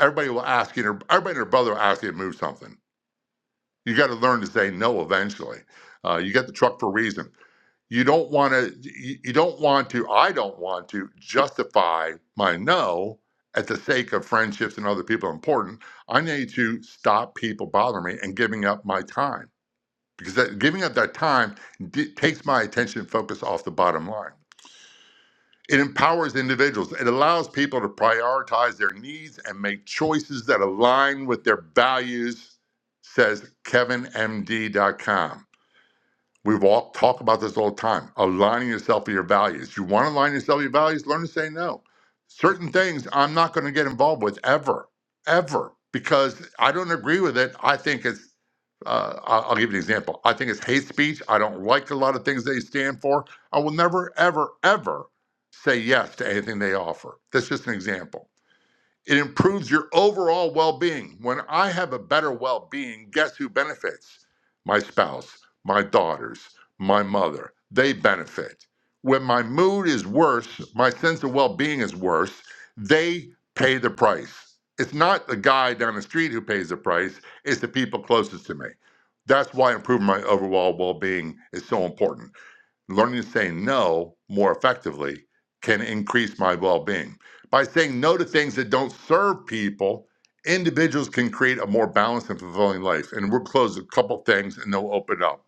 everybody will ask you, and her- everybody and her brother will ask you to move something. You got to learn to say no eventually. Uh, you got the truck for a reason. You don't want to, you you don't want to, I don't want to justify my no at the sake of friendships and other people important. I need to stop people bothering me and giving up my time because that, giving up that time d- takes my attention and focus off the bottom line. It empowers individuals. It allows people to prioritize their needs and make choices that align with their values, says KevinMD.com. We walk, talk about this all the time. Aligning yourself with your values. You want to align yourself with your values, learn to say no. Certain things I'm not going to get involved with ever, ever, because I don't agree with it. I think it's, uh, I'll I'll give you an example. I think it's hate speech. I don't like a lot of things they stand for. I will never, ever, ever say yes to anything they offer. That's just an example. It improves your overall well being. When I have a better well being, guess who benefits? My spouse, my daughters, my mother. They benefit. When my mood is worse, my sense of well being is worse, they pay the price. It's not the guy down the street who pays the price, it's the people closest to me. That's why improving my overall well being is so important learning to say no more effectively can increase my well-being by saying no to things that don't serve people individuals can create a more balanced and fulfilling life and we'll close a couple things and they'll open up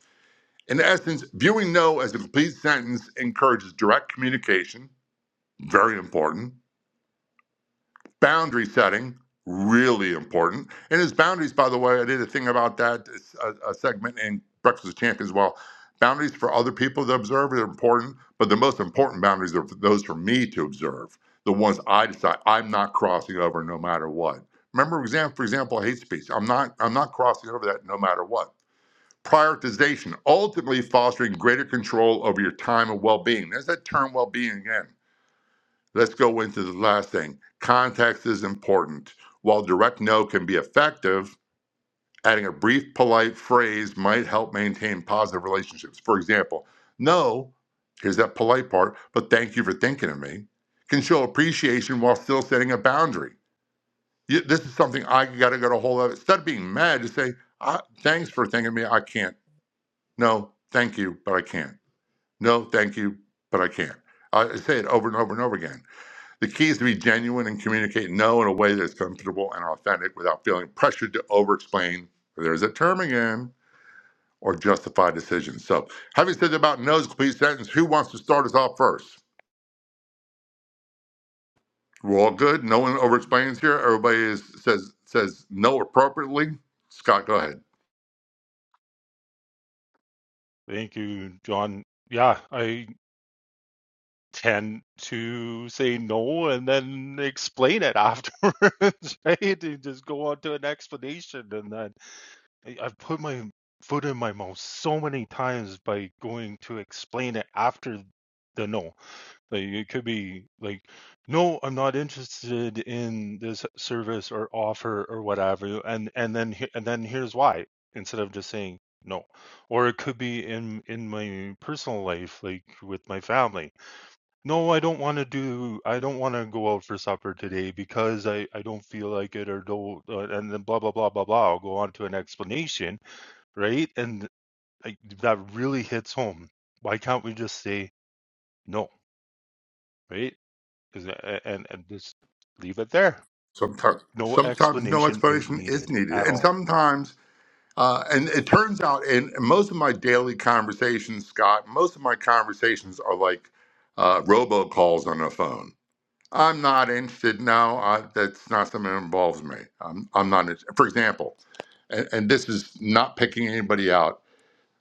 in essence viewing no as a complete sentence encourages direct communication very important boundary setting really important and his boundaries by the way i did a thing about that a, a segment in breakfast with champions as well boundaries for other people to observe are important but the most important boundaries are those for me to observe the ones i decide i'm not crossing over no matter what remember for example hate speech i'm not i'm not crossing over that no matter what prioritization ultimately fostering greater control over your time and well-being there's that term well-being again Let's go into the last thing. Context is important. While direct no can be effective, adding a brief, polite phrase might help maintain positive relationships. For example, no, here's that polite part, but thank you for thinking of me, can show appreciation while still setting a boundary. You- This is something I got to get a hold of. Instead of being mad, just say, "Ah, thanks for thinking of me. I can't. No, thank you, but I can't. No, thank you, but I can't. I I say it over and over and over again the key is to be genuine and communicate no in a way that's comfortable and authentic without feeling pressured to over explain. There's a term again or justify decisions. So, having said about no's a complete sentence, who wants to start us off first? We're all good. No one over explains here. Everybody is, says says no appropriately. Scott, go ahead.
Thank you, John. Yeah, I tend to say no and then explain it afterwards, right? You just go on to an explanation and then I- I've put my foot in my mouth so many times by going to explain it after the no. Like it could be like, no, I'm not interested in this service or offer or whatever, and and then he- and then here's why instead of just saying no. Or it could be in in my personal life, like with my family. No, I don't want to do. I don't want to go out for supper today because I I don't feel like it or don't. Uh, and then blah blah blah blah blah. I'll go on to an explanation right? And like, that really hits home. Why can't we just say no, right? Is it- a- and and just leave it there.
Sometimes
No
sometimes no
explanation is
explanation is
needed
needed,
at
and
all.
sometimes Uh, and it turns out, in most of my daily conversations, Scott, most of my conversations are like uh, robocalls on a phone. I'm not interested. No, I, that's not something that involves me. I'm, I'm not. interested. For example, and, and this is not picking anybody out.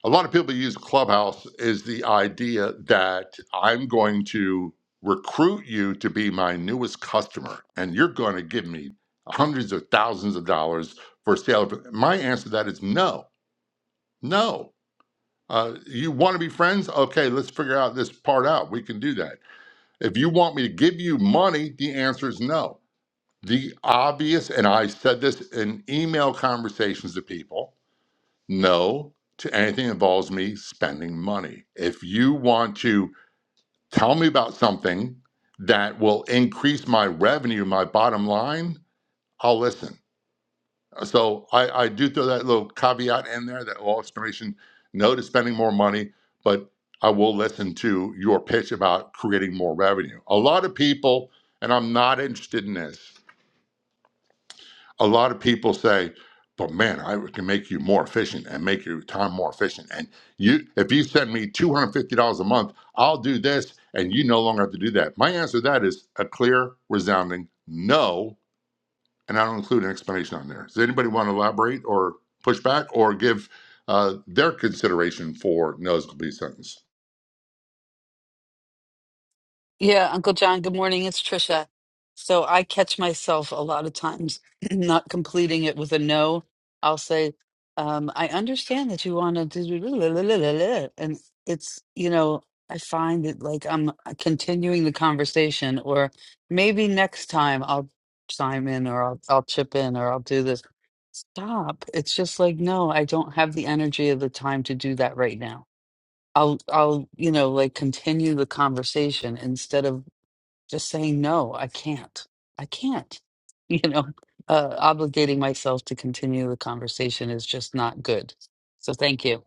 A lot of people use Clubhouse is the idea that I'm going to recruit you to be my newest customer, and you're going to give me hundreds of thousands of dollars for sale. My answer to that is no. No. Uh, you want to be friends? Okay, let's figure out this part out. We can do that. If you want me to give you money, the answer is no. The obvious, and I said this in email conversations to people no to anything that involves me spending money. If you want to tell me about something that will increase my revenue, my bottom line, I'll listen So I, I do throw that little caveat in there, that little explanation, no to spending more money, but I will listen to your pitch about creating more revenue. A lot of people, and I'm not interested in this, a lot of people say, but man, I can make you more efficient and make your time more efficient. And you, if you send me $250 a month, I'll do this, and you no longer have to do that. My answer to that is a clear, resounding no and I don't include an explanation on there. Does anybody want to elaborate or push back or give uh, their consideration for no's complete sentence?
Yeah, Uncle John, good morning. It's Trisha. So I catch myself a lot of times not completing it with a no. I'll say, um, I understand that you want to do, and it's, you know, I find that like I'm uh, continuing the conversation, or maybe next time I'll chime in, or I'll, I'll chip in, or I'll do this. Stop. It's just like, no, I don't have the energy or the time to do that right now. I'll I'll you know like continue the conversation instead of just saying no i can't i can't you know uh, obligating myself to continue the conversation is just not good so thank you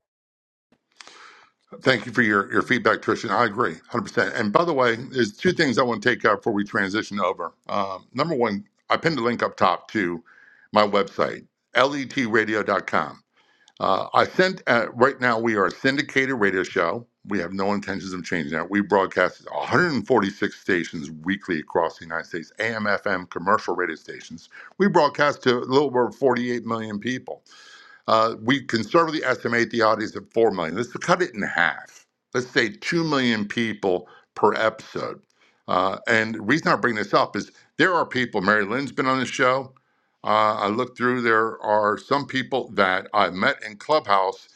Thank you for your, your feedback, Trisha. I agree 100%. And by the way, there's two things I want to take up before we transition over. Um, number one, I pinned a link up top to my website, letradio.com. Uh, I sent uh, right now we are a syndicated radio show. We have no intentions of changing that. We broadcast 146 stations weekly across the United States, AM, FM, commercial radio stations. We broadcast to a little over 48 million people. Uh, we conservatively estimate the audience at 4 million. Let's cut it in half. Let's say 2 million people per episode. Uh, and the reason I bring this up is there are people, Mary Lynn's been on the show. Uh, I looked through, there are some people that I met in Clubhouse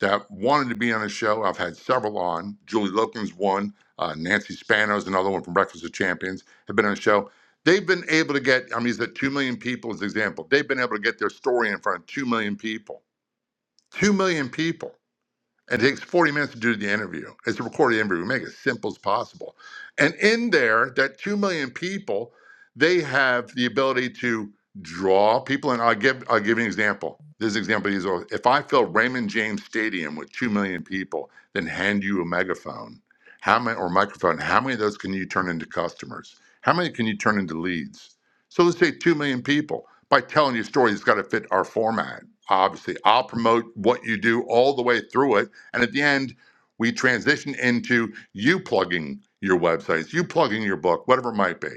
that wanted to be on the show. I've had several on. Julie Loken's one, uh, Nancy Spano's another one from Breakfast of Champions, have been on the show. They've been able to get, I'm using 2 million people as an example, they've been able to get their story in front of 2 million people 2 million people it takes 40 minutes to do the interview. It's a recorded interview. We make it as simple as possible. And in there, that 2 million people, they have the ability to draw people. And I'll give, I'll give you an example. This example is if I fill Raymond James Stadium with 2 million people, then hand you a megaphone how many, or microphone, how many of those can you turn into customers? How many can you turn into leads? So let's say 2 million people. By telling your story, it's got to fit our format. Obviously, I'll promote what you do all the way through it and at the end, we transition into you plugging your websites, you plugging your book, whatever it might be.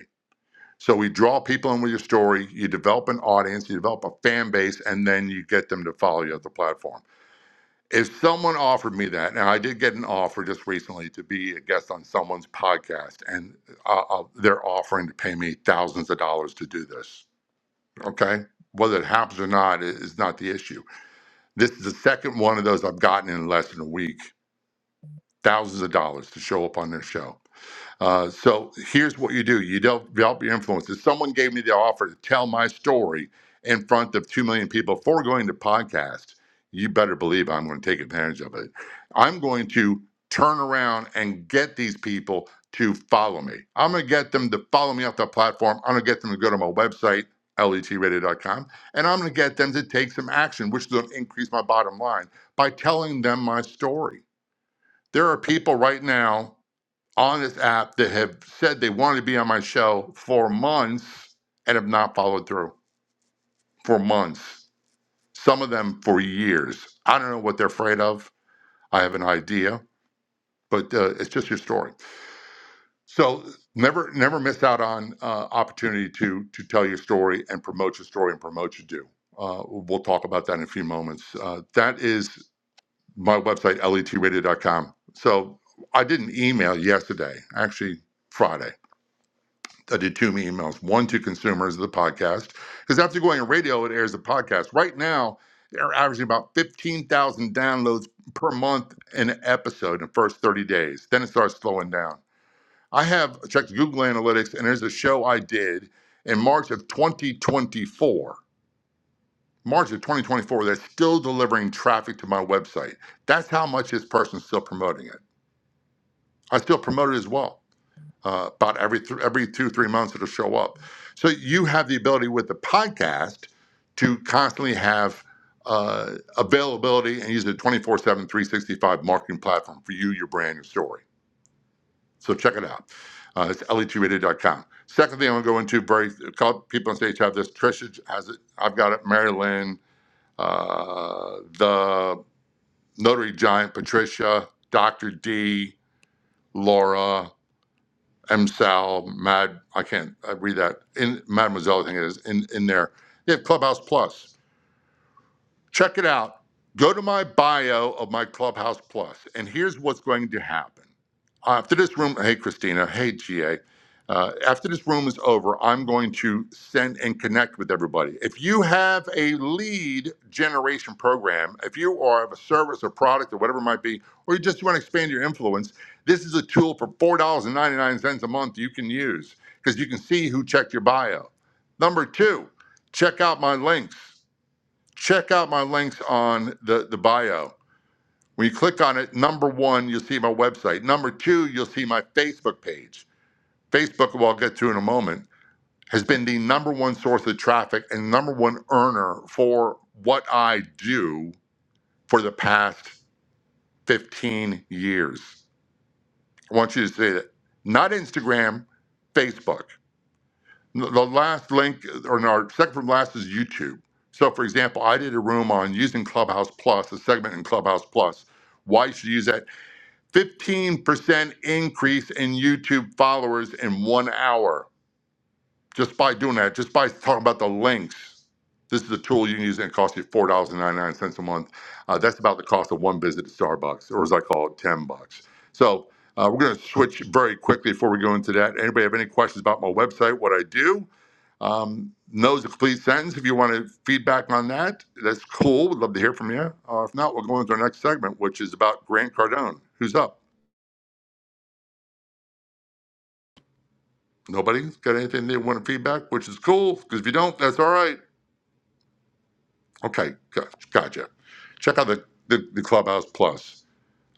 So we draw people in with your story, you develop an audience, you develop a fan base, and then you get them to follow you at the platform. If someone offered me that, and I did get an offer just recently to be a guest on someone's podcast, and uh, uh, they're offering to pay me thousands of dollars to do this. Okay. Whether it happens or not is is not the issue. This is the second one of those I've gotten in less than a week thousands of dollars to show up on their show. Uh, so here's what you do: you develop develop your influence. If someone gave me the offer to tell my story in front of two million people before going to podcast, you better believe I'm going to take advantage of it. I'm going to turn around and get these people to follow me. I'm going to get them to follow me off the platform. I'm going to get them to go to my website letradio.com and I'm going to get them to take some action, which is going to increase my bottom line by telling them my story. There are people right now on this app that have said they wanted to be on my show for months and have not followed through for months. Some of them for years. I don't know what they're afraid of. I have an idea, but uh, it's just your story. So never, never miss out on uh, opportunity to to tell your story and promote your story and promote your do. Uh, we'll talk about that in a few moments. Uh, that is my website, L E T radio dot com. So I did an email yesterday, actually Friday. I did two emails, one to consumers of the podcast, because after going on radio, it airs the podcast. Right now, they're averaging about 15,000 downloads per month in an episode in the first 30 days. Then it starts slowing down. I have checked Google Analytics, and there's a show I did in March of 2024. March of 2024, that's still delivering traffic to my website. That's how much this person's still promoting it. I still promote it as well. Uh, about every th- every two three months it'll show up. So you have the ability with the podcast to constantly have uh, availability and use a twenty four seven three sixty five marketing platform for you your brand your story so check it out uh, it's L E T radio dot com. second thing i'm going to go into very a couple people on stage have this trisha has it i've got it mary lynn uh, the notary giant patricia dr d laura M. Sal, Mad, I can't I read that, in Mademoiselle, I think it is, in, in there. They have Clubhouse Plus. Check it out. Go to my bio of my Clubhouse Plus, and here's what's going to happen. After this room, hey, Christina, hey, GA. Uh, after this room is over, I'm going to send and connect with everybody. If you have a lead generation program, if you are of a service or product or whatever it might be, or you just want to expand your influence, this is a tool for $4.99 a month you can use because you can see who checked your bio. Number two, check out my links check out my links on the, the bio. When you click on it, number one, you'll see my website. Number two, you'll see my Facebook page. Facebook, who I'll get to in a moment, has been the number one source of traffic and number one earner for what I do for the past 15 years. I want you to say that. Not Instagram, Facebook. The last link, or no, our second from last is YouTube. So, for example, I did a room on using Clubhouse Plus, a segment in Clubhouse Plus. Why you should use that? 15% increase in YouTube followers in one hour just by doing that, just by talking about the links. This is a tool you can use and it costs you $4.99 a month. Uh, that's about the cost of one visit to Starbucks, or as I call it, 10 bucks. So, uh, we're going to switch very quickly before we go into that. Anybody have any questions about my website, what I do? Um, knows a complete sentence. If you want to feedback on that, that's cool. We'd love to hear from you. Uh, if not, we'll go into our next segment, which is about Grant Cardone. Who's up? Nobody has got anything they want to feedback, which is cool because if you don't, that's all right. Okay, got- gotcha. Check out the, the, the Clubhouse Plus.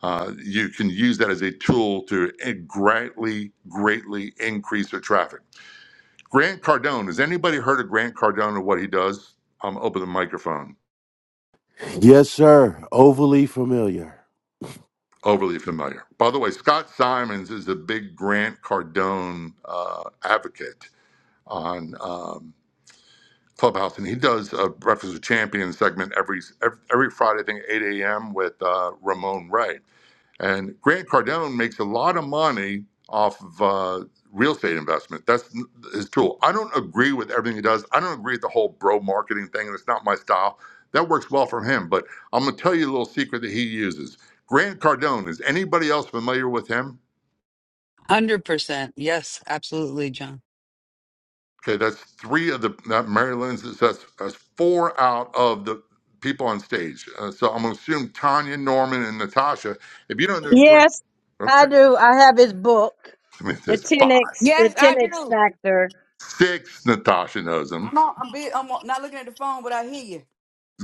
Uh, you can use that as a tool to greatly, greatly increase your traffic. Grant Cardone. Has anybody heard of Grant Cardone and what he does? Um, open the microphone.
Yes, sir. Overly familiar.
overly familiar. By the way, Scott Simons is a big Grant Cardone uh, advocate on um, Clubhouse, and he does a Breakfast with Champions segment every every, every Friday, I think, 8 a.m. with uh, Ramon Ray. And Grant Cardone makes a lot of money off of uh, real estate investment. That's n- his tool. I don't agree with everything he does. I don't agree with the whole bro marketing thing, and it's not my style. That works well for him. But I'm going to tell you a little secret that he uses. Grant Cardone, is anybody else familiar with him?
100% yes absolutely john
Okay, that's three of the that Mary Lynn's. That's, that's four out of the people on stage. Uh, so I'm going to assume Tanya, Norman, and Natasha. If you don't know Grant,
Yes, I
okay,
do. I have his book,
I mean,
the
there's five,
10x, the
Yes, I
10x
do.
factor.
six. Natasha knows him.
I'm on, I'm, be, I'm on- not looking at the phone, but I hear you.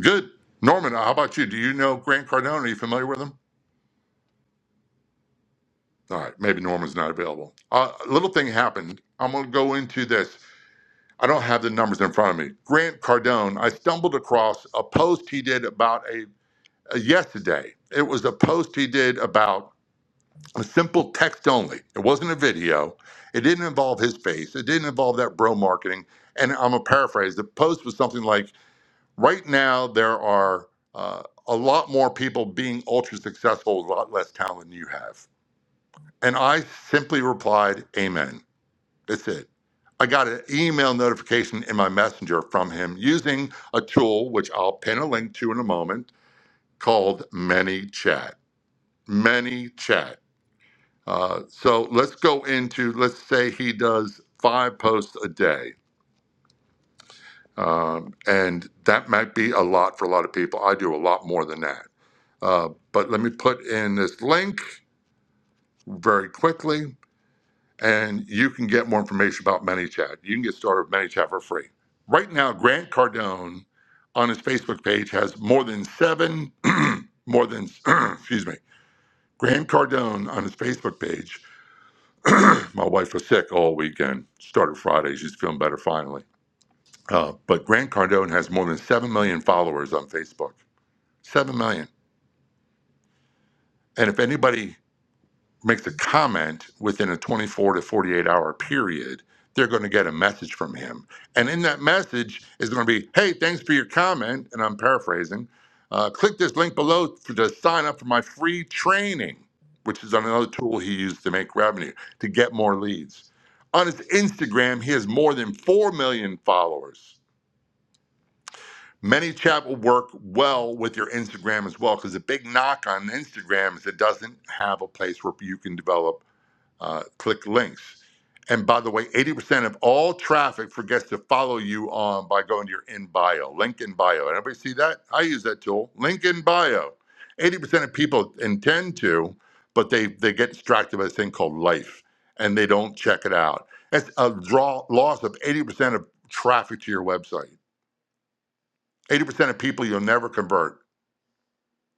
Good. Norman, uh, how about you? Do you know Grant Cardone? Are you familiar with him? All right, maybe Norman's not available. Uh, a little thing happened. I'm going to go into this. I don't have the numbers in front of me. Grant Cardone, I stumbled across a post he did about a, a yesterday. It was a post he did about a simple text only. It wasn't a video. It didn't involve his face. It didn't involve that bro marketing. And I'm going to paraphrase. The post was something like, Right now, there are uh, a lot more people being ultra successful with a lot less talent than you have. And I simply replied, Amen. That's it. I got an email notification in my messenger from him using a tool, which I'll pin a link to in a moment, called ManyChat. ManyChat. Uh, so let's go into, let's say he does five posts a day. Um, and that might be a lot for a lot of people. I do a lot more than that. Uh, but let me put in this link very quickly, and you can get more information about ManyChat. You can get started with ManyChat for free. Right now, Grant Cardone on his Facebook page has more than seven, more than, excuse me, Grant Cardone on his Facebook page. My wife was sick all weekend, started Friday. She's feeling better finally. Uh, but Grant Cardone has more than 7 million followers on Facebook. 7 million. And if anybody Makes a comment within a 24 to 48 hour period, they're going to get a message from him. And in that message is going to be, hey, thanks for your comment. And I'm paraphrasing. Uh, click this link below to, to sign up for my free training, which is another tool he used to make revenue to get more leads. On his Instagram, he has more than 4 million followers. ManyChat will work well with your Instagram as well because the big knock on Instagram is it doesn't have a place where you can develop uh, click links. And by the way, 80% of all traffic forgets to follow you on by going to your in bio, link in bio. Everybody see that? I use that tool, link in bio. 80% of people intend to, but they, they get distracted by this thing called life and they don't check it out. That's a draw, loss of 80% of traffic to your website. 80% of people you'll never convert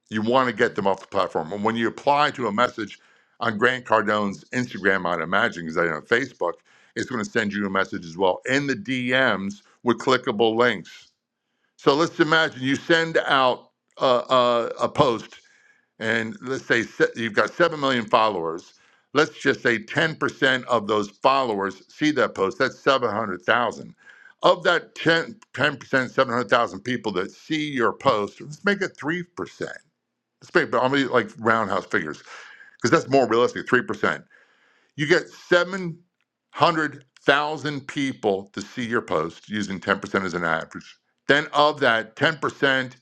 you want to get them off the platform. And when you apply to a message on Grant Cardone's Instagram, I'd imagine, because I know Facebook, it's going to send you a message as well in the DMs with clickable links. So let's imagine you send out a, a, a post, and let's say se- you've got 7 million followers. Let's just say 10% of those followers see that post. That's 700,000 of that 10, 10% 700,000 people that see your post, let's make it 3%. It's big, but I'm gonna like roundhouse figures? Because that's more realistic. Three percent. You get seven hundred thousand people to see your post using ten percent as an average. Then of that, ten percent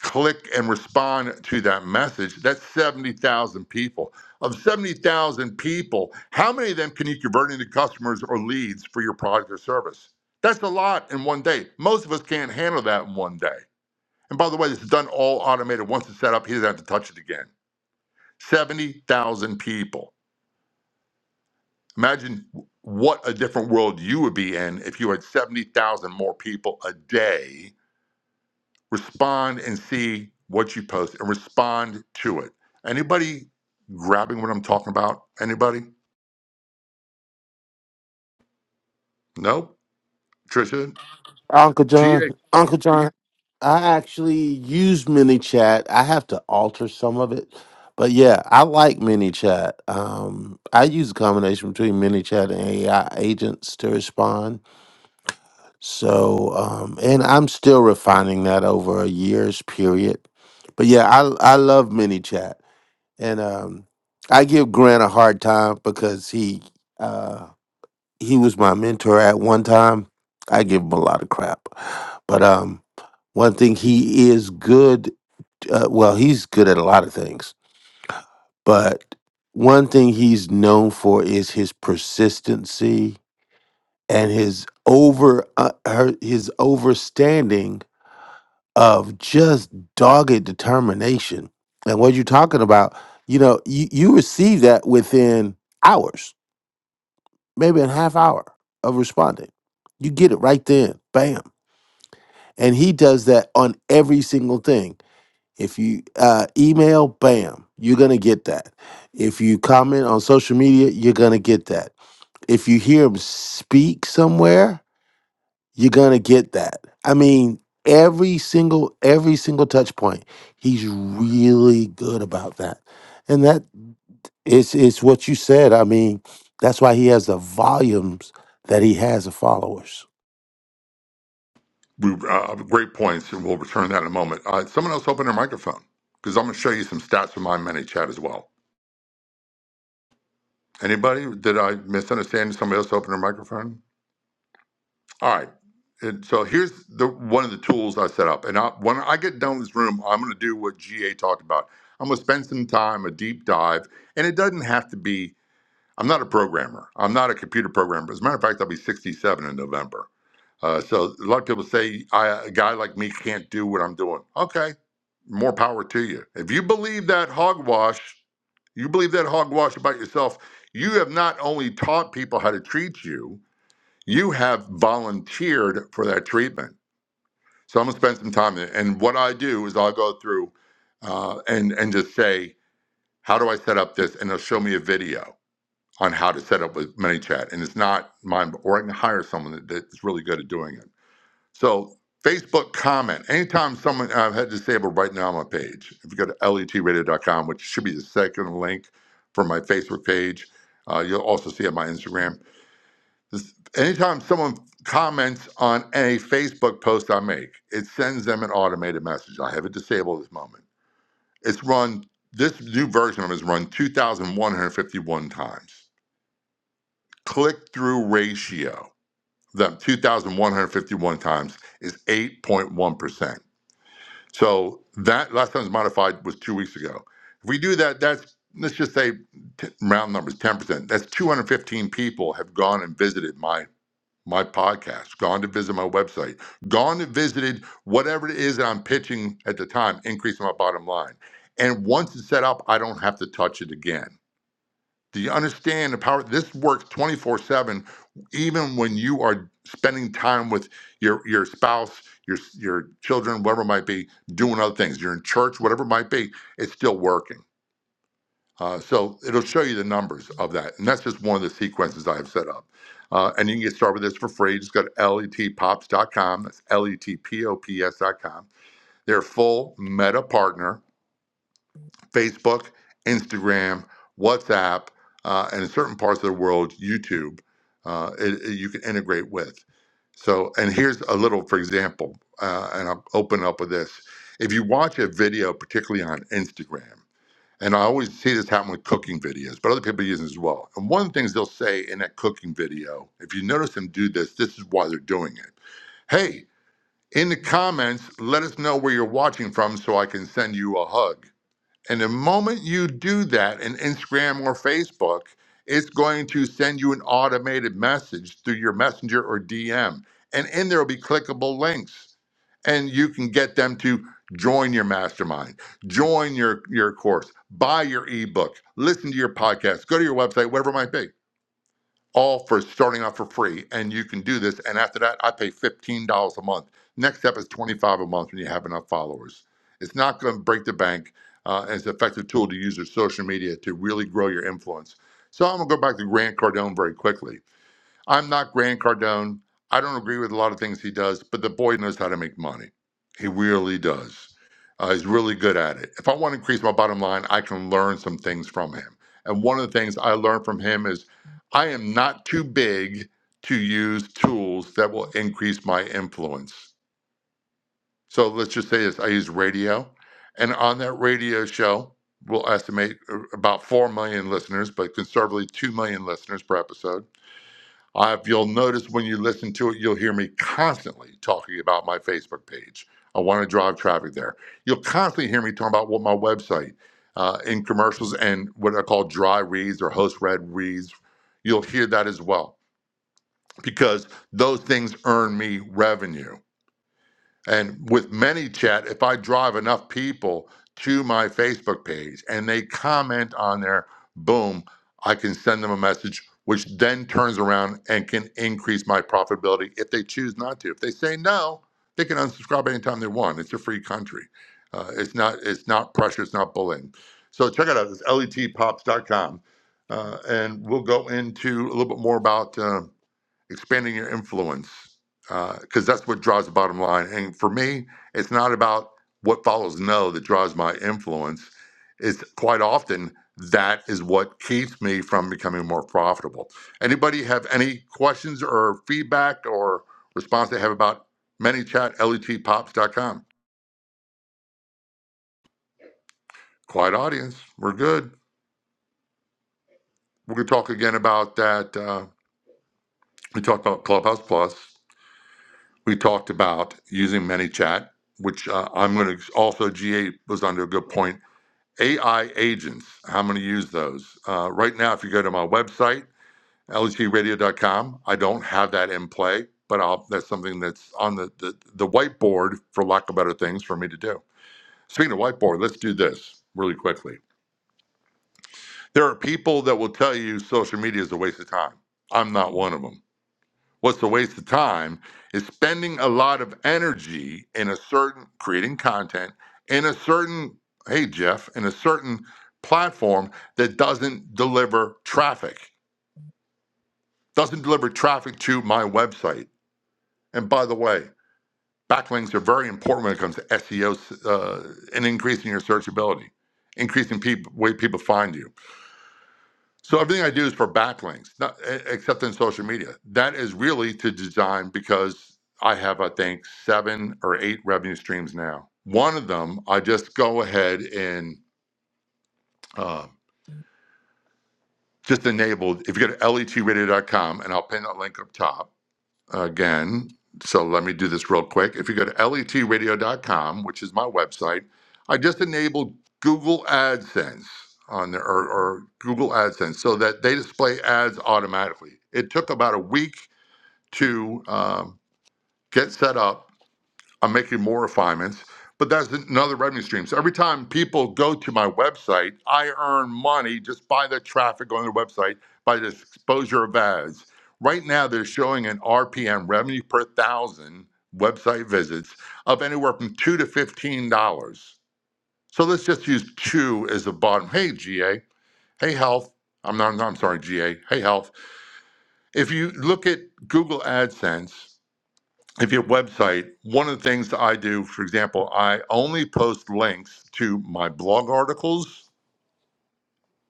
click and respond to that message. That's seventy thousand people. Of seventy thousand people, how many of them can you convert into customers or leads for your product or service? That's a lot in one day. Most of us can't handle that in one day. And by the way, this is done all automated. Once it's set up, he doesn't have to touch it again. 70,000 people. Imagine what a different world you would be in if you had 70,000 more people a day respond and see what you post and respond to it. Anybody grabbing what I'm talking about? Anybody? Nope. Trisha,
Uncle
GA,
John, Uncle John, I actually use MiniChat. I have to alter some of it, but yeah, I like MiniChat. Um, I use a combination between MiniChat and AI agents to respond. So, um, and I'm still refining that over a year's period. But yeah, I I love MiniChat, and um, I give Grant a hard time because he. uh, he was my mentor at one time. I give him a lot of crap, but um, one thing he is good. Uh, well, he's good at a lot of things, but one thing he's known for is his persistency and his over uh, her, his overstanding of just dogged determination. And what you're talking about, you know, you, you receive that within hours maybe in half hour of responding. You get it right then, bam. And he does that on every single thing. If you uh, email, bam, you're gonna get that. If you comment on social media, you're gonna get that. If you hear him speak somewhere, you're gonna get that. I mean, every single every single touch point, he's really good about that. And that it's it's what you said. I mean, that's why he has the volumes that he has of followers.
we, uh, great points, and we'll return to that in a moment. Uh, someone else open their microphone because I'm going to show you some stats from my many chat as well. Anybody? Did I misunderstand somebody else open their microphone? All right. And so here's the one of the tools I set up. And I, when I get done with this room, I'm going to do what GA talked about. I'm going to spend some time, a deep dive. And it doesn't have to be, I'm not a programmer. I'm not a computer programmer. As a matter of fact, I'll be 67 in November. Uh, so a lot of people say I, a guy like me can't do what I'm doing. Okay, more power to you. If you believe that hogwash, you believe that hogwash about yourself, you have not only taught people how to treat you, you have volunteered for that treatment. So I'm gonna spend some time there. And what I do is I'll go through uh, and and just say, how do I set up this? And they'll show me a video on how to set up with ManyChat. And it's not mine, or I can hire someone that, that's really good at doing it. So Facebook comment. Anytime someone I've had disabled right now on my page, if you go to letradio.com, which should be the second link for my Facebook page, uh, you'll also see it on my Instagram Anytime someone comments on a Facebook post I make, it sends them an automated message. I have it disabled at this moment. It's run, this new version of it is run 2,151 times. Click through ratio, the 2,151 times is 8.1%. So that last time it was modified was two weeks ago. If we do that, that's, let's just say t- round numbers, 10%. That's 215 people have gone and visited my my podcast, gone to visit my website, gone and visited whatever it is that I'm pitching at the time, increasing my bottom line. And once it's set up, I don't have to touch it again. Do you understand the power? This works 24 7, even when you are spending time with your, your spouse, your, your children, whatever it might be, doing other things. You're in church, whatever it might be, it's still working. Uh, so it'll show you the numbers of that. And that's just one of the sequences I have set up. Uh, and you can get started with this for free. Just go to letpops.com. That's letpops.com. They're a full meta partner, Facebook, Instagram, WhatsApp, uh, and in certain parts of the world, YouTube, uh, it- it- you can integrate with. So, and here's a little, for example, uh, and I'll open up with this. If you watch a video, particularly on Instagram, and I always see this happen with cooking videos, but other people use it as well. And one of the things they'll say in that cooking video, if you notice them do this, this is why they're doing it. Hey, in the comments, let us know where you're watching from so I can send you a hug. And the moment you do that in Instagram or Facebook, it's going to send you an automated message through your messenger or DM. And in there will be clickable links. And you can get them to join your mastermind, join your, your course, buy your ebook, listen to your podcast, go to your website, whatever it might be all for starting out for free. And you can do this. And after that, I pay $15 a month. Next step is 25 dollars a month when you have enough followers. It's not going to break the bank. Uh, and it's an effective tool to use your social media to really grow your influence. So I'm going to go back to Grant Cardone very quickly I'm not Grant Cardone. I don't agree with a lot of things he does, but the boy knows how to make money. He really does. Uh, he's really good at it. If I want to increase my bottom line, I can learn some things from him. And one of the things I learned from him is I am not too big to use tools that will increase my influence. So let's just say this I use radio, and on that radio show, we'll estimate uh, about 4 million listeners, but conservatively 2 million listeners per episode uh, if you'll notice when you listen to it, you'll hear me constantly talking about my Facebook page. I want to drive traffic there. You'll constantly hear me talking about what my website uh, in commercials and what I call dry reads or host read reads. You'll hear that as well because those things earn me revenue. And with ManyChat, if I drive enough people to my Facebook page and they comment on there, boom, I can send them a message, which then turns around and can increase my profitability if they choose not to. If they say no, they can unsubscribe anytime they want. It's a free country. Uh, it's not. It's not pressure. It's not bullying. So check it out. It's letpops.com, uh, and we'll go into a little bit more about. uh, expanding your influence because that's what drives the bottom line and for me it's not about what follows no that drives my influence it's quite often that is what keeps me from becoming more profitable anybody have any questions or feedback or response they have about ManyChat, letpops.com quiet audience we're good we're going to talk again about that uh, we talked about clubhouse plus we talked about using ManyChat, which uh, I'm going to also G8 was under a good point. AI agents, how many use those? Uh, right now, if you go to my website, lgradio.com, I don't have that in play, but I'll, that's something that's on the, the, the whiteboard, for lack of better things, for me to do. Speaking of whiteboard, let's do this really quickly. There are people that will tell you social media is a waste of time. I'm not one of them. What's a waste of time is spending a lot of energy in a certain creating content in a certain, hey, Jeff, in a certain platform that doesn't deliver traffic, doesn't deliver traffic to my website. And by the way, backlinks are very important when it comes to SEO uh, and increasing your searchability, increasing people, way people find you. So everything I do is for backlinks, not, e- except in social media. That is really to design because I have, I think, seven or eight revenue streams now. One of them, I just go ahead and uh, just enabled. If you go to letradio.com, and I'll pin that link up top again. So let me do this real quick. If you go to letradio.com, which is my website, I just enabled Google AdSense on there or, or Google AdSense so that they display ads automatically. It took about a week to um, get set up I'm making more refinements, but that's another revenue stream. So every time people go to my website, I earn money just by the traffic on their website, by the exposure of ads. Right now, they're showing an RPM revenue per thousand website visits of anywhere from two to fifteen dollars. So let's just use two as the bottom. Hey, GA. Hey, health. I'm not. I'm sorry, GA. Hey, health. If you look at Google AdSense if your website, one of the things that I do, for example, I only post links to my blog articles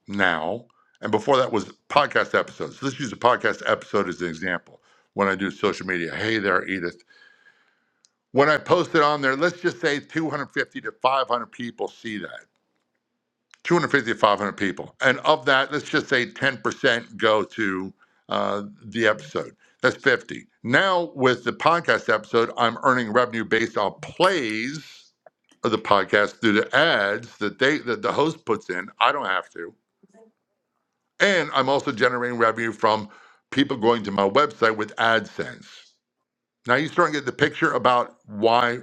now. And before that was podcast episodes. So let's use a podcast episode as an example when I do social media. Hey there, Edith. When I post it on there, let's just say 250 to 500 people see that. 250 to 500 people. And of that, let's just say 10% go to uh, the episode. That's 50. Now, with the podcast episode, I'm earning revenue based on plays of the podcast through the ads that they that the host puts in. I don't have to. And I'm also generating revenue from people going to my website with AdSense. Now you're starting to get the picture about why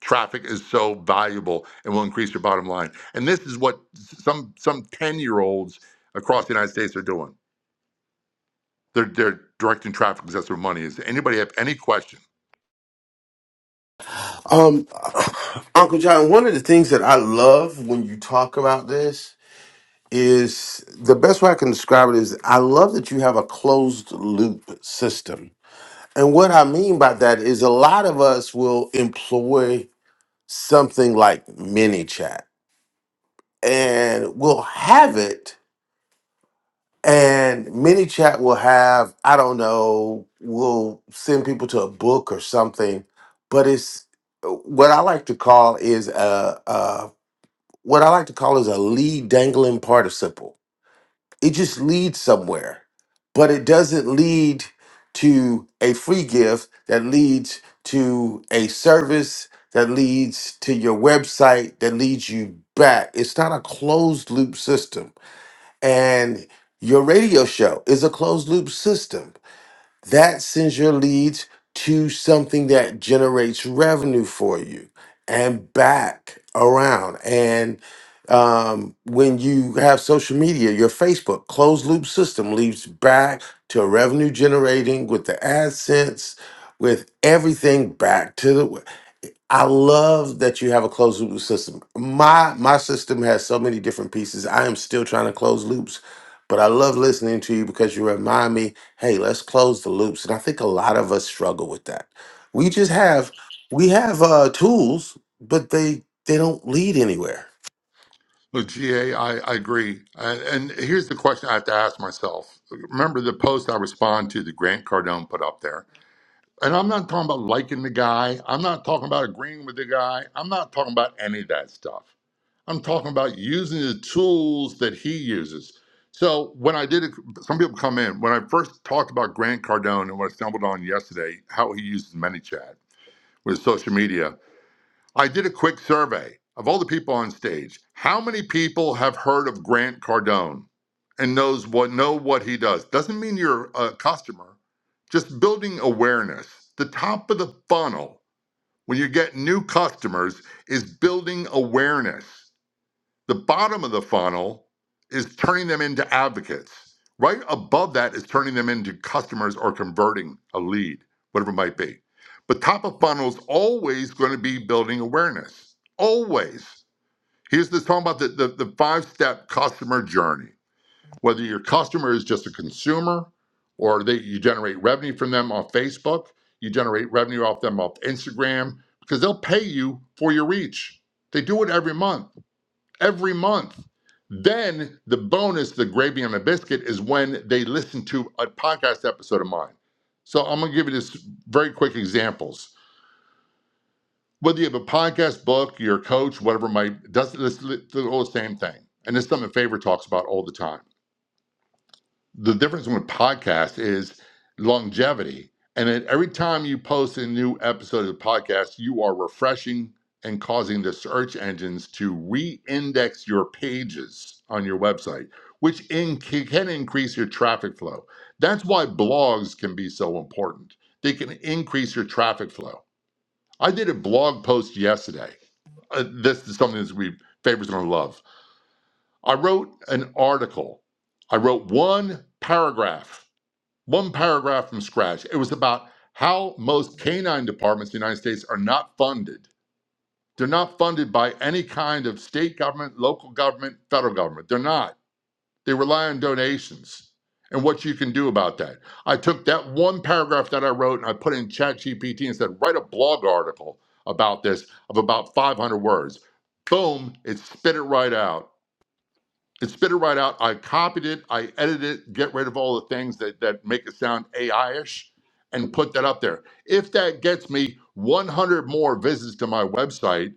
traffic is so valuable and will increase your bottom line. And this is what some some 10 year olds across the United States are doing. They're they're directing traffic because that's where money is. Anybody have any question?
Um, Uncle John, one of the things that I love when you talk about this is the best way I can describe it is I love that you have a closed loop system. And what I mean by that is a lot of us will employ something like mini chat and we'll have it And many chat will have, I don't know, will send people to a book or something, but it's what I like to call is a, a what I like to call is a lead dangling participle. It just leads somewhere, but it doesn't lead to a free gift that leads to a service that leads to your website that leads you back. It's not a closed loop system and your radio show is a closed loop system that sends your leads to something that generates revenue for you and back around and um, when you have social media your facebook closed loop system leads back to revenue generating with the adsense with everything back to the I love that you have a closed loop system. My my system has so many different pieces. I am still trying to close loops, but I love listening to you because you remind me, hey, let's close the loops. And I think a lot of us struggle with that. We just have we have uh tools, but they they don't lead anywhere.
Well, GA, I, I agree. And, and here's the question I have to ask myself. Remember the post I respond to the Grant Cardone put up there. And I'm not talking about liking the guy. I'm not talking about agreeing with the guy. I'm not talking about any of that stuff. I'm talking about using the tools that he uses. So when I did it, some people come in. When I first talked about Grant Cardone and what I stumbled on yesterday, how he uses ManyChat with social media, I did a quick survey of all the people on stage. How many people have heard of Grant Cardone and knows what know what he does? Doesn't mean you're a customer. Just building awareness. The top of the funnel when you get new customers is building awareness. The bottom of the funnel is turning them into advocates. Right above that is turning them into customers or converting a lead, whatever it might be. But top of funnel is always going to be building awareness. Always. Here's this talking about the, the, the five step customer journey. Whether your customer is just a consumer or they, you generate revenue from them on Facebook, you generate revenue off them off Instagram, because they'll pay you for your reach. They do it every month every month. Then the bonus, the gravy on the biscuit, is when they listen to a podcast episode of mine. So I'm gonna give you just very quick examples. Whether you have a podcast, book, your coach, whatever it might does it's the whole same thing. And it's something Favor talks about all the time the difference with podcasts is longevity. And then every time you post a new episode of the podcast, you are refreshing and causing the search engines to re-index your pages on your website, which in, can increase your traffic flow. That's why blogs can be so important. They can increase your traffic flow. I did a blog post yesterday. Uh, this is something that we favors gonna love. I wrote an article. I wrote one paragraph one paragraph from scratch. It was about how most canine departments in the United States are not funded. They're not funded by any kind of state government, local government, federal government. They're not. They rely on donations and what you can do about that. I took that one paragraph that I wrote and I put in ChatGPT and said, write a blog article about this of about 500 words. Boom, it spit it right out it spit it right out. I copied it, I edited it, get rid of all the things that, that make it sound AI-ish and put that up there. If that gets me 100 more visits to my website,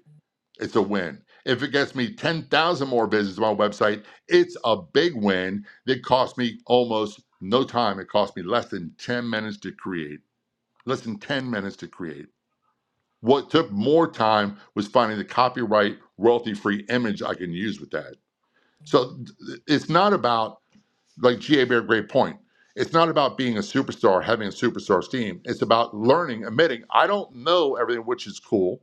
it's a win. If it gets me 10,000 more visits to my website, it's a big win that cost me almost no time. It cost me less than 10 minutes to create, less than 10 minutes to create. What took more time was finding the copyright royalty free image I can use with that. So it's not about like GA made a great point. It's not about being a superstar, having a superstar team. It's about learning, admitting, I don't know everything, which is cool,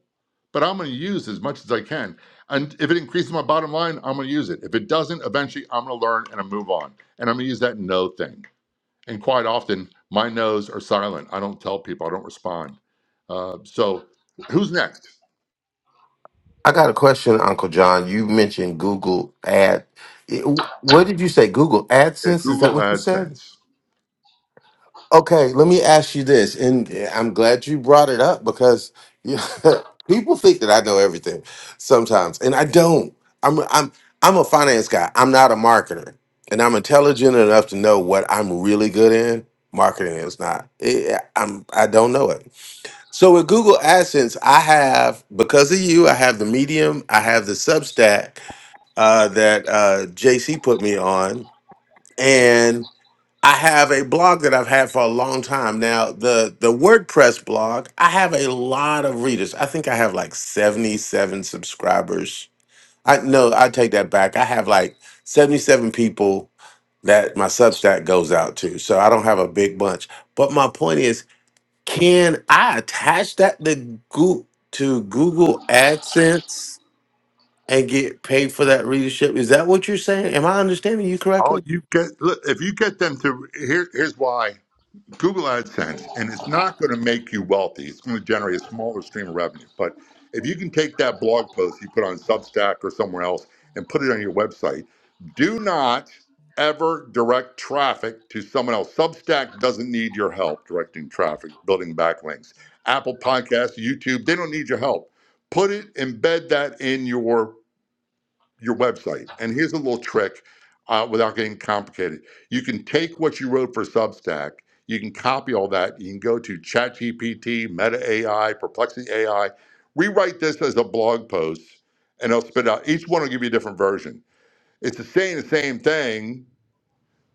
but I'm going to use as much as I can. And if it increases my bottom line, I'm going to use it. If it doesn't, eventually I'm going to learn and I move on. And I'm going to use that no thing. And quite often, my no's are silent. I don't tell people, I don't respond. Uh, so who's next?
I got a question, Uncle John. You mentioned Google Ad. it- wh- What did you say? Google
Yeah,
AdSense? Is that
Google
what you said?
AdSense.
Okay, let me ask you this, and I'm glad you brought it up because you- people think that I know everything sometimes, and I don't. I'm I'm I'm a finance guy. I'm not a marketer, and I'm intelligent enough to know what I'm really good in. Marketing is not. Eh, I'm I don't know it. So with Google AdSense, I have because of you, I have the Medium, I have the Substack uh, that uh, JC put me on, I have a blog that I've had for a long time now. The the WordPress blog, I have a lot of readers. I think I have like 77 subscribers. I no, I take that back. I have like 77 people that my Substack goes out to. So I don't have a big bunch. But my point is, can I attach that to Google, to Google AdSense and get paid for that readership? Is that what you're saying? Am I understanding you
Oh, you get, look, if you get them to, here, here's why Google AdSense, and it's not going to make you wealthy. It's going to generate a smaller stream of revenue. But if you can take that blog post you put on Substack or somewhere else and put it on your website, do not ever direct traffic to someone else. Substack doesn't need your help directing traffic, building backlinks. Apple Podcasts, YouTube, they don't need your help. Put it, embed that in your your website. And here's a little trick uh, without getting complicated. You can take what you wrote for Substack, you can copy all that, you can go to ChatGPT, Meta AI, Perplexity AI, rewrite this as a blog post, and it'll spit out. Each one will give you a different version. It's the same, the same thing,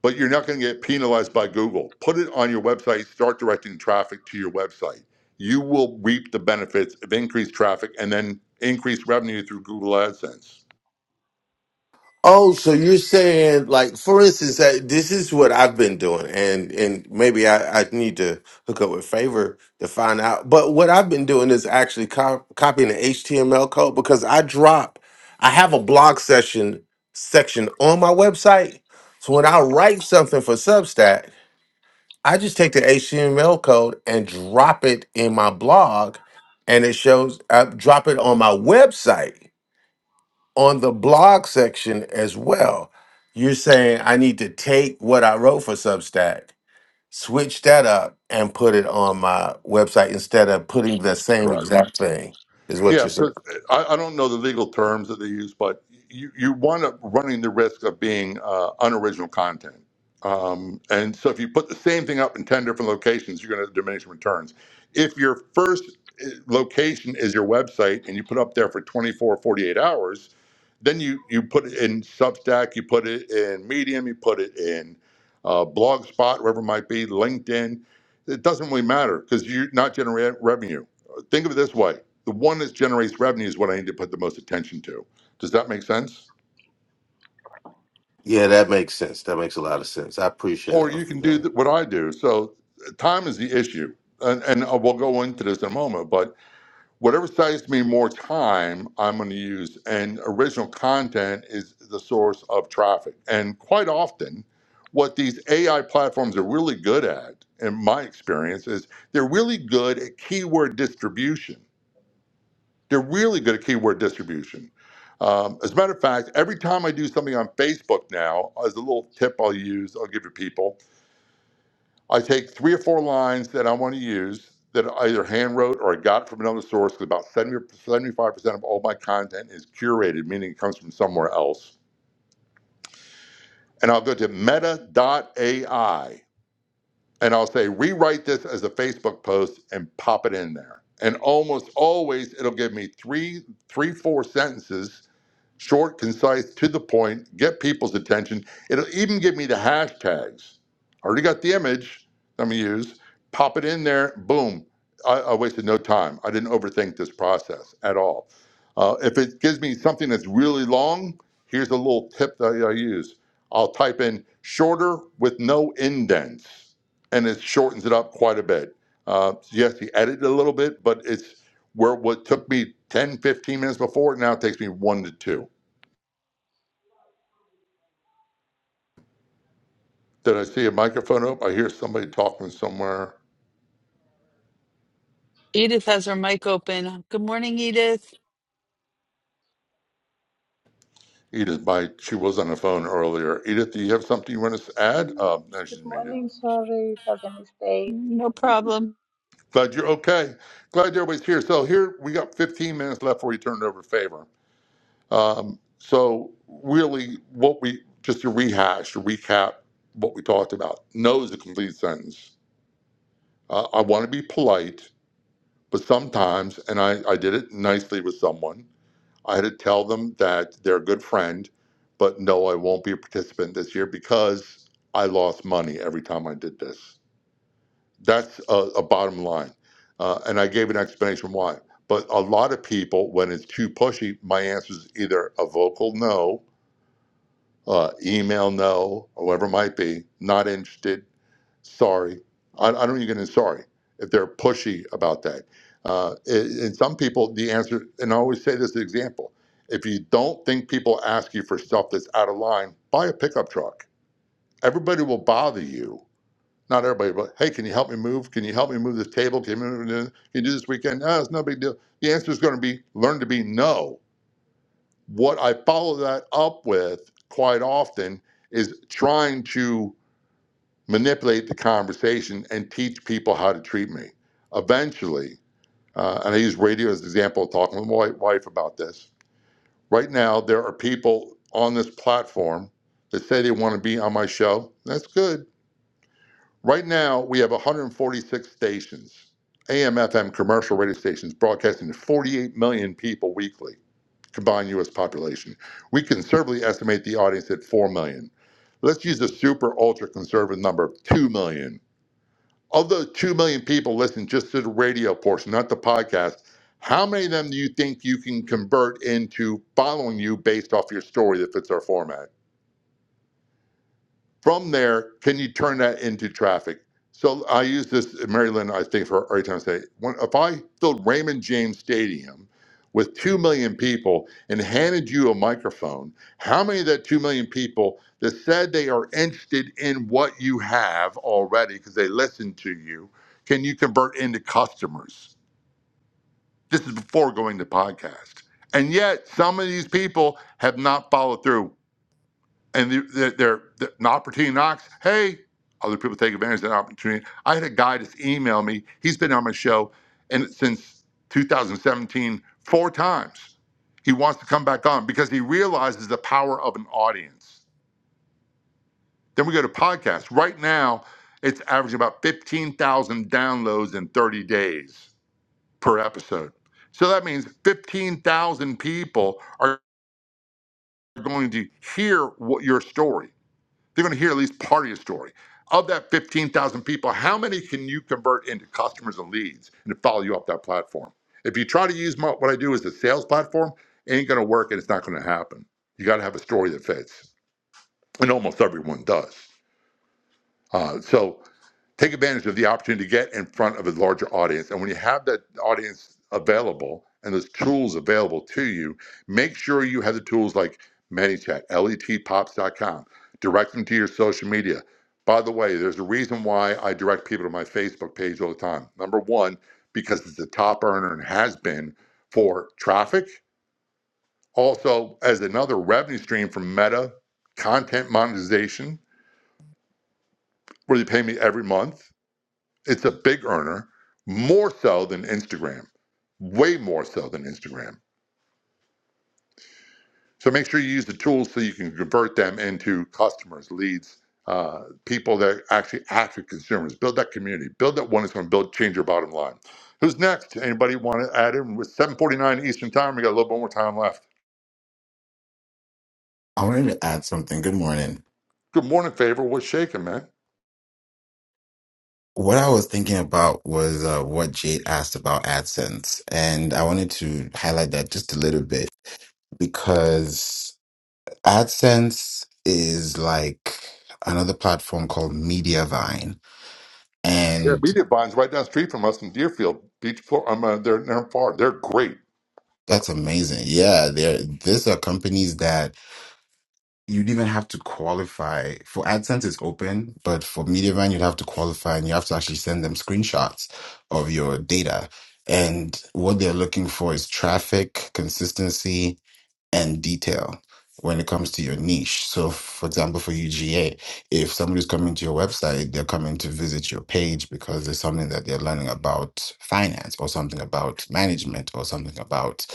but you're not going to get penalized by Google. Put it on your website, start directing traffic to your website. You will reap the benefits of increased traffic and then increased revenue through Google AdSense.
Oh, so you're saying, like, for instance, that this is what I've been doing, and and maybe I, I need to hook up with Favor to find out. But what I've been doing is actually co- copying the HTML code because I drop, I have a blog session section on my website. So when I write something for Substack, I just take the HTML code and drop it in my blog, and it shows. I drop it on my website on the blog section as well. You're saying I need to take what I wrote for Substack, switch that up, and put it on my website instead of putting the same
Correct.
exact thing. Is what
Yeah,
you're saying?
because I, I don't know the legal terms that they use, but you, you wind up running the risk of being uh, unoriginal content. Um, and so if you put the same thing up in 10 different locations, you're going to diminish returns. If your first eh, location is your website and you put up there for 24 48 hours, then you, you put it in Substack, you put it in Medium, you put it in uh, Blogspot, wherever it might be, LinkedIn. It doesn't really matter because you're not generating revenue. Think of it this way the one that generates revenue is what I need to put the most attention to. Does that make sense?
Yeah, that makes sense. That makes a lot of sense. I appreciate
Or
it.
you
Uncle
can do
John.
what I do. So uh, time is the issue. And, and uh, we'll go into this in a moment, but whatever saves me more time, I'm going to use. And original content is the source of traffic. And quite often, what these AI platforms are really good at, in my experience, is they're really good at keyword distribution They're really good at keyword distribution. Um, as a matter of fact, every time I do something on Facebook now, as a little tip I'll use, I'll give to people, I take three or four lines that I want to use that I either hand wrote or I got from another source because about seventy seventy five percent of all my content is curated, meaning it comes from somewhere else. And I'll go to Meta AI and I'll say, rewrite this as a Facebook post and pop it in there. And almost always it'll give me three, three, four sentences Short, concise, to the point, get people's attention. It'll even give me the hashtags. I already got the image I'm going to use. Pop it in there. Boom. I, I wasted no time. I didn't overthink this process at all. Uh, if it gives me something that's really long, here's a little tip that I use. I'll type in shorter with no indents, and it shortens it up quite a bit. Uh, so yes, you edit it a little bit, but it's where what took me 10, 15 minutes before, now it takes me one to two. Did I see a microphone up? I hear somebody talking somewhere.
edith has her mic open good morning edith
Edith, by she was on the phone earlier. Edith, do you have something you want us to add? Um, no, she's
Good
muted.
morning. Sorry, it was a mistake.
no problem
Glad you're okay. Glad everybody's here. So here we got 15 minutes left before we turn it over to Favor. Um, so really, what we just to rehash, to recap what we talked about. No is a complete sentence. Uh, I want to be polite, but sometimes, and I, I did it nicely with someone. I had to tell them that they're a good friend, but no, I won't be a participant this year because I lost money every time I did this. That's a, a bottom line. Uh, and I gave an explanation why. But a lot of people, when it's too pushy, my answer is either a vocal no, uh, email no, or whatever it might be, not interested, sorry. I, I don't even get into sorry if they're pushy about that. Uh, a- and some people, the answer, and I always say this example if you don't think people ask you for stuff that's out of line, buy a pickup truck. Everybody will bother you. Not everybody, but hey, can you help me move? Can you help me move this table? Can you, move, can you do this weekend? No, it's no big deal. The answer is going to be learn to be no. What I follow that up with quite often is trying to manipulate the conversation and teach people how to treat me. Eventually, uh, and I use radio as an example, talking with my wife about this. Right now, there are people on this platform that say they want to be on my show. That's good. Right now, we have 146 stations, AM, FM, commercial radio stations broadcasting to 48 million people weekly, combined U.S. population. We conservatively estimate the audience at 4 million. Let's use a super ultra conservative number of 2 million of those 2 million people listening just to the radio portion, not the podcast, how many of them do you think you can convert into following you based off your story that fits our format? From there, can you turn that into traffic? So I use this, Mary Lynn, I think, for every time I say, when, if I filled Raymond James Stadium with 2 million people and handed you a microphone, how many of that 2 million people that said they are interested in what you have already because they listened to you, can you convert into customers? This is before going to podcast. And yet, some of these people have not followed through and the- they're, they're, they're- an opportunity knocks. Hey, other people take advantage of that opportunity. I had a guy just email me. He's been on my show and since 2017 four times. He wants to come back on because he realizes the power of an audience. Then we go to podcasts. Right now, it's averaging about 15,000 downloads in 30 days per episode. So that means 15,000 people are going to hear what your story. They're going to hear at least part of your story. Of that 15,000 people, how many can you convert into customers and leads and to follow you up that platform? If you try to use my, what I do as a sales platform, it ain't going to work and it's not going to happen. You got to have a story that fits. And almost everyone does. Uh, so, take advantage of the opportunity to get in front of a larger audience. And when you have that audience available and those tools available to you, make sure you have the tools like ManyChat, letpops.com, direct them to your social media. By the way, there's a reason why I direct people to my Facebook page all the time. Number one, because it's the top earner and has been for traffic. Also, as another revenue stream from Meta, content monetization, where they pay me every month It's a big earner, more so than Instagram, way more so than Instagram. So make sure you use the tools so you can convert them into customers, leads, uh, people that actually active consumers. Build that community. Build that one that's going to build change your bottom line. Who's next? Anybody want to add in? With 7:49 Eastern Time, we got a little bit more time left.
I wanted to add something. Good morning.
Good morning, favor. What's shaking, man?
What I was thinking about was uh, what Jade asked about AdSense. And I wanted to highlight that just a little bit because AdSense is like another platform called Mediavine.
Yeah,
And
media binds right down the street from us in Deerfield Beach. Florida. I'm uh, they're they're far. They're great.
that's amazing. Yeah, there these are companies that you'd even have to qualify for AdSense is open, but for Mediavine you'd have to qualify and you have to actually send them screenshots of your data. And what they're looking for is traffic, consistency, and detail when it comes to your niche. So for example, for UGA, if somebody's coming to your website, they're coming to visit your page because there's something that they're learning about finance or something about management or something about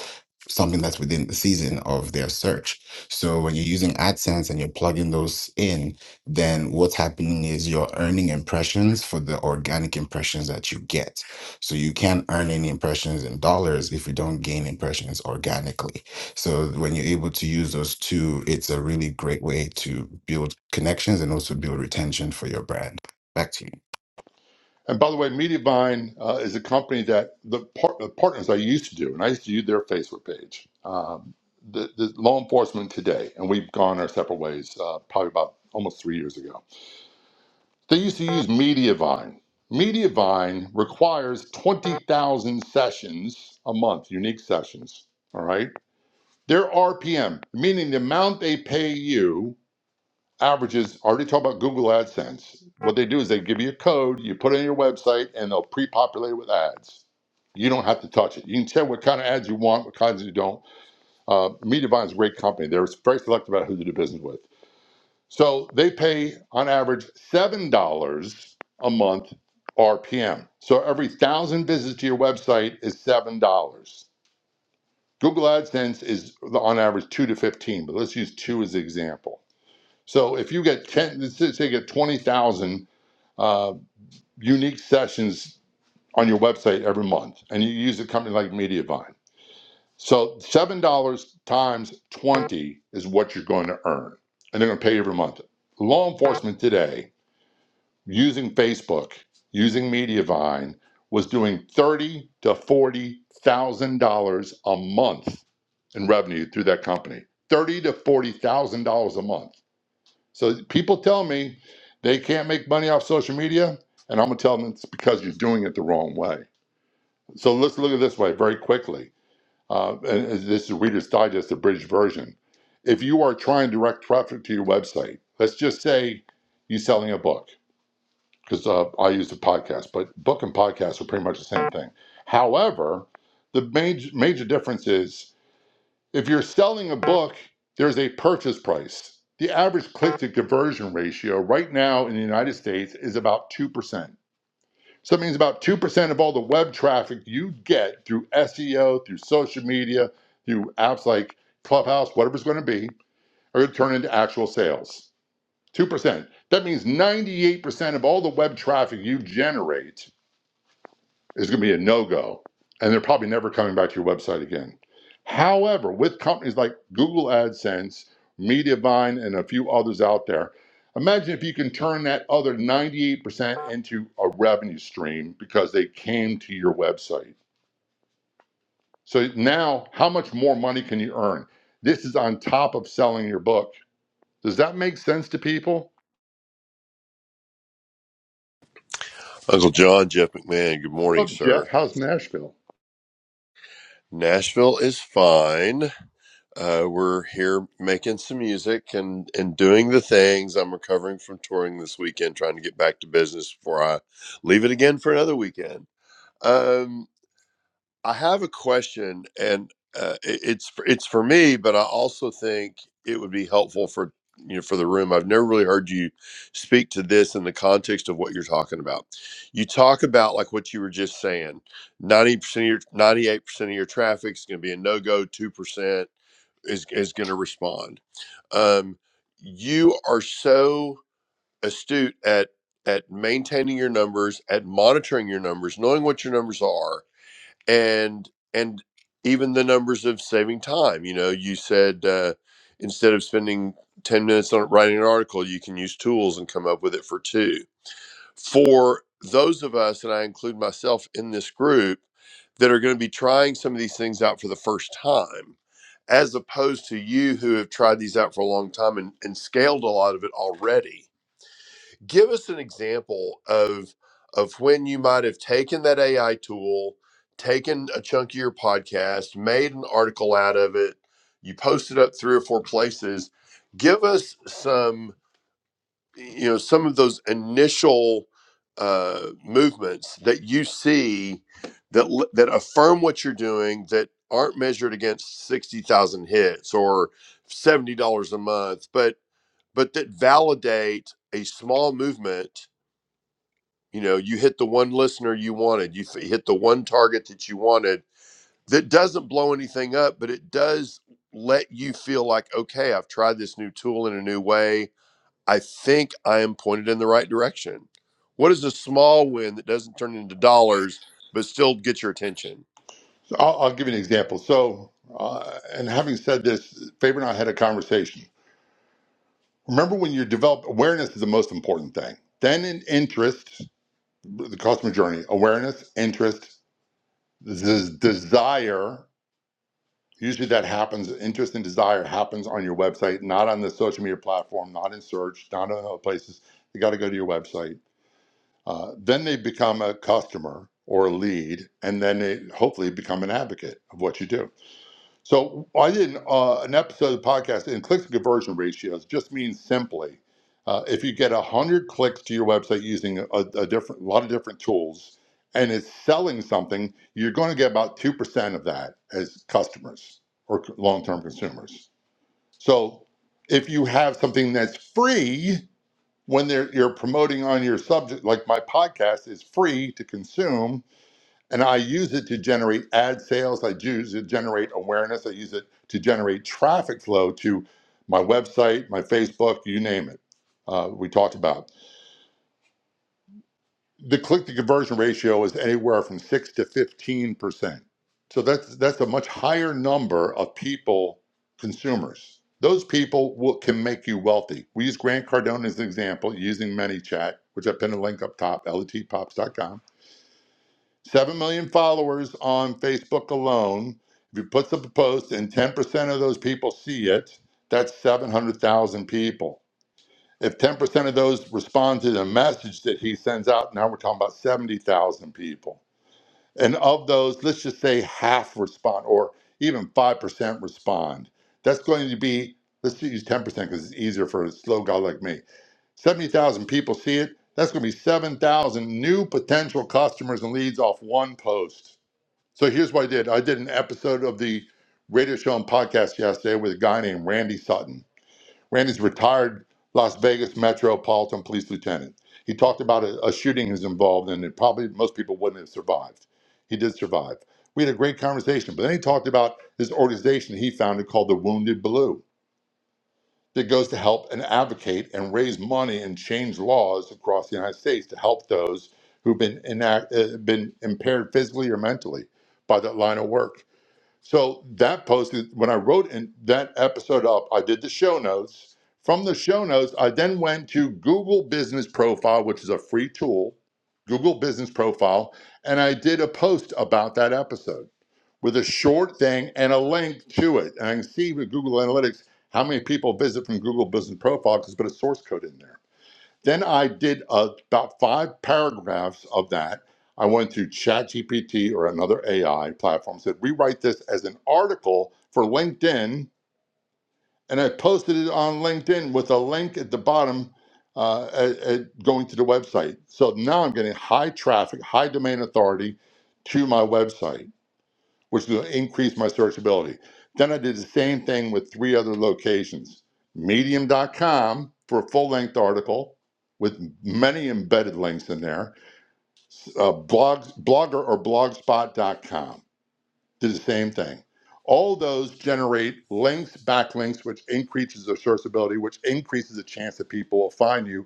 something that's within the season of their search. So when you're using AdSense and you're plugging those in, then what's happening is you're earning impressions for the organic impressions that you get. So you can't earn any impressions in dollars if you don't gain impressions organically. So when you're able to use those two, it's a really great way to build connections and also build retention for your brand. Back to you.
And by the way, Mediavine uh, is a company that the, par- the partners I used to do, and I used to do their Facebook page. Um, the, the law enforcement today, and we've gone our separate ways uh, probably about almost three years ago. They used to use Mediavine. Mediavine requires 20,000 sessions a month, unique sessions. All right. Their RPM, meaning the amount they pay you averages already talk about Google AdSense. What they do is they give you a code, you put it on your website, and they'll pre-populate it with ads. You don't have to touch it. You can tell what kind of ads you want, what kinds you don't. Uh, Mediavine is a great company. They're very selective about who to do business with. So they pay on average seven dollars a month RPM. So every thousand visits to your website is seven dollars. Google AdSense is on average two to fifteen, but let's use two as an example. So if you get 10, let's say you get 20,000 uh, unique sessions on your website every month, and you use a company like Mediavine. So $7 times 20 is what you're going to earn, and they're going to pay you every month. Law enforcement today, using Facebook, using Mediavine, was doing thirty to forty thousand dollars a month in revenue through that company. Thirty to forty thousand dollars a month so people tell me they can't make money off social media, and I'm gonna tell them it's because you're doing it the wrong way. So let's look at this way very quickly. Uh, and and this is Reader's Digest, the British version. If you are trying to direct traffic to your website, let's just say you're selling a book, because uh, I use a podcast, but book and podcast are pretty much the same thing. However, the major major difference is if you're selling a book, there's a purchase price. The average click to conversion ratio right now in the United States is about 2%. So that means about 2% of all the web traffic you get through SEO, through social media, through apps like Clubhouse, whatever it's going to be, are going to turn into actual sales. 2%. That means 98% of all the web traffic you generate is going to be a no go, and they're probably never coming back to your website again. However, with companies like Google AdSense, Mediavine, and a few others out there, imagine if you can turn that other 98% into a revenue stream because they came to your website. So now, how much more money can you earn? This is on top of selling your book. Does that make sense to people?
Uncle John, Jeff McMahon, good
What's
morning,
up, Jeff?
sir.
How's Nashville?
Nashville is fine. Uh, we're here making some music and, and doing the things. I'm recovering from touring this weekend, trying to get back to business before I leave it again for another weekend. Um, I have a question, and uh, it- it's it's for me, but I also think it would be helpful for you know for the room. I've never really heard you speak to this in the context of what you're talking about. You talk about like what you were just saying. Ninety percent of your ninety eight percent of your traffic is going to be a no go. Two percent is is going to respond. Um, you are so astute at at maintaining your numbers, at monitoring your numbers, knowing what your numbers are and and even the numbers of saving time you know you said uh, instead of spending 10 minutes on writing an article you can use tools and come up with it for two for those of us and i include myself in this group that are going to be trying some of these things out for the first time as opposed to you who have tried these out for a long time and, and scaled a lot of it already give us an example of of when you might have taken that AI tool, taken a chunk of your podcast, made an article out of it, you posted up three or four places. Give us some, you know, some of those initial uh, movements that you see that l- that affirm what you're doing that aren't measured against sixty thousand hits or seventy dollars a month, but but that validate a small movement you know, you hit the one listener you wanted, you f- hit the one target that you wanted that doesn't blow anything up, but it does let you feel like, okay, I've tried this new tool in a new way. I think I am pointed in the right direction. What is a small win that doesn't turn into dollars, but still get your attention?
So I'll, I'll give you an example. So, uh, and having said this, Faber and I had a conversation Remember when you develop awareness is the most important thing. Then in interest, the customer journey, awareness, interest, this desire. Usually that happens, interest and desire happens on your website, not on the social media platform, not in search, not on other places. They got to go to your website. Uh, then they become a customer or a lead, and then they hopefully become an advocate of what you do. So I did an, uh, an episode of the podcast in clicks to conversion ratios. Just means simply, uh, if you get one hundred clicks to your website using a, a different, a lot of different tools, and it's selling something, you're going to get about two percent of that as customers or c- long-term consumers. So if you have something that's free when they're, you're promoting on your subject, like my podcast is free to consume and I use it to generate ad sales. I use it to generate awareness. I use it to generate traffic flow to my website, my Facebook, you name it. Uh, we talked about the click to conversion ratio is anywhere from six to fifteen percent. So that's that's a much higher number of people, consumers. Those people will, can make you wealthy. We use Grant Cardone as an example using ManyChat, which I pinned a link up top, letpops.com 7 million followers on Facebook alone. If he puts up a post and 10% of those people see it, that's 700,000 people. If 10% of those respond to the message that he sends out, now we're talking about 70,000 people. And of those, let's just say half respond or even 5% respond. That's going to be, let's use 10% because it's easier for a slow guy like me. 70,000 people see it. That's going to be 7,000 new potential customers and leads off one post. So here's what I did. I did an episode of the radio show and podcast yesterday with a guy named Randy Sutton. Randy's retired Las Vegas Metropolitan Police Lieutenant. He talked about a, a shooting he was involved in that probably most people wouldn't have survived. He did survive. We had a great conversation, but then he talked about his organization he founded called the Wounded Blue that goes to help and advocate and raise money and change laws across the United States to help those who've been, inact, uh, been impaired physically or mentally by that line of work. So that posted when I wrote in that episode up, I did the show notes. From the show notes, I then went to Google Business Profile, which is a free tool, Google Business Profile, and I did a post about that episode with a short thing and a link to it. And I can see with Google Analytics how many people visit from Google Business Profile because I put a source code in there. Then I did uh, about five paragraphs of that. I went to ChatGPT or another AI platform, said, rewrite this as an article for LinkedIn. And I posted it on LinkedIn with a link at the bottom uh, at, at going to the website. So now I'm getting high traffic, high domain authority to my website which will increase my searchability. Then I did the same thing with three other locations medium.com for a full length article with many embedded links in there, uh, blogs, Blogger or blogspot.com. Did the same thing. All those generate links, backlinks, which increases their searchability, which increases the chance that people will find you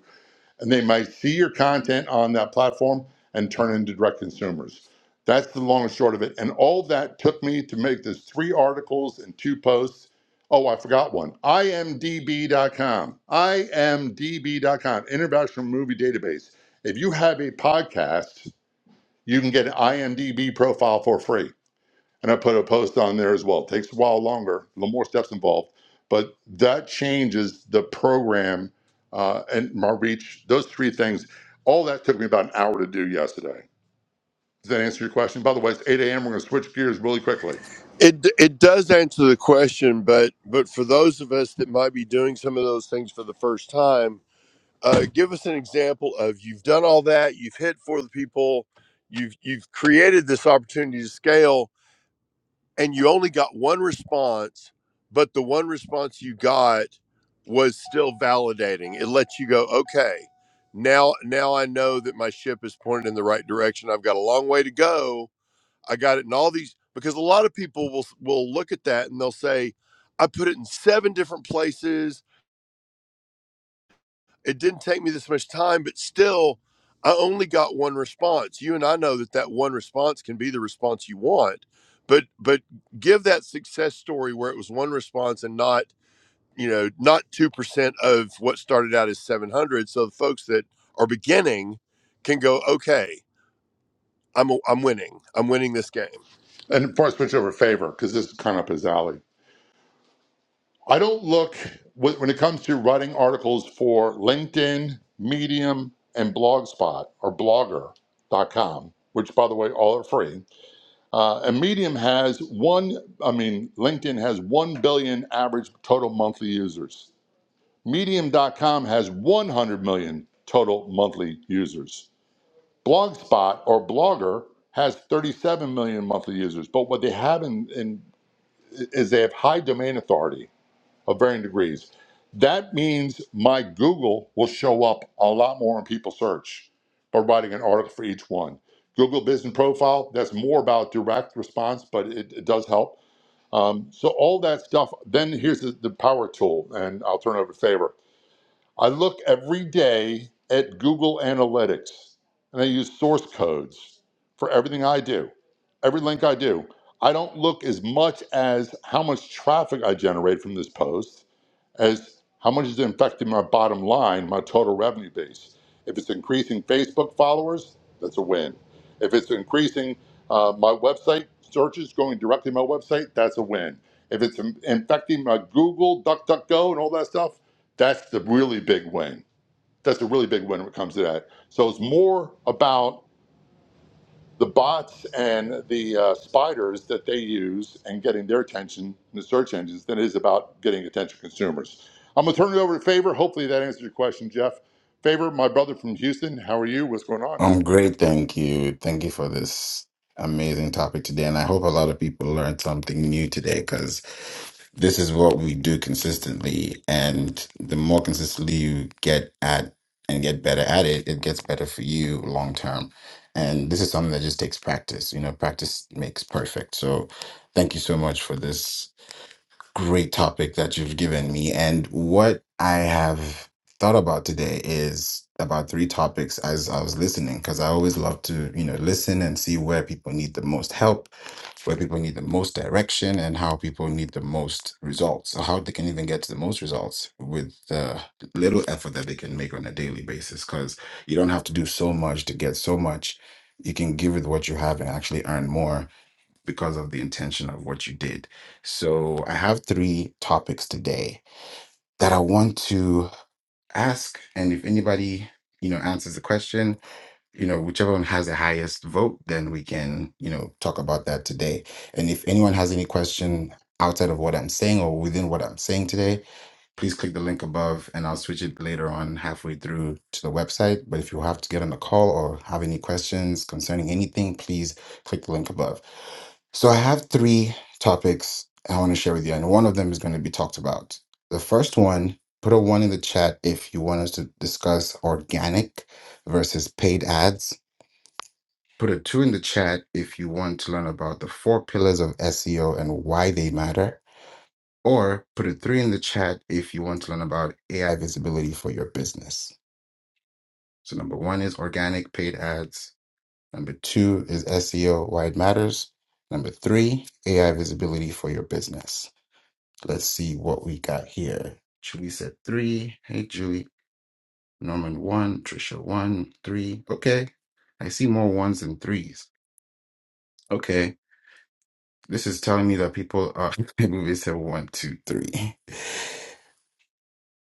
and they might see your content on that platform and turn into direct consumers. That's the long and short of it. And all that took me to make this three articles and two posts. Oh, I forgot one. IMDB.com. IMDB.com, International Movie Database. If you have a podcast, you can get an IMDB profile for free and I put a post on there as well. It takes a while longer, a little more steps involved, but that changes the program uh, and my reach. Those three things, all that took me about an hour to do yesterday. Does that answer your question? By the way, it's 8 a.m. We're going to switch gears really quickly.
It, it does answer the question, but but for those of us that might be doing some of those things for the first time, uh, give us an example of you've done all that, you've hit for the people, you've you've created this opportunity to scale, and you only got one response, but the one response you got was still validating. It lets you go, okay, now now I know that my ship is pointed in the right direction. I've got a long way to go. I got it in all these because a lot of people will will look at that and they'll say, I put it in seven different places. It didn't take me this much time, but still, I only got one response. You and I know that that one response can be the response you want, but but give that success story where it was one response and not you know not two percent of what started out as seven hundred. So the folks that are beginning can go, okay, I'm i I'm winning. I'm winning this game.
And before I switch over, favor, because this is kind of up his alley. I don't look, wh- when it comes to writing articles for LinkedIn, Medium, and Blogspot or blogger.com, which by the way, all are free. Uh, and Medium has one, I mean, LinkedIn has 1 billion average total monthly users. Medium.com has 100 million total monthly users. Blogspot or Blogger has 37 million monthly users. But what they have in, in, is they have high domain authority of varying degrees. That means my Google will show up a lot more in people search by writing an article for each one. Google Business Profile, that's more about direct response, but it, it does help. Um, so all that stuff. Then here's the, the power tool, and I'll turn it over to Favor. I look every day at Google Analytics, and I use source codes for everything I do, every link I do. I don't look as much as how much traffic I generate from this post as how much is it affecting my bottom line, my total revenue base. If it's increasing Facebook followers, that's a win. If it's increasing uh, my website searches going directly to my website, that's a win. If it's in- infecting my Google, DuckDuckGo, and all that stuff, that's the really big win. That's a really big win when it comes to that. So it's more about the bots and the uh, spiders that they use and getting their attention in the search engines than it is about getting attention consumers. I'm gonna turn it over to Favor. Hopefully that answers your question, Jeff. Favor, my brother from Houston, how are you? What's going on?
I'm great, thank you. Thank you for this amazing topic today. And I hope a lot of people learned something new today because this is what we do consistently. And the more consistently you get at and get better at it, it gets better for you long term. And this is something that just takes practice. You know, practice makes perfect. So thank you so much for this great topic that you've given me. And what I have thought about today is about three topics as I was listening, because I always love to, you know, listen and see where people need the most help, where people need the most direction, and how people need the most results, or how they can even get to the most results with the little effort that they can make on a daily basis. Because you don't have to do so much to get so much. You can give with what you have and actually earn more because of the intention of what you did. So I have three topics today that I want to ask. And if anybody, you know, answers the question, you know, whichever one has the highest vote, then we can, you know, talk about that today. And if anyone has any question outside of what I'm saying or within what I'm saying today, please click the link above and I'll switch it later on halfway through to the website. But if you have to get on a call or have any questions concerning anything, please click the link above. So I have three topics I want to share with you, and one of them is going to be talked about. The first one, put a one in the chat if you want us to discuss organic versus paid ads. Put a two in the chat if you want to learn about the four pillars of SEO and why they matter or put a three in the chat if you want to learn about AI visibility for your business. So, number one is organic paid ads. Number two is SEO, why it matters. Number three, AI visibility for your business. Let's see what we got here. Julie said three. Hey, Julie. Norman one. Trisha one. Three. Okay. I see more ones than threes. Okay. This is telling me that people are moving said one, two, three.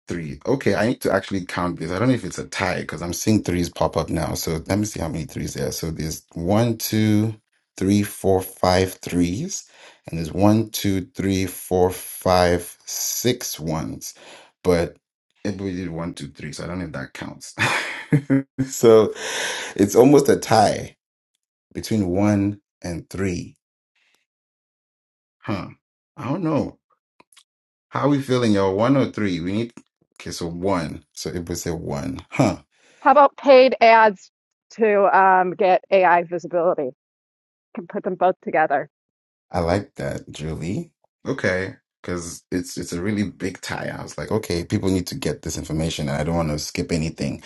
Three. Okay, I need to actually count this. I don't know if it's a tie because I'm seeing threes pop up now. So let me see how many threes there are. So there's one, two, three, four, five threes. And there's one, two, three, four, five, six ones. But it we did one, two, three. So I don't know if that counts. so it's almost a tie between one and three. Huh. I don't know. How are we feeling, y'all? One or three? We need Okay, so one. So it was a one. Huh.
How about paid ads to um, get AI visibility? Can put them both together.
I like that, Julie. Okay, because it's it's a really big tie. I was like, okay, people need to get this information, and I don't want to skip anything.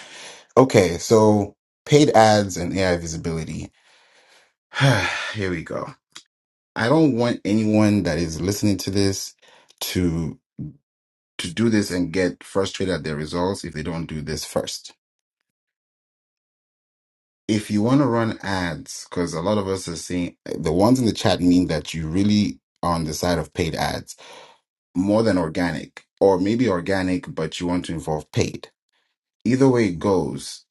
Okay, so paid ads and AI visibility. Here we go. I don't want anyone that is listening to this to to do this and get frustrated at their results if they don't do this first. If you want to run ads, because a lot of us are seeing the ones in the chat mean that you really are on the side of paid ads more than organic, or maybe organic, but you want to involve paid. Either way it goes,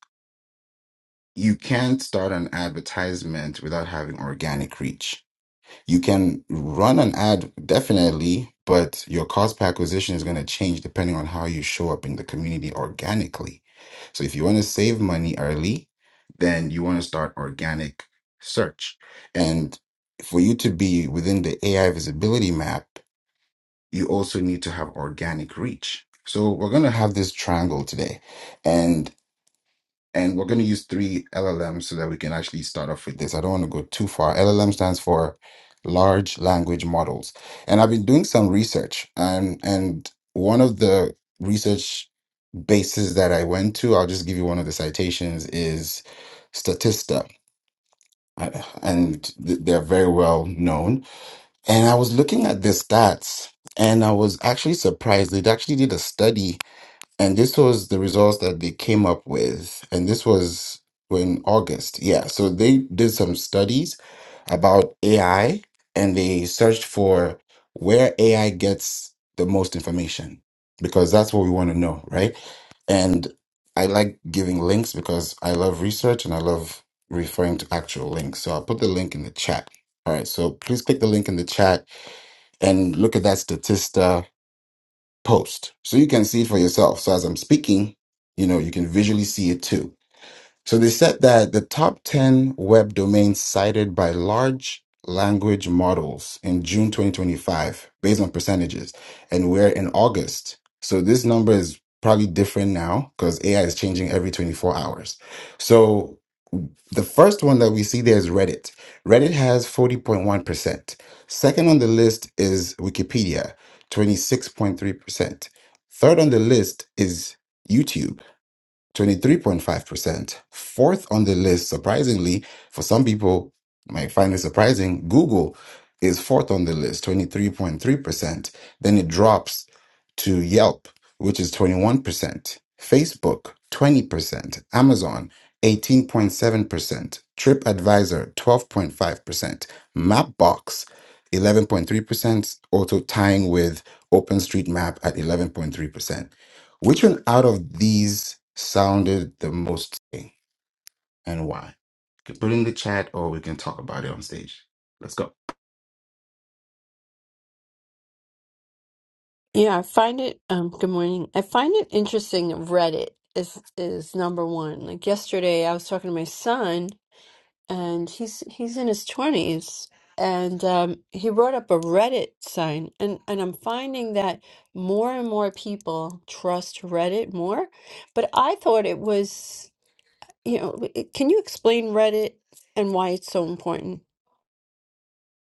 you can't start an advertisement without having organic reach. You can run an ad definitely, but your cost per acquisition is going to change depending on how you show up in the community organically. So if you want to save money early, then you want to start organic search. And for you to be within the AI visibility map, you also need to have organic reach. So we're going to have this triangle today and and we're going to use three LLMs so that we can actually start off with this. I don't want to go too far. LLM stands for large language models. And I've been doing some research and and one of the research bases that I went to, I'll just give you one of the citations is Statista. Uh, And th- they're very well known and I was looking at the stats and I was actually surprised. They actually did a study and this was the results that they came up with. And this was in August. Yeah. So they did some studies about AI and they searched for where AI gets the most information because that's what we want to know. Right. And I like giving links because I love research and I love referring to actual links. So I'll put the link in the chat. All right. So please click the link in the chat and look at that Statista post. So you can see for yourself. So as I'm speaking, you know, you can visually see it too. So they said that the top 10 web domains cited by large language models in June 2025 based on percentages and we're in August. So this number is probably different now because AI is changing every 24 hours. So the first one that we see there is Reddit. Reddit has 40.1%. Second on the list is Wikipedia, 26.3%. Third on the list is YouTube. 23.5%. Fourth on the list, surprisingly, for some people might find it surprising, Google is fourth on the list, 23.3%. Then it drops to Yelp, which is 21%, Facebook, 20%, Amazon, 18.7%, TripAdvisor, 12.5%, Mapbox, 11.3%, also tying with OpenStreetMap at 11.3%. Which one out of these sounded the most thing and why? You can put it in the chat or we can talk about it on stage. Let's go.
Yeah, I find it um good morning. I find it interesting that Reddit is is number one. Like yesterday I was talking to my son and he's he's in his 20s and um he brought up a Reddit sign and and I'm finding that more and more people trust Reddit more, but I thought it was, you know, it- can you explain Reddit and why it's so important?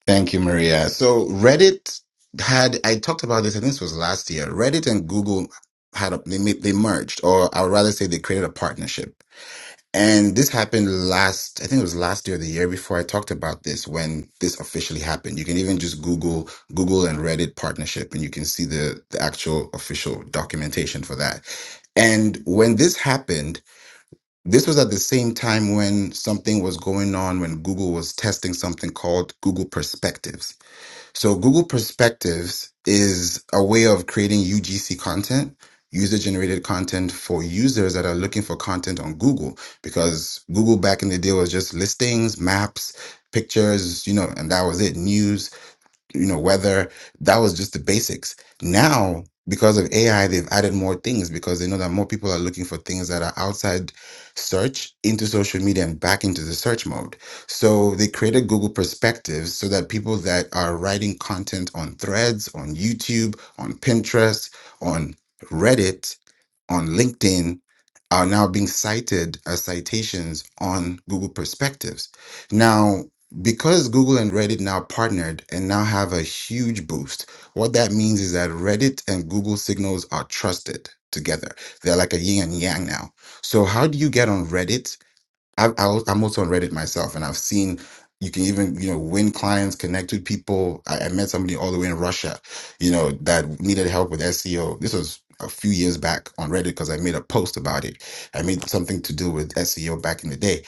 Thank you, Maria. So Reddit had, I talked about this, I think this was last year. Reddit and Google had, a, they, ma- they merged, or I would rather say they created a partnership. And this happened last, I think it was last year, or the year before I talked about this when this officially happened. You can even just Google Google and Reddit partnership and you can see the, the actual official documentation for that. And when this happened, this was at the same time when something was going on when Google was testing something called Google Perspectives. So Google Perspectives is a way of creating UGC content, user generated content for users that are looking for content on Google because Google back in the day was just listings, maps, pictures, you know, and that was it, news you know weather that was just the basics now because of ai they've added more things because they know that more people are looking for things that are outside search into social media and back into the search mode so they created google perspectives so that people that are writing content on threads on youtube on pinterest on reddit on LinkedIn are now being cited as citations on Google Perspectives. Now, because Google and Reddit now partnered and now have a huge boost, what that means is that Reddit and Google signals are trusted together. They're like a yin and yang now. So, how do you get on Reddit I, I was- I'm also on Reddit myself, and I've seen you can even you know win clients, connect with people. I, I met somebody all the way in Russia, you know, that needed help with SEO. This was a few years back on Reddit because I made a post about it. I made something to do with SEO back in the day,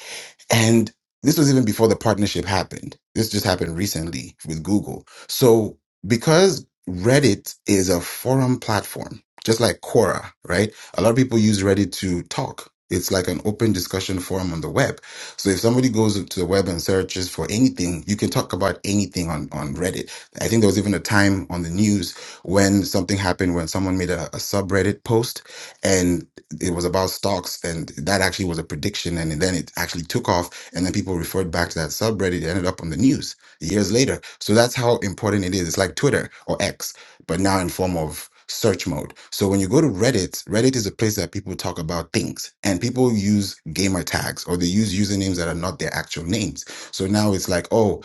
and this was even before the partnership happened. This just happened recently with Google. So because Reddit is a forum platform, just like Quora, right? A lot of people use Reddit to talk. It's like an open discussion forum on the web. So if somebody goes to the web and searches for anything, you can talk about anything on, on Reddit. I think there was even a time on the news when something happened when someone made a, a subreddit post and it was about stocks and that actually was a prediction and then it actually took off and then people referred back to that subreddit it ended up on the news years later so that's how important it is it's like twitter or x but now in form of search mode so when you go to reddit reddit is a place that people talk about things and people use gamer tags or they use usernames that are not their actual names so now it's like oh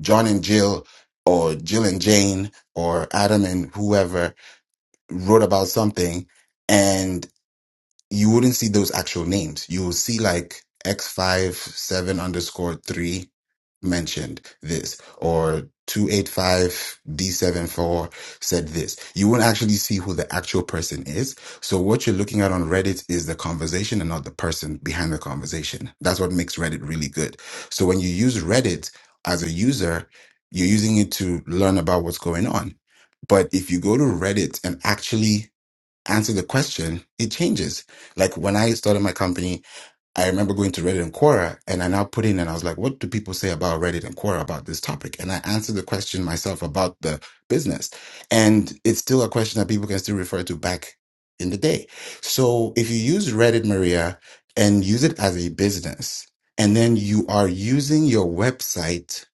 john and jill or jill and jane or adam and whoever wrote about something you wouldn't see those actual names. You will see like x five seven underscore three mentioned this or 285 d seven four said this. You won't actually see who the actual person is. So what you're looking at on Reddit is the conversation and not the person behind the conversation. That's what makes Reddit really good. So when you use Reddit as a user, you're using it to learn about what's going on. But if you go to Reddit and actually answer the question, it changes. Like when I started my company, I remember going to Reddit and Quora and I now put in and I was like, what do people say about Reddit and Quora about this topic? And I answered the question myself about the business. And it's still a question that people can still refer to back in the day. So if you use Reddit, Maria, and use it as a business, and then you are using your website,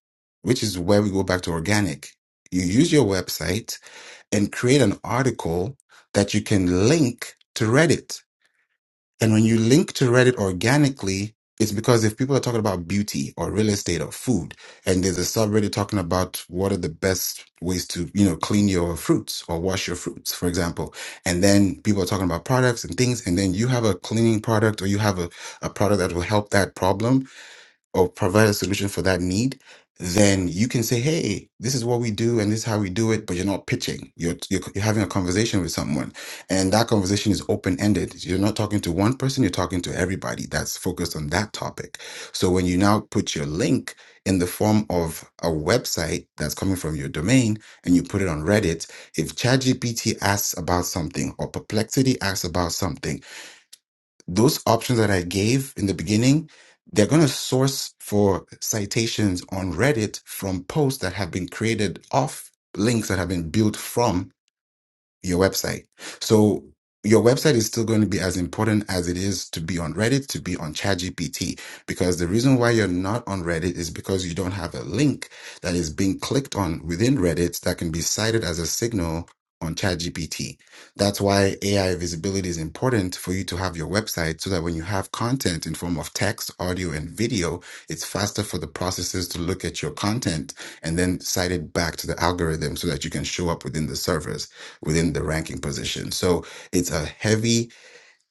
which is where we go back to organic. You use your website and create an article that you can link to Reddit. And when you link to Reddit organically, it's because if people are talking about beauty or real estate or food, and there's a subreddit talking about what are the best ways to, you know, clean your fruits or wash your fruits, for example. And then people are talking about products and things, and then you have a cleaning product or you have a, a product that will help that problem or provide a solution for that need, then you can say, "Hey, this is what we do, and this is how we do it." But you're not pitching; you're you're, you're having a conversation with someone, and that conversation is open ended. You're not talking to one person; you're talking to everybody that's focused on that topic. So when you now put your link in the form of a website that's coming from your domain, and you put it on Reddit, if ChatGPT asks about something or Perplexity asks about something those options that I gave in the beginning, they're going to source for citations on Reddit from posts that have been created off links that have been built from your website. So your website is still going to be as important as it is to be on Reddit, to be on ChatGPT, because the reason why you're not on Reddit is because you don't have a link that is being clicked on within Reddit that can be cited as a signal on ChatGPT. That's why AI visibility is important for you to have your website so that when you have content in form of text, audio, and video, it's faster for the processes to look at your content and then cite it back to the algorithm so that you can show up within the servers within the ranking position. So it's a heavy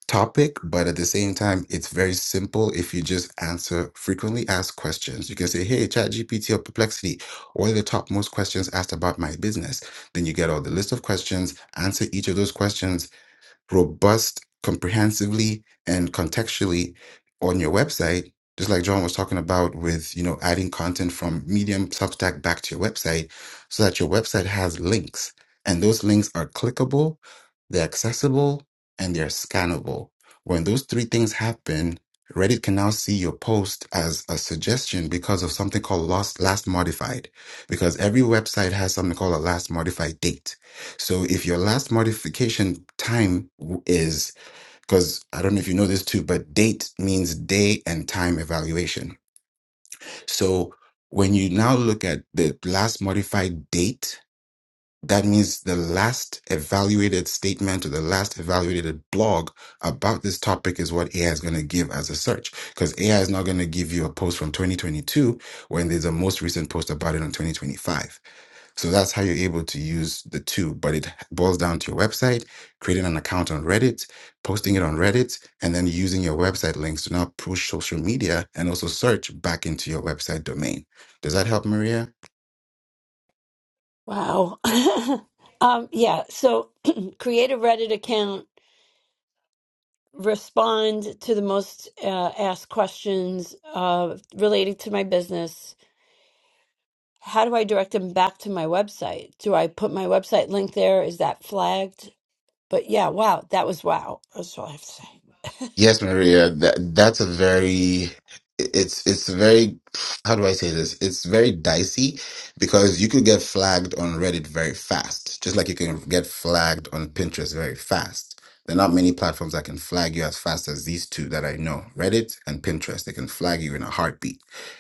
topic, but at the same time, it's very simple if you just answer frequently asked questions. You can say, hey, ChatGPT or Perplexity, what are the top most questions asked about my business? Then you get all the list of questions, answer each of those questions, robust, comprehensively, and contextually on your website, just like John was talking about with, you know, adding content from Medium, Substack back to your website so that your website has links. And those links are clickable, they're accessible, and they're scannable. When those three things happen, Reddit can now see your post as a suggestion because of something called last, last modified, because every website has something called a last modified date so if your last modification time w- is, because I don't know if you know this too, but date means day and time evaluation. So when you now look at the last modified date, that means the last evaluated statement or the last evaluated blog about this topic is what AI is going to give as a search. Because AI is not going to give you a post from 2022 when there's a most recent post about it on 2025. So that's how you're able to use the two, but it boils down to your website, creating an account on Reddit, posting it on Reddit, and then using your website links to now push social media and also search back into your website domain. Does that help, Maria?
Wow. Um, yeah, so create a Reddit account respond to the most uh, asked questions uh, related to my business. How do I direct them back to my website? Do I put my website link there? Is that flagged? But yeah, wow, that was wow. That's all I have to say.
Yes, Maria, that that's a very it's it's very how do I say this? It's very dicey because you could get flagged on Reddit very fast, just like you can get flagged on Pinterest very fast. There are not many platforms that can flag you as fast as these two that I know, Reddit and Pinterest. They can flag you in a heartbeat.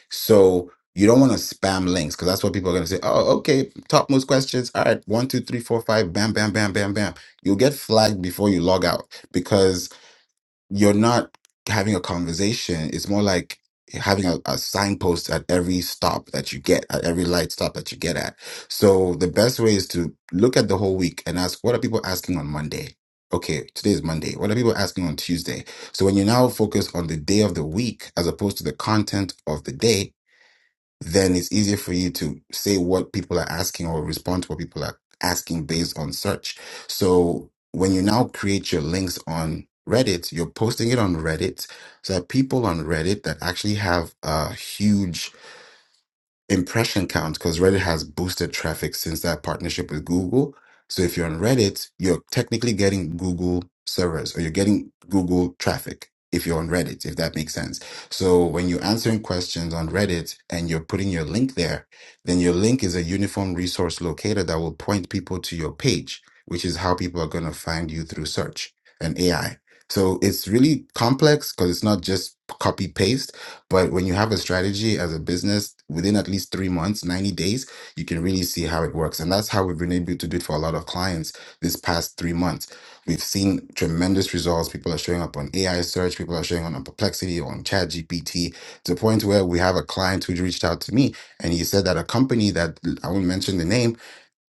So you don't want to spam links because that's what people are going to say. Oh, okay, top most questions. All right, one, two, three, four, five. Bam, bam, bam, bam, bam. You'll get flagged before you log out because you're not having a conversation. It's more like having a, a signpost at every stop that you get, at every light stop that you get at. So the best way is to look at the whole week and ask, what are people asking on Monday? Okay, today is Monday. What are people asking on Tuesday? So when you now focus on the day of the week as opposed to the content of the day, then it's easier for you to say what people are asking or respond to what people are asking based on search. So when you now create your links on Reddit, you're posting it on Reddit so that people on Reddit that actually have a huge impression count because Reddit has boosted traffic since that partnership with Google. So if you're on Reddit, you're technically getting Google servers or you're getting Google traffic if you're on Reddit, if that makes sense. So when you're answering questions on Reddit and you're putting your link there, then your link is a uniform resource locator that will point people to your page, which is how people are going to find you through search and AI. So it's really complex because it's not just copy paste but when you have a strategy as a business within at least three months, 90 days, you can really see how it works. And that's how we've been able to do it for a lot of clients this past three months. We've seen tremendous results. People are showing up on AI search, people are showing up on Perplexity, on ChatGPT, to the point where we have a client who reached out to me and he said that a company that I won't mention the name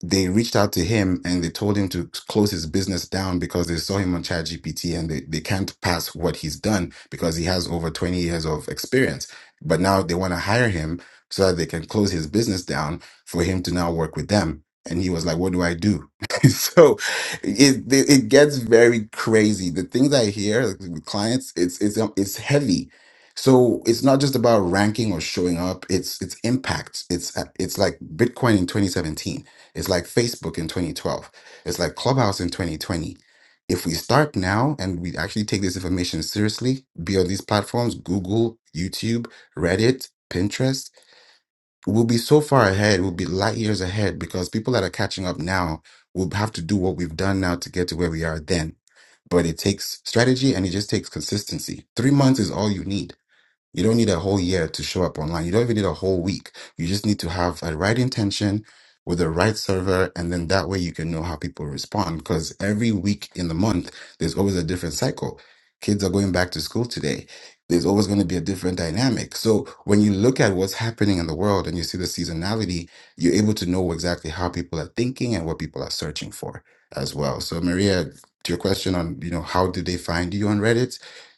they reached out to him and they told him to close his business down because they saw him on ChatGPT and they, they can't pass what he's done because he has over 20 years of experience. But now they want to hire him so that they can close his business down for him to now work with them. And he was like, What do I do? so it, it gets very crazy. The things I hear like, with clients, it's it's um, it's heavy. So it's not just about ranking or showing up. It's it's impact. It's uh, it's like Bitcoin in 2017 it's like Facebook in 2012. It's like Clubhouse in 2020. If we start now and we actually take this information seriously, be on these platforms, Google, YouTube, Reddit, Pinterest, we'll be so far ahead. We'll be light years ahead because people that are catching up now will have to do what we've done now to get to where we are then. But it takes strategy and it just takes consistency. Three months is all you need you don't need a whole year to show up online. You don't even need a whole week. You just need to have a right intention with the right server. And then that way you can know how people respond. Because every week in the month, there's always a different cycle. Kids are going back to school today. There's always going to be a different dynamic. So when you look at what's happening in the world and you see the seasonality, you're able to know exactly how people are thinking and what people are searching for as well. So Maria, to your question on, you know, how do they find you on Reddit?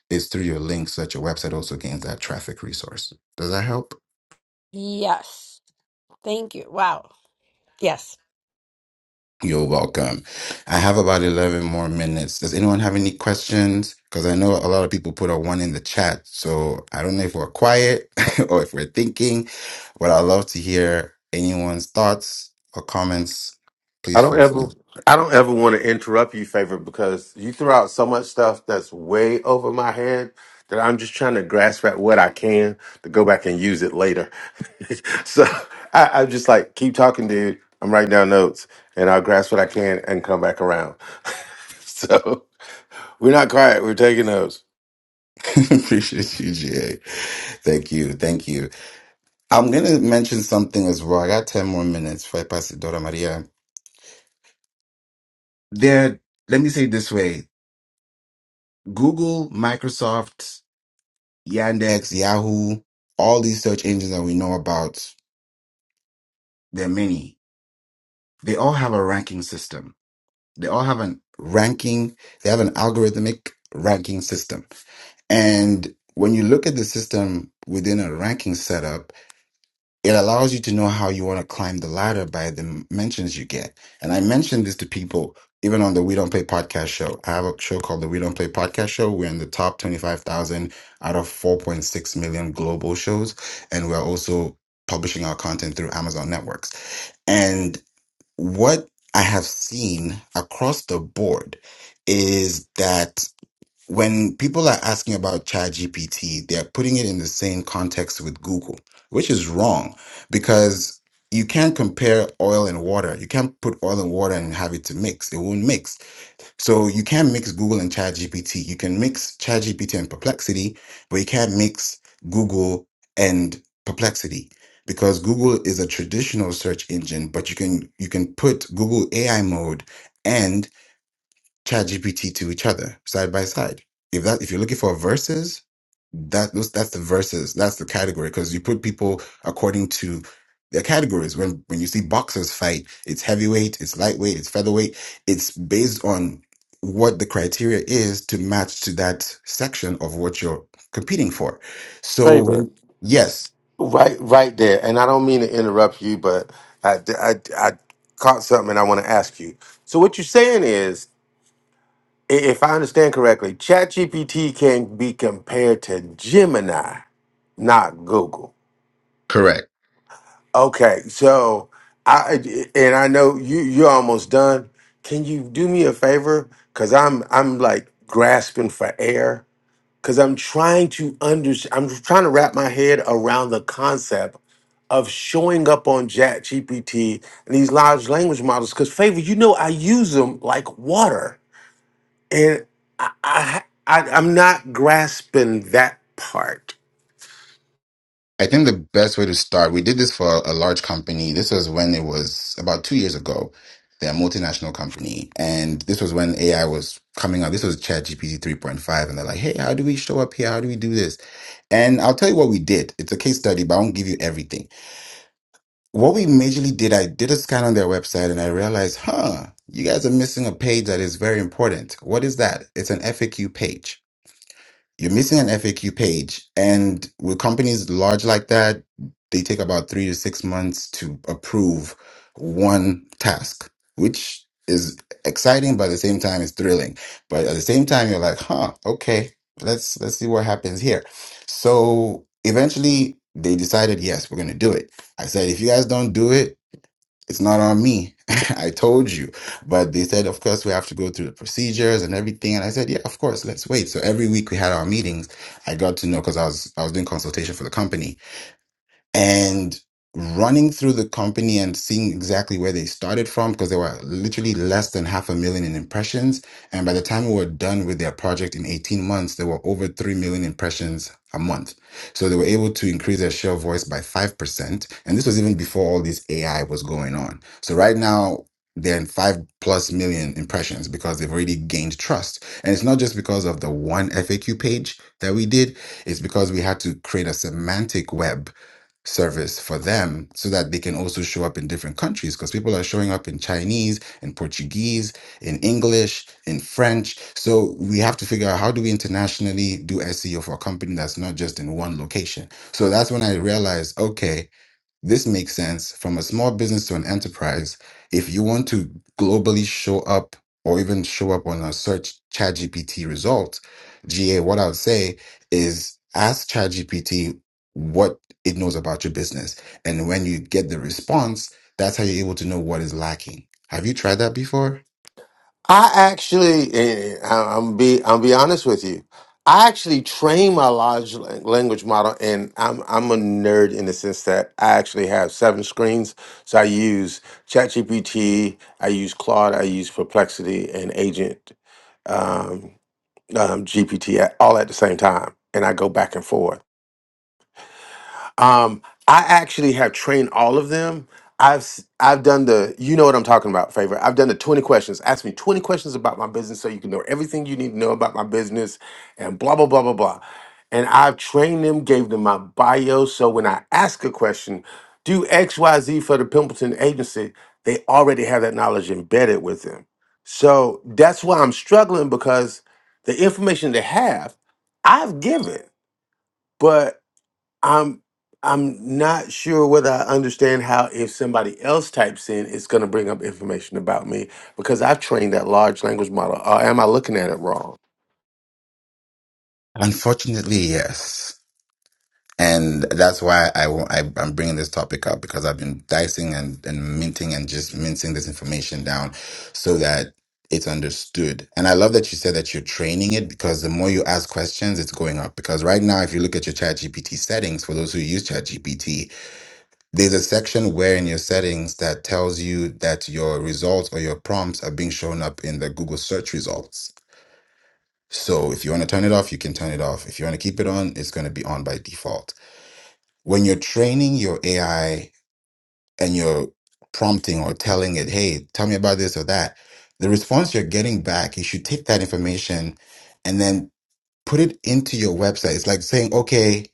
Is through your links so that your website also gains that traffic resource. Does that help?
Yes. Thank you. Wow. Yes.
You're welcome. I have about 11 more minutes. Does anyone have any questions? Because I know a lot of people put a one in the chat. So I don't know if we're quiet or if we're thinking, but I'd love to hear anyone's thoughts or comments.
I
Please
don't
feel
ever
free.
I don't ever want to interrupt you, favorite, because you throw out so much stuff that's way over my head that I'm just trying to grasp at what I can to go back and use it later. so I, I'm just like, keep talking, dude. I'm writing down notes and I'll grasp what I can and come back around. so we're not quiet, we're taking notes.
Appreciate you, GA. Thank you. Thank you. I'm going to mention something as well. I got 10 more minutes for I pass it, Dora Maria. There, let me say it this way Google, Microsoft, Yandex, Yahoo, all these search engines that we know about, there are many. They all have a ranking system. They all have an ranking, they have an algorithmic ranking system. And when you look at the system within a ranking setup, it allows you to know how you want to climb the ladder by the mentions you get. And I mentioned this to people even on the We Don't Play podcast show. I have a show called the We Don't Play podcast show. We're in the top 25,000 out of 4.6 million global shows. And we're also publishing our content through Amazon networks. And what I have seen across the board is that when people are asking about ChatGPT, they're putting it in the same context with Google, which is wrong because you can't compare oil and water. You can't put oil and water and have it to mix. It won't mix. So you can't mix Google and ChatGPT. You can mix ChatGPT and Perplexity, but you can't mix Google and Perplexity because Google is a traditional search engine, but you can you can put Google AI mode ChatGPT to each other side by side. If that if you're looking for verses, that those that's the verses. That's the category because you put people according to their categories. When when you see boxers fight, it's heavyweight, it's lightweight, it's featherweight. It's based on what the criteria is to match to that section of what you're competing for. So
Favorite.
when yes,
Right right there. And I don't mean to interrupt you, but I, I, I caught something and I want to ask you. So what you're saying is i- if I understand correctly, ChatGPT can be compared to Gemini, not Google. Okay, so I and I know you you're almost done. Can you do me a favor? Cause I'm I'm like grasping for air. Cause I'm trying to under I'm trying to wrap my head around the concept of showing up on ChatGPT and these large language models. Cause favor, you know I use them like water. and I, I, I I'm not grasping that part.
I think the best way to start, we did this for a large company. This was when it was about two years ago. They're a multinational company. And this was when AI was coming out. This was ChatGPT 3.5. And they're like, hey, how do we show up here? How do we do this? And I'll tell you what we did. It's a case study, but I won't give you everything. What we majorly did, I did a scan on their website and I realized, huh, you guys are missing a page that is very important. What is that? It's an FAQ page. You're missing an FAQ page. And with companies large like that, they take about three to six months to approve one task, which is exciting, but at the same time, it's thrilling. But at the same time, you're like, huh, okay, let's let's see what happens here. So eventually they decided, yes, we're gonna do it. I said, if you guys don't do it, it's not on me. I told you. But they said, of course, we have to go through the procedures and everything. And I said, yeah, of course, let's wait. So every week we had our meetings. I got to know because I was, I was doing consultation for the company and running through the company and seeing exactly where they started from because they were literally less than half a million in impressions and by the time we were done with their project in 18 months there were over 3 million impressions a month so they were able to increase their share of voice by 5% and this was even before all this ai was going on so right now they're in 5 plus million impressions because they've already gained trust and it's not just because of the one faq page that we did it's because we had to create a semantic web service for them so that they can also show up in different countries because people are showing up in Chinese, in Portuguese, in English, in French. So we have to figure out how do we internationally do SEO for a company that's not just in one location. So that's when I realized, okay. This makes sense from a small business to an enterprise. If you want to globally show up or even show up on a search ChatGPT result, GA, what I would say is ask ChatGPT what it knows about your business. And when you get the response, that's how you're able to know what is lacking. Have you tried that before?
I actually, eh, I- I'm be, i am be honest with you. I actually train my large lan- language model, and I'm I'm a nerd in the sense that I actually have seven screens. So I use ChatGPT, I use Claude, I use Perplexity, and Agent um, um, GPT, all at the same time, and I go back and forth. Um, I actually have trained all of them. I've s- I've done the you know what I'm talking about, favor. I've done the 20 questions. Ask me 20 questions about my business so you can know everything you need to know about my business and blah blah blah blah blah. And I've trained them, gave them my bio. So when I ask a question, do XYZ for the Pimpleton agency, they already have that knowledge embedded with them. So that's why I'm struggling because the information they have, I've given. But I'm I'm not sure whether I understand how if somebody else types in, it's going to bring up information about me because I've trained that large language model. Or am I looking at it wrong?
Unfortunately, yes. And that's why I, wa- I, am bringing this topic up because I've been dicing and, and minting and just mincing this information down so that it's understood. And I love that you said that you're training it because the more you ask questions, it's going up. Because right now, if you look at your ChatGPT settings, for those who use ChatGPT, there's a section where in your settings that tells you that your results or your prompts are being shown up in the Google search results. So if you want to turn it off, you can turn it off. If you want to keep it on, it's going to be on by default when you're training your AI and you're prompting or telling it, hey, tell me about this or that, the response you're getting back, you should take that information and then put it into your website. It's like saying, okay,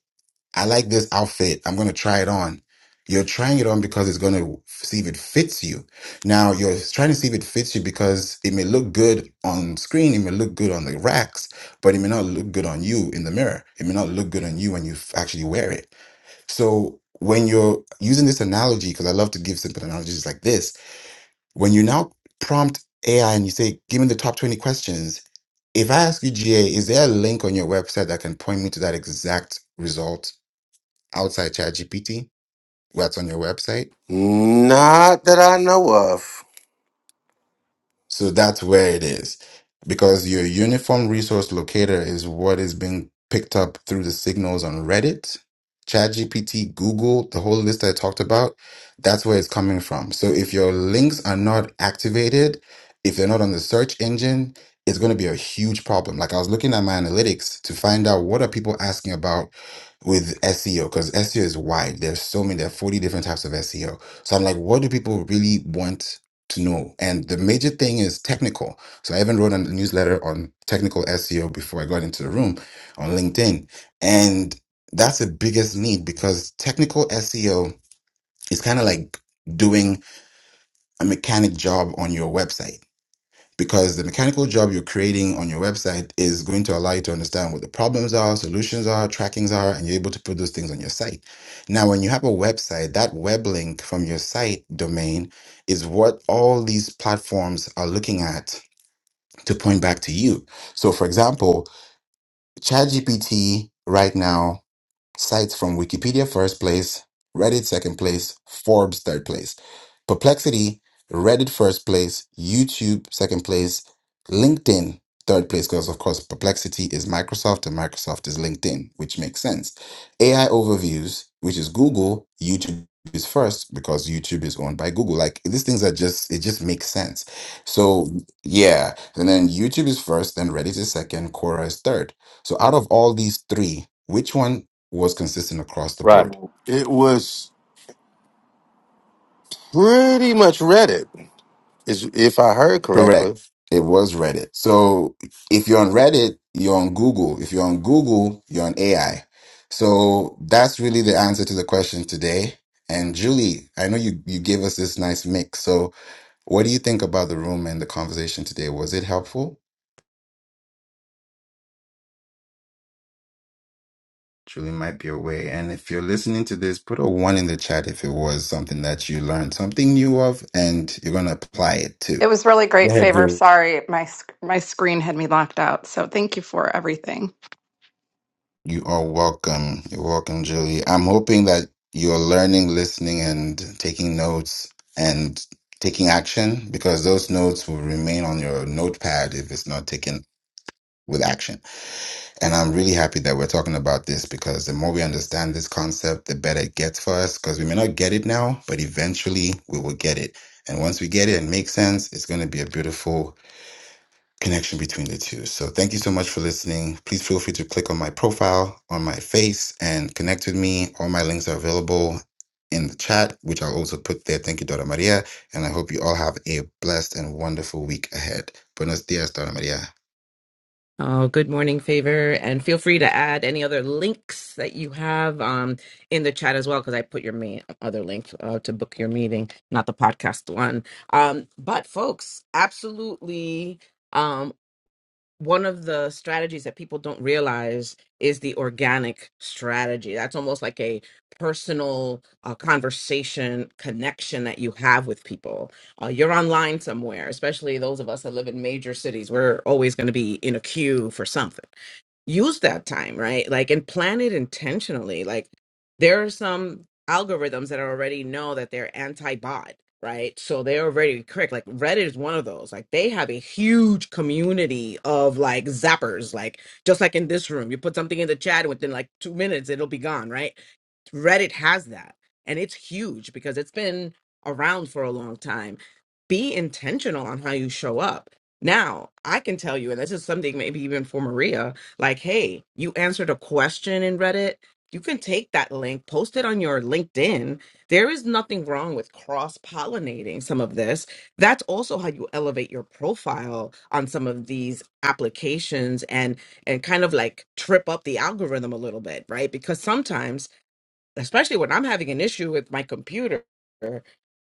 I like this outfit. I'm going to try it on. You're trying it on because it's going to see if it fits you. Now, you're trying to see if it fits you because it may look good on screen, it may look good on the racks, but it may not look good on you in the mirror. It may not look good on you when you f- actually wear it. So when you're using this analogy, because I love to give simple analogies like this, when you now prompt AI and you say, give me the top 20 questions, if I ask you, GA, is there a link on your website that can point me to that exact result outside ChatGPT, where it's on your website?
Not that I know of.
So that's where it is. Because your uniform resource locator is what is being picked up through the signals on Reddit, ChatGPT, Google, the whole list I talked about. That's where it's coming from. So if your links are not activated, if they're not on the search engine, it's going to be a huge problem. Like I was looking at my analytics to find out what are people asking about with SEO because SEO is wide. There's so many, there are 40 different types of SEO. So I'm like, what do people really want to know. And the major thing is technical. So I even wrote a newsletter on technical SEO before I got into the room on LinkedIn. And that's the biggest need because technical SEO is kind of like doing a mechanic job on your website because the mechanical job you're creating on your website is going to allow you to understand what the problems are, solutions are, trackings are, and you're able to put those things on your site. Now, when you have a website, that web link from your site domain is what all these platforms are looking at to point back to you. So, for example, ChatGPT right now Cites from Wikipedia first place, Reddit second place, Forbes third place. Perplexity, Reddit first place, YouTube second place, LinkedIn third place, because of course Perplexity is Microsoft and Microsoft is LinkedIn, which makes sense. AI overviews, which is Google, YouTube is first because YouTube is owned by Google. Like these things are just it just makes sense. So yeah. And then YouTube is first, then Reddit is second, Quora is third. So out of all these three, which one was consistent across the
Right.
board.
It was pretty much Reddit, is if I heard correctly.
Correct. It was Reddit. So if you're on Reddit, you're on Google. If you're on Google, you're on AI. So that's really the answer to the question today. And Julie, I know you, you gave us this nice mix. So what do you think about the room and the conversation today? Was it helpful? Julie might be away. And if you're listening to this, put a one in the chat if it was something that you learned something new of and you're going to apply it too.
It was really
Go
great
ahead,
favor.
Julie.
Sorry, my sc- my screen had me locked out. So thank you for everything.
You are welcome. You're welcome, Julie. I'm hoping that you're learning, listening, and taking notes and taking action because those notes will remain on your notepad if it's not taken with action. And I'm really happy that we're talking about this because the more we understand this concept, the better it gets for us because we may not get it now, but eventually we will get it. And once we get it and make sense, it's going to be a beautiful connection between the two. So thank you so much for listening. Please feel free to click on my profile on my face and connect with me. All my links are available in the chat, which I'll also put there. Thank you, Dora Maria. And I hope you all have a blessed and wonderful week ahead. Buenos dias, Dora Maria.
Oh, good morning, Favor. And feel free to add any other links that you have um, in the chat as well, because I put your main other link uh, to book your meeting, not the podcast one. Um, but, folks, absolutely. Um, one of the strategies that people don't realize is the organic strategy. That's almost like a personal uh, conversation connection that you have with people. Uh, you're online somewhere, especially those of us that live in major cities. We're always going to be in a queue for something use that time, right? Like, and plan it intentionally. Like, there are some algorithms that already know that they're anti bot, right? So they're already correct. Like, Reddit is one of those. Like, they have a huge community of like zappers. Like, just like in this room, you put something in the chat, and within like two minutes, it'll be gone, right? Reddit has that. And it's huge because it's been around for a long time. Be intentional on how you show up. Now, I can tell you, and this is something maybe even for Maria, like, hey, you answered a question in Reddit. You can take that link, post it on your LinkedIn. There is nothing wrong with cross pollinating some of this. That's also how you elevate your profile on some of these applications and and kind of like trip up the algorithm a little bit, right? Because sometimes especially when I'm having an issue with my computer,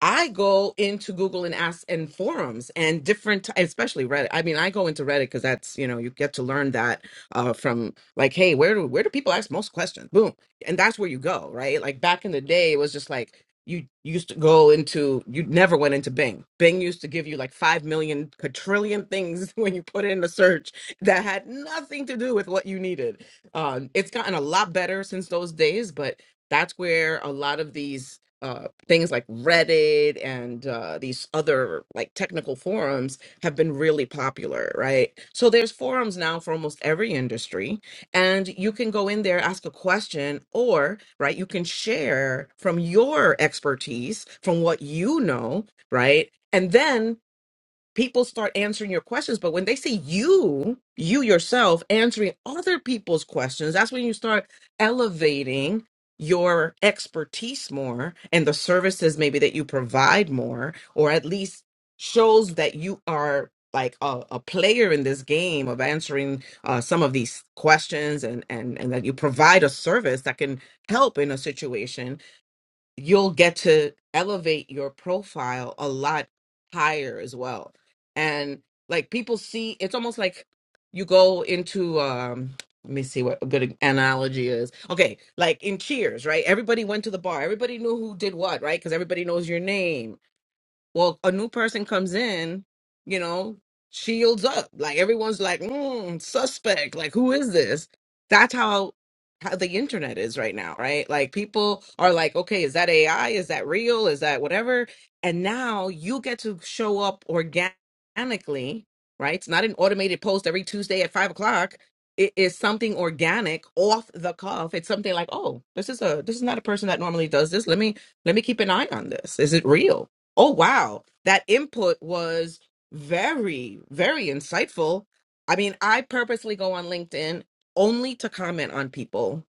I go into Google and ask and forums and different, especially Reddit. I mean, I go into Reddit because that's you know you get to learn that uh, from like, hey, where do where do people ask most questions? Boom, and that's where you go, right? Like back in the day, it was just like you used to go into you never went into Bing. Bing used to give you like five million quadrillion things when you put in a search that had nothing to do with what you needed. Um, it's gotten a lot better since those days, but that's where a lot of these uh, things like Reddit and uh, these other like technical forums have been really popular, right? So there's forums now for almost every industry, and you can go in there, ask a question, or right, you can share from your expertise, from what you know, right? And then people start answering your questions. But when they see you, you yourself answering other people's questions, that's when you start elevating your expertise more and the services maybe that you provide more, or at least shows that you are like a, a player in this game of answering uh, some of these questions and, and and that you provide a service that can help in a situation you'll get to elevate your profile a lot higher as well. And like people see, it's almost like you go into, um, let me see what a good analogy is. Okay, like in Cheers, right? Everybody went to the bar. Everybody knew who did what, right? Because everybody knows your name well a new person comes in you know shields up like everyone's like mm, suspect like who is this that's how how the internet is right now right like people are like okay is that ai is that real is that whatever and now you get to show up organically right it's not an automated post every tuesday at five o'clock it is something organic off the cuff it's something like oh this is a this is not a person that normally does this let me let me keep an eye on this is it real Oh, wow. That input was very, very insightful. I mean, I purposely go on LinkedIn only to comment on people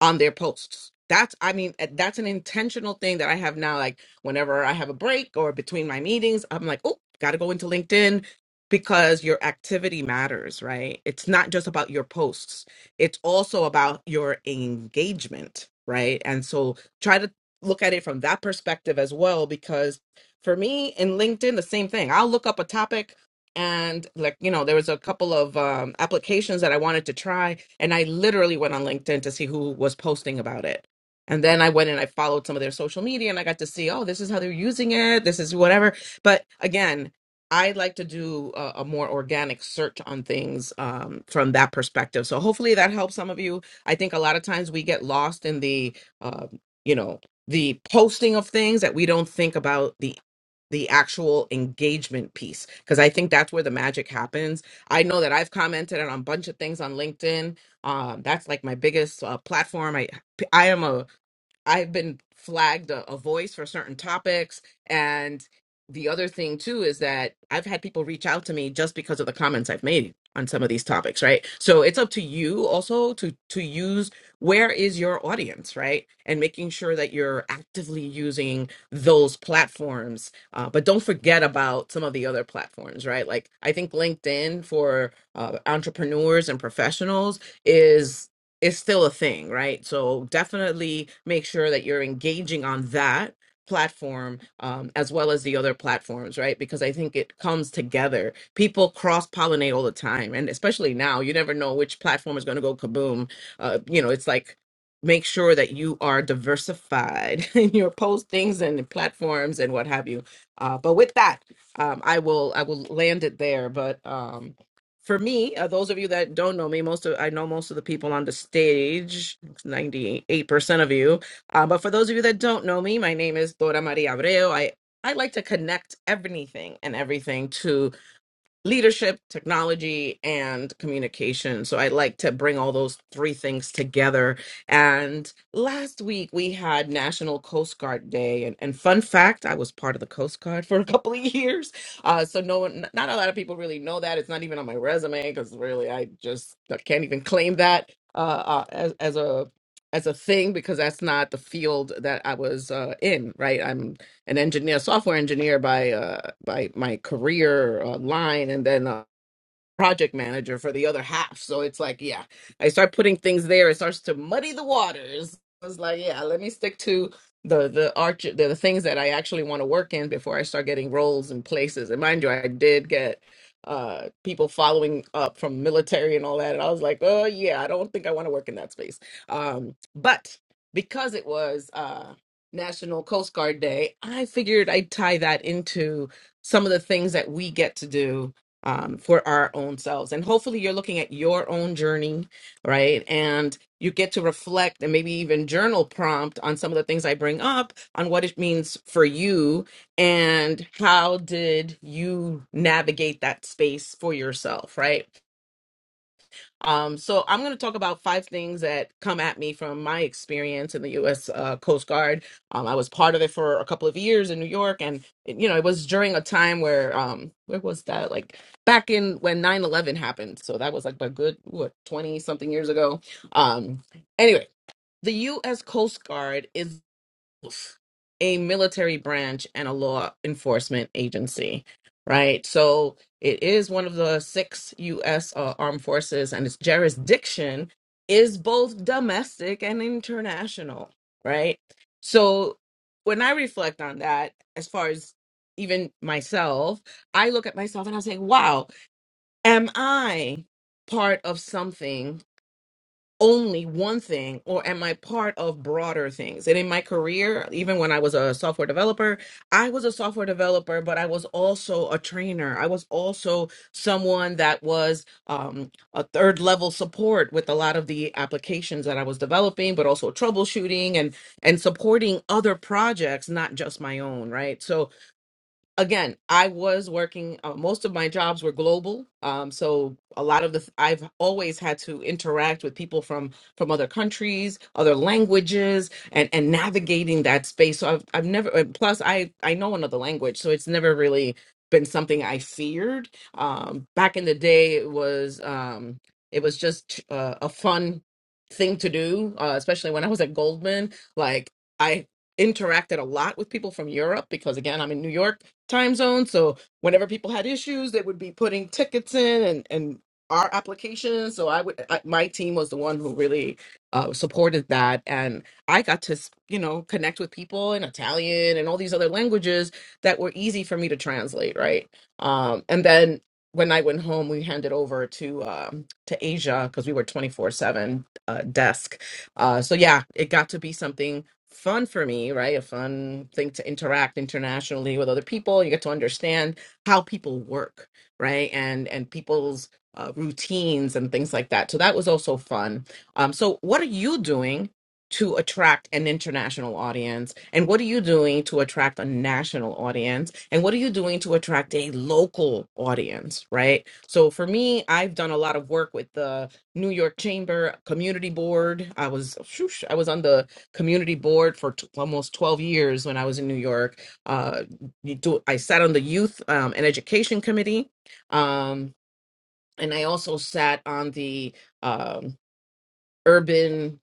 on their posts. That's, I mean, uh, that's an intentional thing that I have now. Like, whenever I have a break or between my meetings, I'm like, oh, got to go into LinkedIn because your activity matters, right? It's not just about your posts, it's also about your engagement, right? And so try to look at it from that perspective as well. Because for me in LinkedIn, the same thing. I'll look up a topic and like you know there was a couple of um, applications that i wanted to try and i literally went on linkedin to see who was posting about it and then i went and i followed some of their social media and i got to see oh this is how they're using it this is whatever but again i like to do a, a more organic search on things um, from that perspective so hopefully that helps some of you i think a lot of times we get lost in the um, you know the posting of things that we don't think about the the actual engagement piece because i think that's where the magic happens i know that i've commented on a bunch of things on linkedin um, that's like my biggest uh, platform i i am a I've been flagged a, a voice for certain topics. And the other thing too is that I've had people reach out to me just because of the comments I've made on some of these topics, right? So it's up to you also to to use where is your audience, right? And making sure that you're actively using those platforms. Uh, but don't forget about some of the other platforms, right? Like I think LinkedIn for uh, entrepreneurs and professionals is is still a thing, right? So definitely make sure that you're engaging on that platform um, as well as the other platforms, right? Because I think it comes together. People cross pollinate all the time, and especially now, you never know which platform is going to go kaboom. Uh, you know, it's like make sure that you are diversified in your postings and the platforms and what have you. Uh, but with that, um, I will I will land it there. But um, for me, uh, those of you that don't know me, most of I know most of the people on the stage, ninety-eight percent of you. Uh, but for those of you that don't know me, my name is Dora Maria Abreu. I I like to connect everything and everything leadership, technology, and communication. So I like to bring all those three things together. And last week we had National Coast Guard Day. And, and fun fact, I was part of the Coast Guard for a couple of years. Uh, so no one, not a lot of people really know that. It's not even on my resume because really I just I can't even claim that uh, uh, as, as a as a thing because that's not the field that I was uh, in, right? I'm an engineer, software engineer by uh, by my career uh, line, and then uh, project manager for the other half. So it's like, yeah, I start putting things there. It starts to muddy the waters. I was like, yeah, let me stick to the the arch the, the things that I actually want to work in before I start getting roles and places. And mind you, I did get uh people following up from military and all that. And I was like, oh yeah, I don't think I want to work in that space. Um, but because it was uh National Coast Guard Day, I figured I'd tie that into some of the things that we get to do um, for our own selves. And hopefully, you're looking at your own journey, right? And you get to reflect and maybe even journal prompt on some of the things I bring up on what it means for you and how did you navigate that space for yourself, right? Um, so I'm going to talk about five things that come at me from my experience in the U.S. Uh, Coast Guard. Um, I was part of it for a couple of years in New York, and you know it was during a time where um, where was that? Like back in when nine eleven happened. So that was like a good what 20 something years ago. Um, anyway, the U.S. Coast Guard is a military branch and a law enforcement agency, right? So it is one of the six U.S. Uh, armed forces, and its jurisdiction is both domestic and international, right? So when I reflect on that, as far as even myself, I look at myself and i say, wow, am I part of something? only one thing or am I part of broader things? And in my career, even when I was a software developer, I was a software developer, but I was also a trainer. I was also someone that was um, a third level support with a lot of the applications that I was developing, but also troubleshooting and and supporting other projects, not just my own, right? So again, I was working, uh, most of my jobs were global. Um, so a lot of the, th- I've always had to interact with people from, from other countries, other languages, and, and navigating that space. So I've, I've never, uh, plus I, I know another language, so it's never really been something I feared. Um, back in the day, it was, um, it was just uh, a fun thing to do, uh, especially when I was at Goldman. Like I interacted a lot with people from Europe because again, I'm in New York time zone. So whenever people had issues, they would be putting tickets in and and our applications. So I would I, my team was the one who really uh, supported that, and I got to s- you know connect with people in Italian and all these other languages that were easy for me to translate. Right, um, and then. When I went home, we handed over to um, to Asia because we were twenty four seven uh, desk. Uh, so yeah, it got to be something fun for me, right? A fun thing to interact internationally with other people. You get to understand how people work, right? And and people's uh, routines and things like that. So that was also fun. Um, so what are you doing to attract an international audience? And what are you doing to attract a national audience? And what are you doing to attract a local audience, right? So for me, I've done a lot of work with the New York Chamber Community Board. I was, shoosh, I was on the community board for t- almost 12 years when I was in New York. Uh, you do, I sat on the youth um, and education committee. Um, and I also sat on the um, urban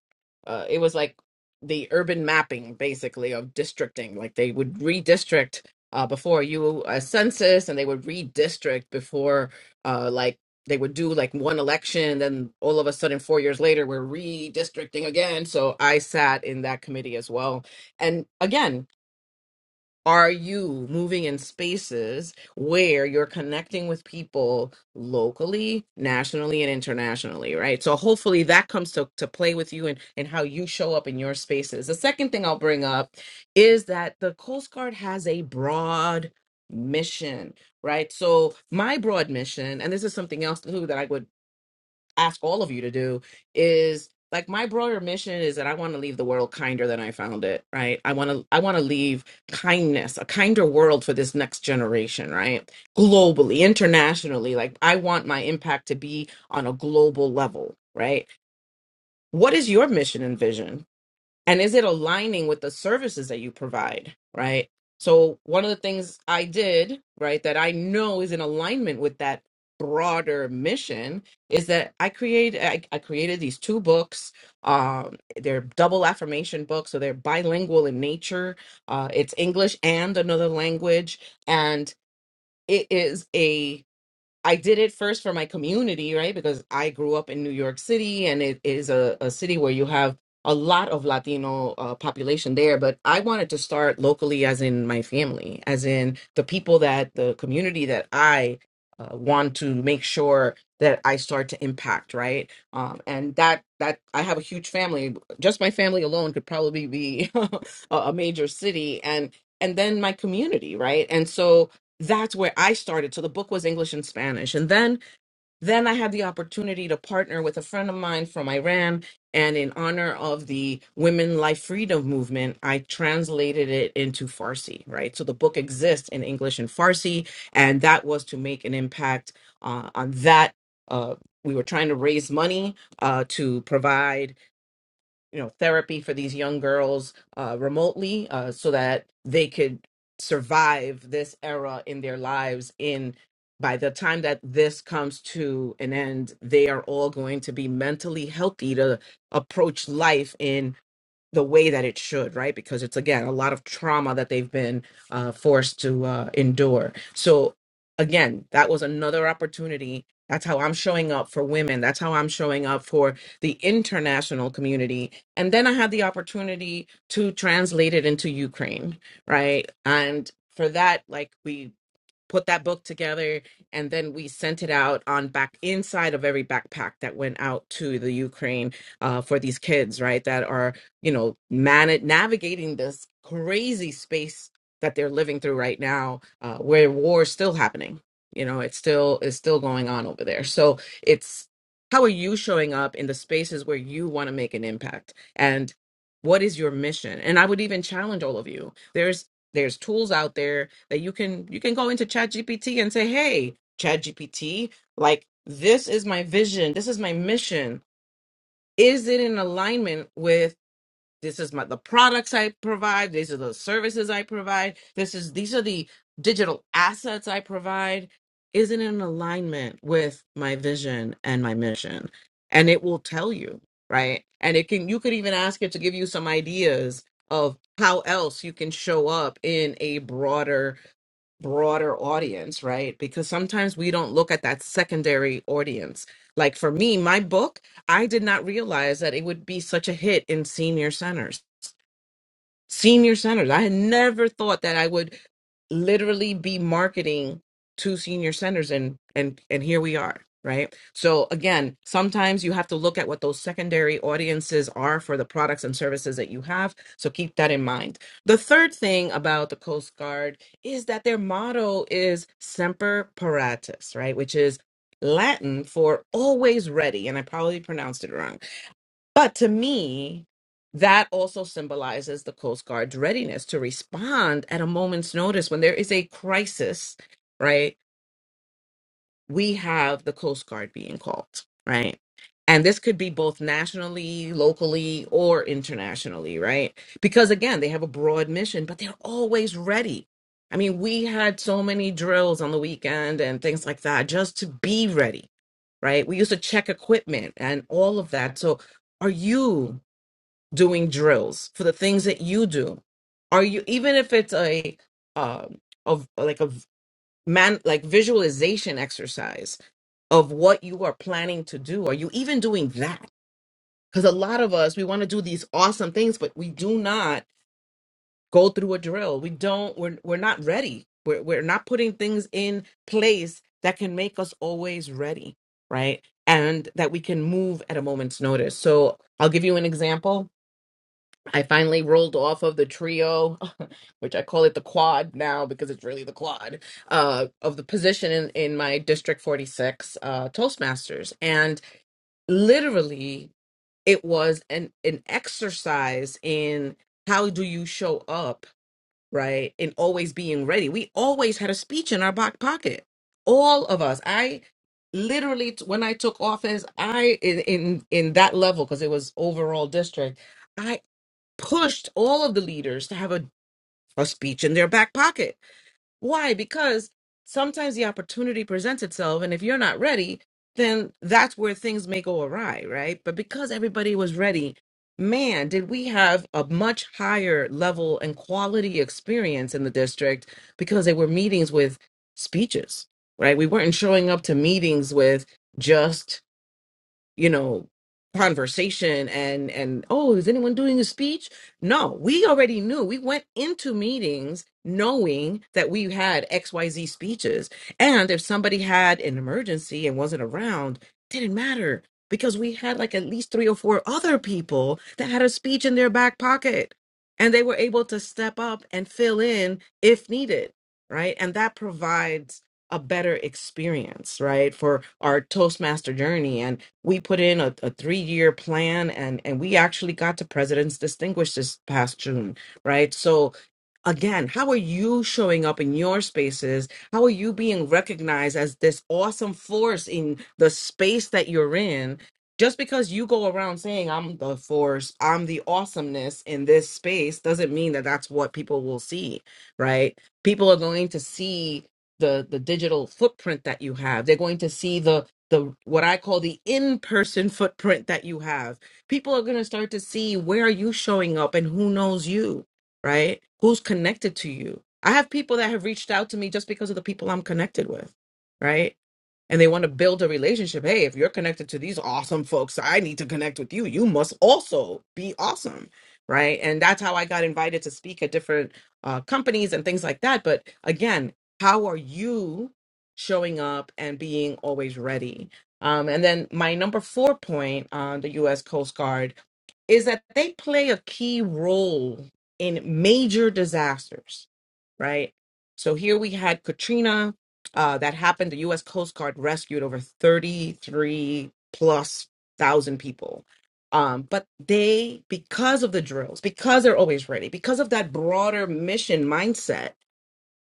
uh it was like the urban mapping basically of districting like they would redistrict uh before you a census and they would redistrict before uh like they would do like one election then all of a sudden 4 years later we're redistricting again so I sat in that committee as well and again are you moving in spaces where you're connecting with people locally, nationally, and internationally, right? So hopefully that comes to, to play with you and, and how you show up in your spaces. The second thing I'll bring up is that the Coast Guard has a broad mission, right? So my broad mission, and this is something else too that I would ask all of you to do is like my broader mission is that I want to leave the world kinder than I found it, right? I want to I want to leave kindness, a kinder world for this next generation, right? Globally, internationally, like I want my impact to be on a global level, right? What is your mission and vision? and is it aligning with the services that you provide right so one of the things i did right that i know is in alignment with that broader mission is that i create i, I created these two books um they're double affirmation books so they're bilingual in nature uh it's english and another language and it is I did it first for my community, right? Because I grew up in New York City and it is a, a city where you have a lot of Latino uh, population there. But I wanted to start locally, as in my family, as in the people that the community that I uh, want to make sure that I start to impact, right? Um, and that that I have a huge family. Just my family alone could probably be a a major city, and and then my community, right? And so that's where I started. So the book was English and Spanish. And then then I had the opportunity to partner with a friend of mine from Iran and in honor of the women life freedom movement, I translated it into Farsi, right? So the book exists in English and Farsi and that was to make an impact uh, on that uh we were trying to raise money uh, to provide you know therapy for these young girls uh, remotely uh, so that they could survive this era in their lives in by the time that this comes to an end they are all going to be mentally healthy to approach life in the way that it should, right? Because it's again a lot of trauma that they've been uh, forced to uh, endure. So again, that was another opportunity. That's how I'm showing up for women. That's how I'm showing up for the international community. And then I had the opportunity to translate it into Ukraine, right? And for that, like we put that book together and then we sent it out on back inside of every backpack that went out to the ukraine uh, for these kids right that are you know man- navigating this crazy space that they're living through right now uh, where war is still happening you know it's still it's still going on over there so it's how are you showing up in the spaces where you want to make an impact and what is your mission and i would even challenge all of you there's tools out there that you can you can go into ChatGPT and say, "Hey, ChatGPT, like this is my vision, this is my mission. Is it in alignment with this is my the products i provide these are the services i provide this is these are the digital assets i provide isn't in alignment with my vision and my mission and it will tell you right and it can you could even ask it to give you some ideas of how else you can show up in a broader broader audience right because sometimes we don't look at that secondary audience like for me my book i did not realize that it would be such a hit in senior centers senior centers. I had never thought that I would literally be marketing to senior centers and and and here we are, right? So again, sometimes you have to look at what those secondary audiences are for the products and services that you have, so keep that in mind. The third thing about the Coast Guard is that their motto is semper paratus, right? Which is Latin for always ready, and I probably pronounced it wrong but to me, that also symbolizes the Coast Guard's readiness to respond at a moment's notice when there is a crisis, right? We have the Coast Guard being called, right? And this could be both nationally, locally, or internationally, right? Because again, they have a broad mission, but they're always ready. I mean, we had so many drills on the weekend and things like that just to be ready, right? We used to check equipment and all of that. So, are you? doing drills for the things that you do are you even if it's a um of like a v- man like visualization exercise of what you are planning to do are you even doing that because a lot of us we want to do these awesome things but we do not go through a drill we don't we're, we're not ready we're, we're not putting things in place that can make us always ready right and that we can move at a moment's notice so i'll give you an example I finally rolled off of the trio, which I call it the quad now because it's really the quad uh, of the position in, in my District 46 uh, Toastmasters. And literally, it was an, an exercise in how do you show up, right? And always being ready. We always had a speech in our back pocket, all of us. I literally, t- when I took office, I, in, in, in that level, because it was overall district. I pushed all of the leaders to have a, a speech in their back pocket. Why? Because sometimes the opportunity presents itself, and if you're not ready, then that's where things may go awry, right? But because everybody was ready, man, did we have a much higher level and quality experience in the district because they were meetings with speeches, right? We weren't showing up to meetings with just you know conversation and and oh is anyone doing a speech no we already knew we went into meetings knowing that we had xyz speeches and if somebody had an emergency and wasn't around didn't matter because we had like at least three or four other people that had a speech in their back pocket and they were able to step up and fill in if needed right and that provides a better experience right for our toastmaster journey we put in a, a three-year plan and and we actually got to president's distinguished this past june right so again how are you showing up in your spaces how are you being recognized as this awesome force in the space that you're in just because you go around saying i'm the force i'm the awesomeness in this space doesn't mean that that's what people will see right people are going to see the the digital footprint that you have they're going to see the the what I call the in-person footprint that you have. People are going to start to see where are you showing up and who knows you, right? Who's connected to you? I have people that have reached out to me just because of the people I'm connected with, right? and they want to build a relationship. Hey, if you're connected to these awesome folks, I need to connect with you. You must also be awesome, right? And that's how I got invited to speak at different uh, companies and things like that. But again, how are you showing up and being always ready? Um, and then my number four point on the U.S. Coast Guard is that they play a key role in major disasters, right? So here we had Katrina uh, that happened. The U.S. Coast Guard rescued over 33 plus thousand people. Um, but they, because of the drills, because they're always ready, because of that broader mission mindset,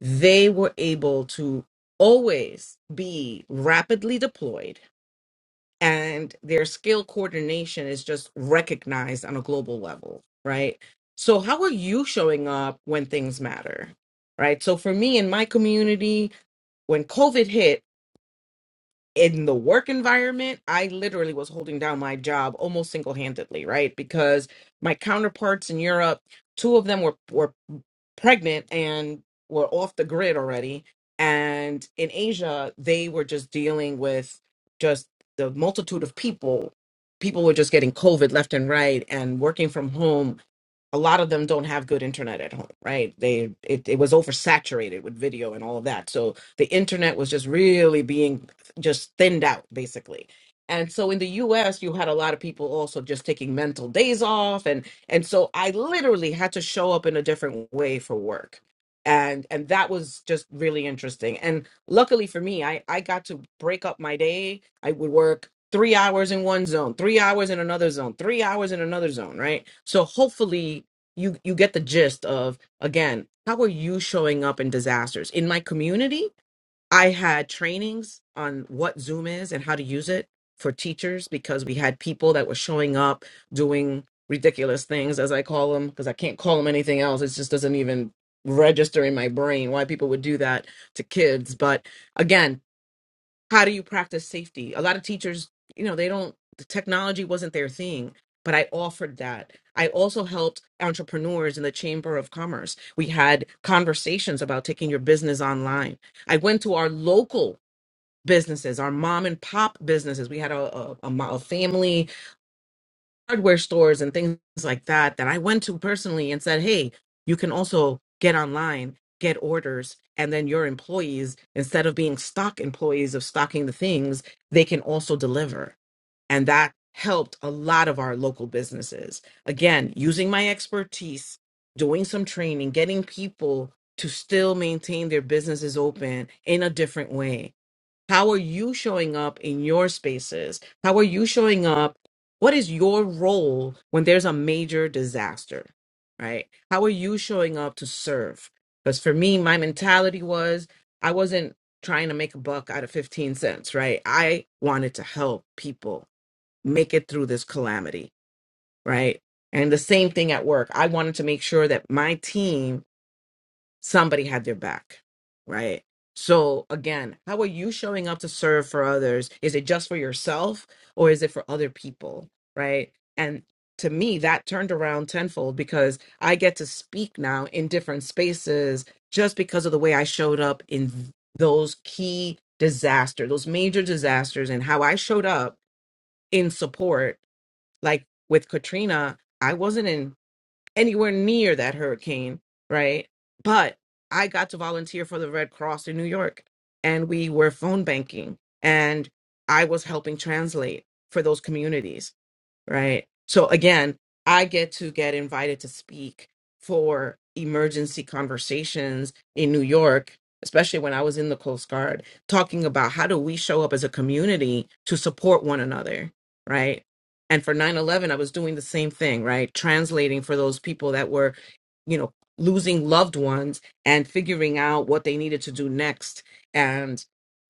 they were able to always be rapidly deployed and their skill coordination is just recognized on a global level, right? So, how are you showing up when things matter, right? So, for me in my community, when COVID hit, in the work environment, I literally was holding down my job almost single handedly, right? Because my counterparts in Europe, two of them were, were pregnant and were off the grid already. And in Asia, they were just dealing with just the multitude of people. People were just getting COVID left and right and working from home a lot of them don't have good internet at home right they it, it was oversaturated with video and all of that so the internet was just really being just thinned out basically and so in the us you had a lot of people also just taking mental days off and and so i literally had to show up in a different way for work and and that was just really interesting and luckily for me i i got to break up my day I would work three hours in one zone, three hours in another zone, three hours in another zone, right? So hopefully you you get the gist of again, how are you showing up in disasters? In my community, I had trainings on what Zoom is and how to use it for teachers because we had people that were showing up doing ridiculous things as I call them because I can't call them anything else. It just doesn't even register in my brain why people would do that to kids, but again how do you practice safety? A lot of teachers, you know, they don't, the technology wasn't their thing, but I offered that. I also helped entrepreneurs in the Chamber of Commerce. We had conversations about taking your business online. I went to our local businesses, our mom and pop businesses. We had a, a, a mo- a family hardware stores and things like that that I went to personally and said, hey, you can also get online, get orders, and then your employees, instead of being stock employees of stocking the things, they can also deliver. And that helped a lot of our local businesses. Again, using my expertise, doing some training, getting people to still maintain their businesses open in a different way how are you showing up in your spaces? How are you showing up? What is your role when there's a major disaster? Right? How are you showing up to serve? Because for me, my mentality was I wasn't trying to make a buck out of 15 cents, right? I wanted to help people make it through this calamity, right? And the same thing at work. I wanted to make sure that my team somebody had their back, right? So again, how are you showing up to serve for others? Is it just for yourself or is it for other people, right? And to me, that turned around tenfold because I get to speak now in different spaces just because of the way I showed up in those key disasters, those major disasters, and how I showed up in support. Like with Katrina, I wasn't in anywhere near that hurricane, right? But I got to volunteer for the Red Cross in New York and we were phone banking and I was helping translate for those communities right? So again, I get to get invited to speak for emergency conversations in New York, especially when I was in the Coast Guard, talking about how do we show up as a community to support one another, right? And for 9 11, I was doing the same thing, right? Translating for those people that were, you know, losing loved ones and figuring out what they needed to do next.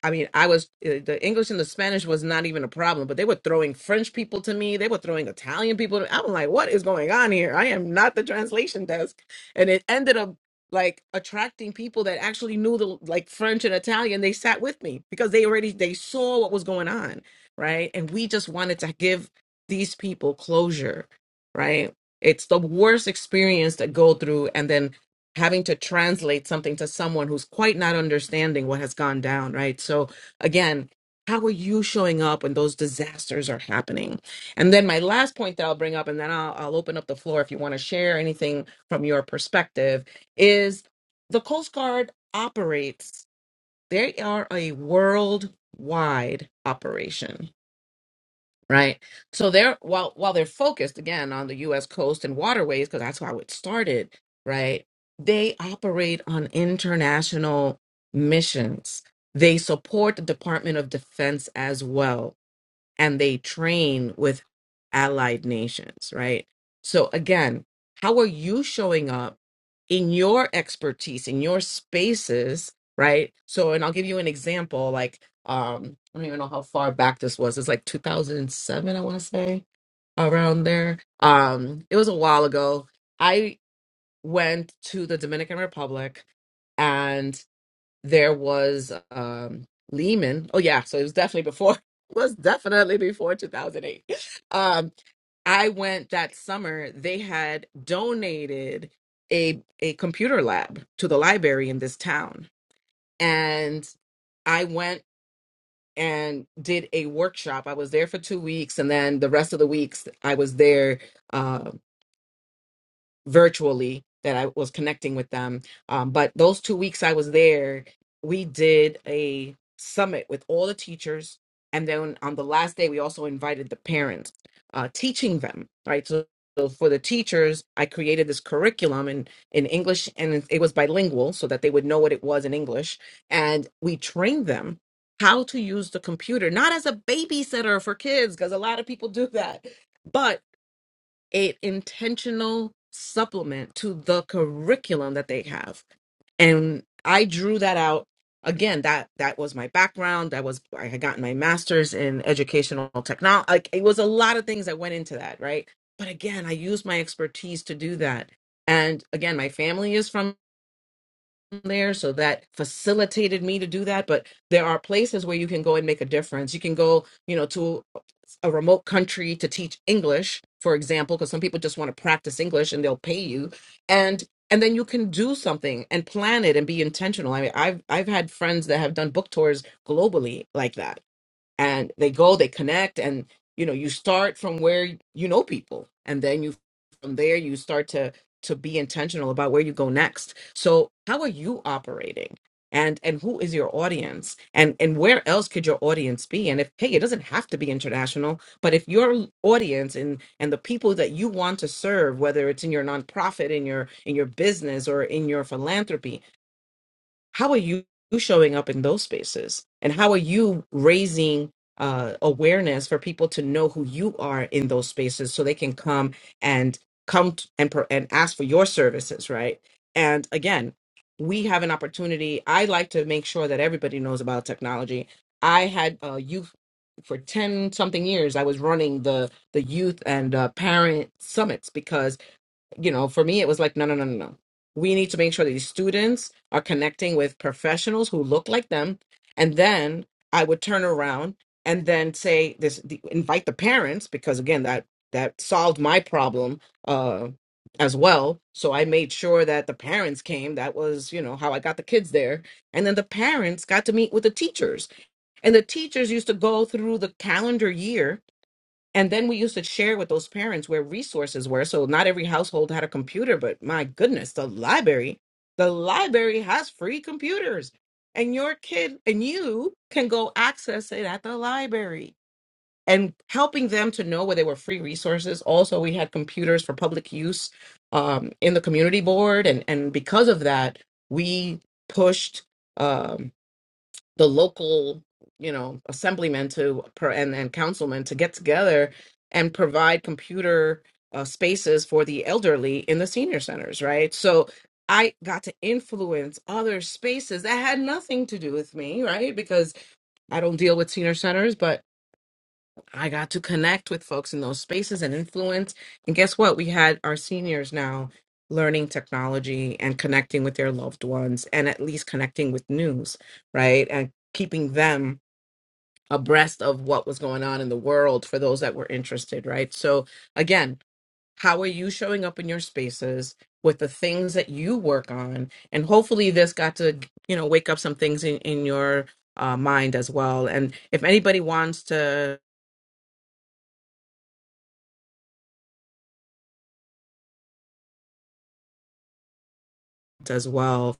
I mean, I was uh, the English and the Spanish was not even a problem, but they were throwing French people to me. They were throwing Italian people. To, I'm like, what is going on here? I am not the translation desk, and it ended up like attracting people that actually knew the like French and Italian. They sat with me because they already they saw what was going on, right? And we just wanted to give these people closure, right? It's the worst experience to go through, and then having to translate something to someone who's quite not understanding what has gone down, right? So again, how are you showing up when those disasters are happening? And then my last point that I'll bring up, and then I'll, I'll open up the floor if you want to share anything from your perspective, is the Coast Guard operates, they are a worldwide operation right? So they're while while they're focused again on the U.S. coast and waterways because that's how it started, right? They operate on international missions. They support the Department of Defense as well and they train with allied nations, right? So again, how are you showing up in your expertise, in your spaces, right? So, and I'll give you an example, like, um, I don't even know how far back this was. It's like 2007, I want to say, around there. Um, it was a while ago. I went to the Dominican Republic there was um Lehman. Oh yeah, so it was definitely before was definitely before 2008. Um I went that summer they had donated a a computer lab to the library in this town and I went and did a workshop. I was there for 2 weeks and then the rest of the weeks I was there um, virtually that I was connecting with them. Um, but those two weeks I was there, we did a summit with all the teachers. And then on the last day, we also invited the parents, uh, teaching them, right? So, so for the teachers, I created this curriculum in, in English and it was bilingual so that they would know what it was in English. And we trained them how to use the computer, not as a babysitter for kids, because a lot of people do that, but a intentional supplement to the curriculum that they have and i drew that out again that that was my background that was i had gotten my master's in educational technology like it was a lot of things that went into that right but again i used my expertise to do that and again my family is from there so that facilitated me to do that but there are places where you can go and make a difference you can go you know to a remote country to teach english for example because some people just want to practice english and they'll pay you and and then you can do something and plan it and be intentional i mean i've i've had friends that have done book tours globally like that and they go they connect and you know you start from where you know people and then you from there you start to to be intentional about where you go next so how are you operating and and who is your audience and and where else could your audience be and if hey it doesn't have to be international but if your audience and and the people that you want to serve whether it's in your nonprofit in your in your business or in your philanthropy how are you showing up in those spaces and how are you raising uh, awareness for people to know who you are in those spaces so they can come and come t- and pro- and ask for your services right and again we have an opportunity i like to make sure that everybody knows about technology i had uh, youth for 10 something years i was running the the youth and uh, parent summits because you know, for me, it was like, no, no, no, no, no. We need to make sure that these students are connecting with professionals who look like them. And then I would turn around and then say this, the, invite the parents, because again, that, that solved my problem uh, as well. So I made sure that the parents came. That was, you know, how I got the kids there. And then the parents got to meet with the teachers. And the teachers used to go through the calendar year and then we used to share with those parents where resources were. So not every household had a computer, but my goodness, the library, the library has free computers. And your kid and you can go access it at the library. And helping them to know where there were free resources. Also, we had computers for public use um, in the community board. And, and because of that, we pushed. Um, the local you know assemblymen to per, and and councilmen to get together and provide computer uh, spaces for the elderly in the senior centers right so i got to influence other spaces that had nothing to do with me right because i don't deal with senior centers but i got to connect with folks in those spaces and influence and guess what we had our seniors now learning technology and connecting with their loved ones and at least connecting with news right and keeping them abreast of what was going on in the world for those that were interested, right? So, again, how are you showing up in your spaces with the things that you work on? And hopefully, this got to, you know, wake up some things in, in your uh, mind as well. And if anybody wants to, as well.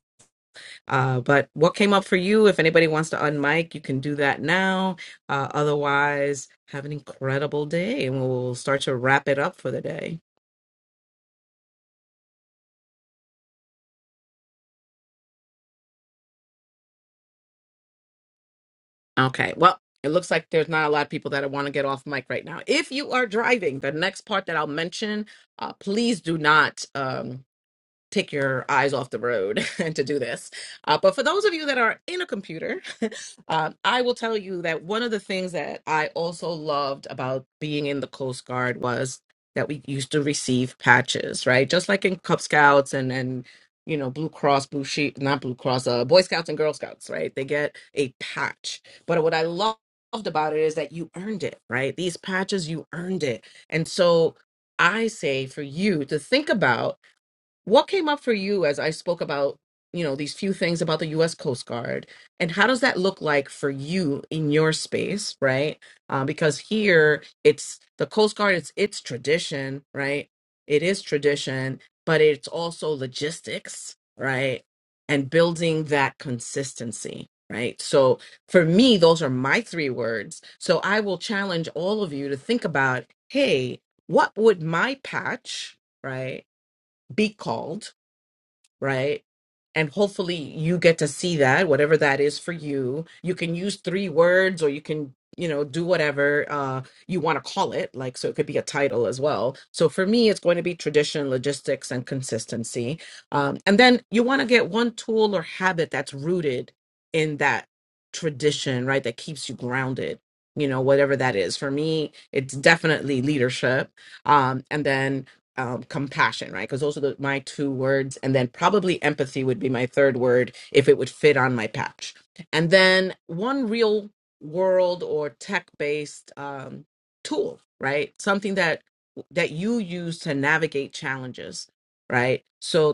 Uh, but what came up for you? If anybody wants to unmic, you can do that now. Uh, otherwise, have an incredible day and we'll start to wrap it up for the day. Okay. Well, it looks like there's not a lot of people that want to get off mic right now. If you are driving, the next part that I'll mention, uh, please do not. Um, take your eyes off the road and to do this. Uh, but for those of you that are in a computer, um, I will tell you that one of the things that I also loved about being in the Coast Guard was that we used to receive patches, right? Just like in Cub Scouts and and you know Blue Cross, Blue Sheep, not Blue Cross, uh, Boy Scouts and Girl Scouts, right? They get a patch. But what I loved about it is that you earned it, right? These patches, you earned it, and so. I say for you to think about what came up for you as I spoke about, you know, these few things about the U.S. Coast Guard, and how does that look like for you in your space, right? Uh, because here it's the Coast Guard, it's its tradition, right? It is tradition, but it's also logistics, right? And building that consistency, right? So for me, those are my three words. So I will challenge all of you to think about, hey, what would my patch, right? be called right? And hopefully you get to see that, whatever that is for you. You can use three words or you can, you know, do whatever uh, you want to call it. Like, so it could be a title as well. So for me, it's going to be tradition, logistics, and consistency. Um, and then you want to get one tool or habit that's rooted in that tradition, right? That keeps you grounded, you know, whatever that is. For me, it's definitely leadership. Um, and then um, compassion, right? Because those are the, my two words. And then probably empathy would be my third word if it would fit on my patch. And then one real world or tech based um, tool, right? Something that that you use to navigate challenges, right? So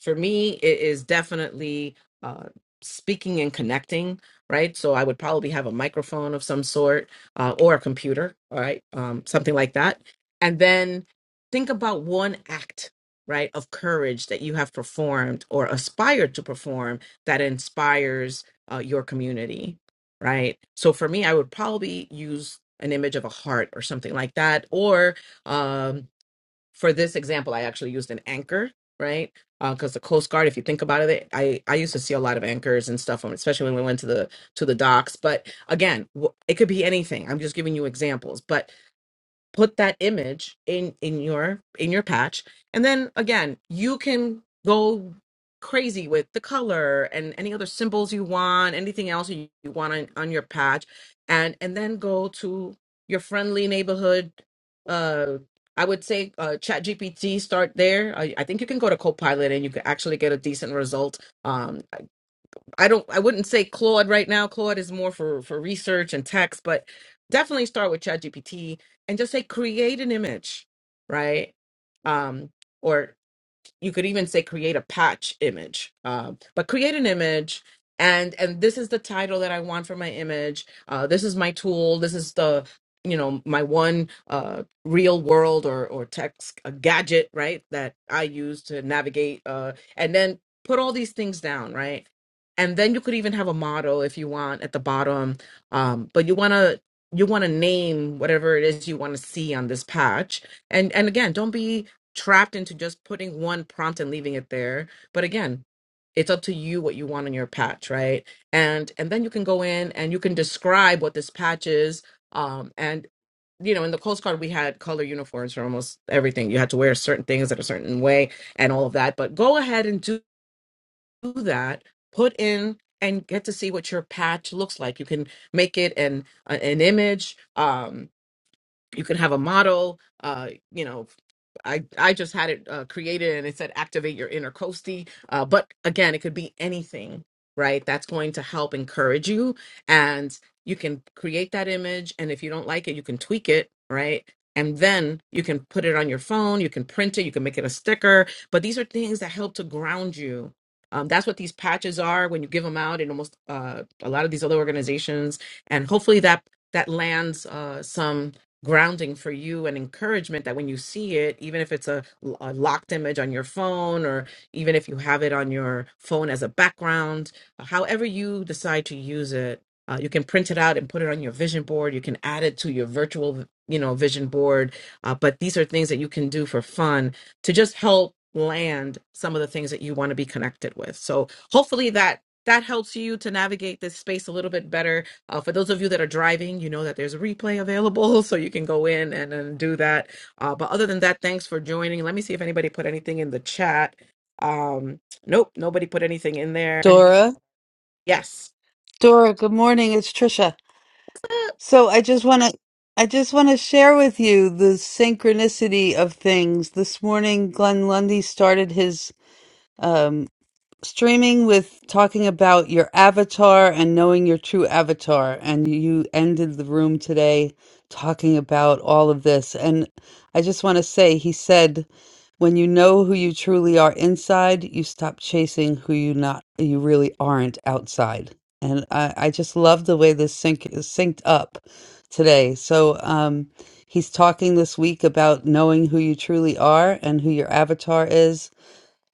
for me it is definitely uh speaking and connecting right so i would probably have a microphone of some sort uh, or a computer all right um something like that and then think about one act right of courage that you have performed or aspired to perform that inspires uh, your community right so for me i would probably use an image of a heart or something like that or um for this example, I actually used an anchor, right? Because the Coast Guard, if you think about it, I I used to see a lot of anchors and stuff, um, especially when we went to the to the docks. But again, w- it could be anything. I'm just giving you examples. But put that image in in your in your patch and then again you can go crazy with the color and any other symbols you want anything else you, you want on, on your patch and and then go to your friendly neighborhood uh i would say uh chat gpt start there i, I think you can go to copilot and you can actually get a decent result um I don't I wouldn't say Claude right now. Claude is more for for research and text, but definitely start with ChatGPT and just say create an image, right? Um, or you could even say create a patch image um, but create an image and and this is the title that i want for my image uh, this is my tool this is the you know my one uh, real world or or text a gadget right that i use to navigate uh, and then put all these things down right and then you could even have a model if you want at the bottom um, but you want to you want to name whatever it is you want to see on this patch and and again don't be trapped into just putting one prompt and leaving it there. But again, it's up to you what you want on your patch, right? And and then you can go in and you can describe what this patch is. Um, and you know, in the Coast Guard, we had color uniforms for almost everything. You had to wear certain things in a certain way and all of that. But go ahead and do that. Put in and get to see what your patch looks like. You can make it an an image. Um, you can have a model. Uh, you know, I I just had it uh, created and it said activate your inner coastie. Uh, but again, it could be anything, right? That's going to help encourage you, and you can create that image. And if you don't like it, you can tweak it, right? And then you can put it on your phone. You can print it. You can make it a sticker. But these are things that help to ground you. Um, that's what these patches are when you give them out in almost uh, a lot of these other organizations. And hopefully that that lands uh, some grounding for you and encouragement that when you see it, even if it's a, a locked image on your phone or even if you have it on your phone as a background, uh, however you decide to use it, uh, you can print it out and put it on your vision board. You can add it to your virtual, you know, vision board. Uh, but these are things that you can do for fun to just help land some of the things that you want to be connected with. So hopefully that that helps you to navigate this space a little bit better uh, for those of you that are driving, you know that there's a replay available, so you can go in and, and do that. Uh, but other than that, thanks for joining. Let me see if anybody put anything in the chat. Um, nope, nobody put anything in there.
dora
Yes.
dora good morning it's trisha so i just want to I just want to share with you the synchronicity of things. This morning, Glenn Lundy started his streaming with talking about your avatar and knowing your true avatar and you ended the room today talking about all of this and i just want to say he said when you know who you truly are inside you stop chasing who you not you really aren't outside and i, I just love the way this sync is synced up today so um he's talking this week about knowing who you truly are and who your avatar is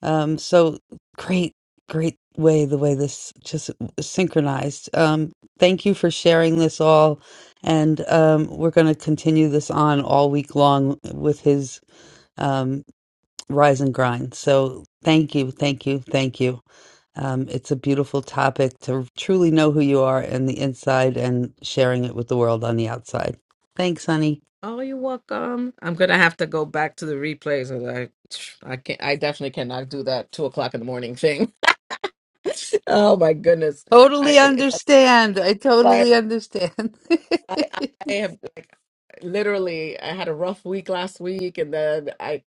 um, so great, great way the way this just synchronized. Um, thank you for sharing this all, and um, we're going to continue this on all week long with his um, rise and grind. So thank you, thank you, thank you. Um, it's a beautiful topic to truly know who you are and the inside, and sharing it with the world on the outside. Thanks, honey.
Oh, you're welcome. I'm gonna have to go back to the replays. and I, I can't. I definitely cannot do that two o'clock in the morning thing. oh my goodness.
Totally
I,
understand. I
I,
totally understand.
I, I have like literally I had a rough week last week and then I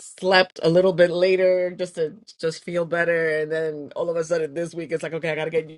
slept a little bit later just to just feel better and then all of a sudden this week it's like okay I gotta get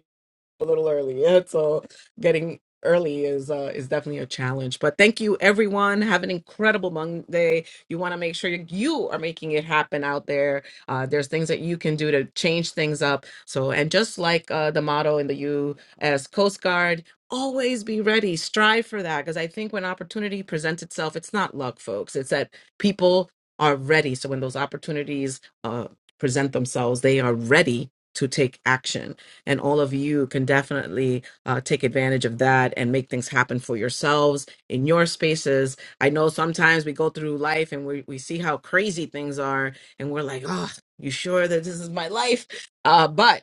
a little early yeah. so getting early is uh, is definitely a challenge. But thank you, everyone. Have an incredible Monday. You want to make sure you are making it happen out there. Uh, there's things that you can do to change things up. So, and just like uh, the motto in the U.S. Coast Guard. Always be ready. Strive for that because I think when opportunity presents itself, it's not luck, folks. It's that people are ready. So when those opportunities uh, present themselves, they are ready to take action and all of you can definitely uh, take advantage of that and make things happen for yourselves in your spaces. I know sometimes we go through life and we, we see how crazy things are, and we're like, oh, you sure that this is my life? Uh, but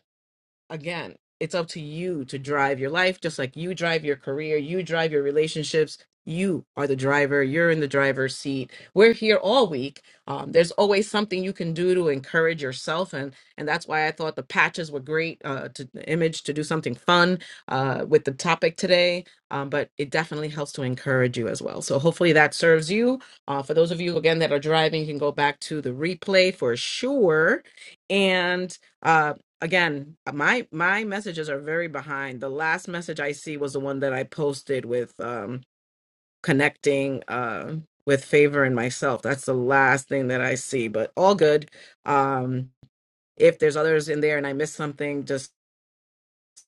again, it's up to you to drive your life, just like you drive your career, you drive your relationships. You are the driver. You're in the driver's seat. We're here all week. Um, there's always something you can do to encourage yourself, and and that's why I thought the patches were great uh, to the image to do something fun uh, with the topic today. Um, but it definitely helps to encourage you as well. So hopefully that serves you. Uh, for those of you again that are driving, you can go back to the replay for sure. And uh, again my my messages are very behind the last message i see was the one that i posted with um connecting uh with favor and myself that's the last thing that i see but all good um if there's others in there and i missed something just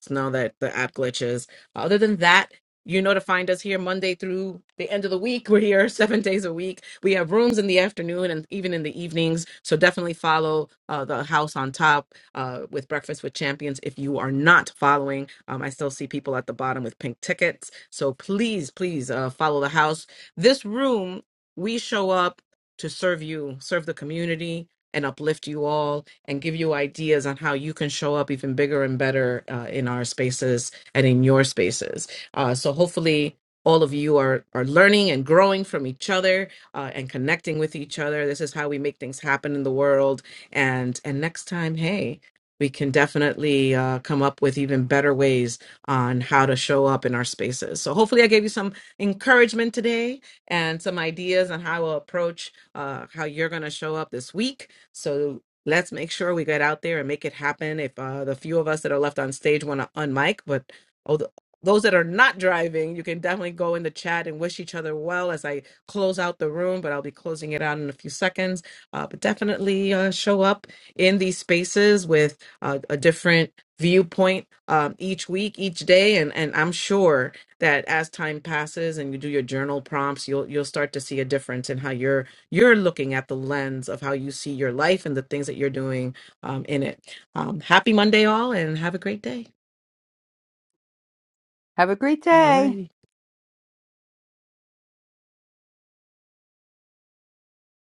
know that the app glitches. Other than that, you know to find us here Monday through the end of the week. We're here seven days a week. We have rooms in the afternoon and even in the evenings. So definitely follow uh, the house on top uh, with Breakfast with Champions. If you are not following, um, I still see people at the bottom with pink tickets. So please, please uh, follow the house. This room, we show up to serve you, serve the community and uplift you all and give you ideas on how you can show up even bigger and better uh, in our spaces and in your spaces. Uh, so hopefully all of you are are learning and growing from each other uh, and connecting with each other. This is how we make things happen in the world. And and next time, hey, we can definitely uh, come up with even better ways on how to show up in our spaces. So hopefully, I gave you some encouragement today and some ideas on how to approach uh, how you're going to show up this week so let's make sure we get out there and make it happen. If uh, the few of us that are left on stage want to unmic, but oh, the, those that are not driving, you can definitely go in the chat and wish each other well as I close out the room. But I'll be closing it out in a few seconds. Uh, but definitely uh, show up in these spaces with uh, a different viewpoint um, each week, each day, and and I'm sure that as time passes and you do your journal prompts, you'll you'll start to see a difference in how you're you're looking at the lens of how you see your life and the things that you're doing um, in it. Um, happy Monday, all, and have a great day.
Have a great
All
day.
righty.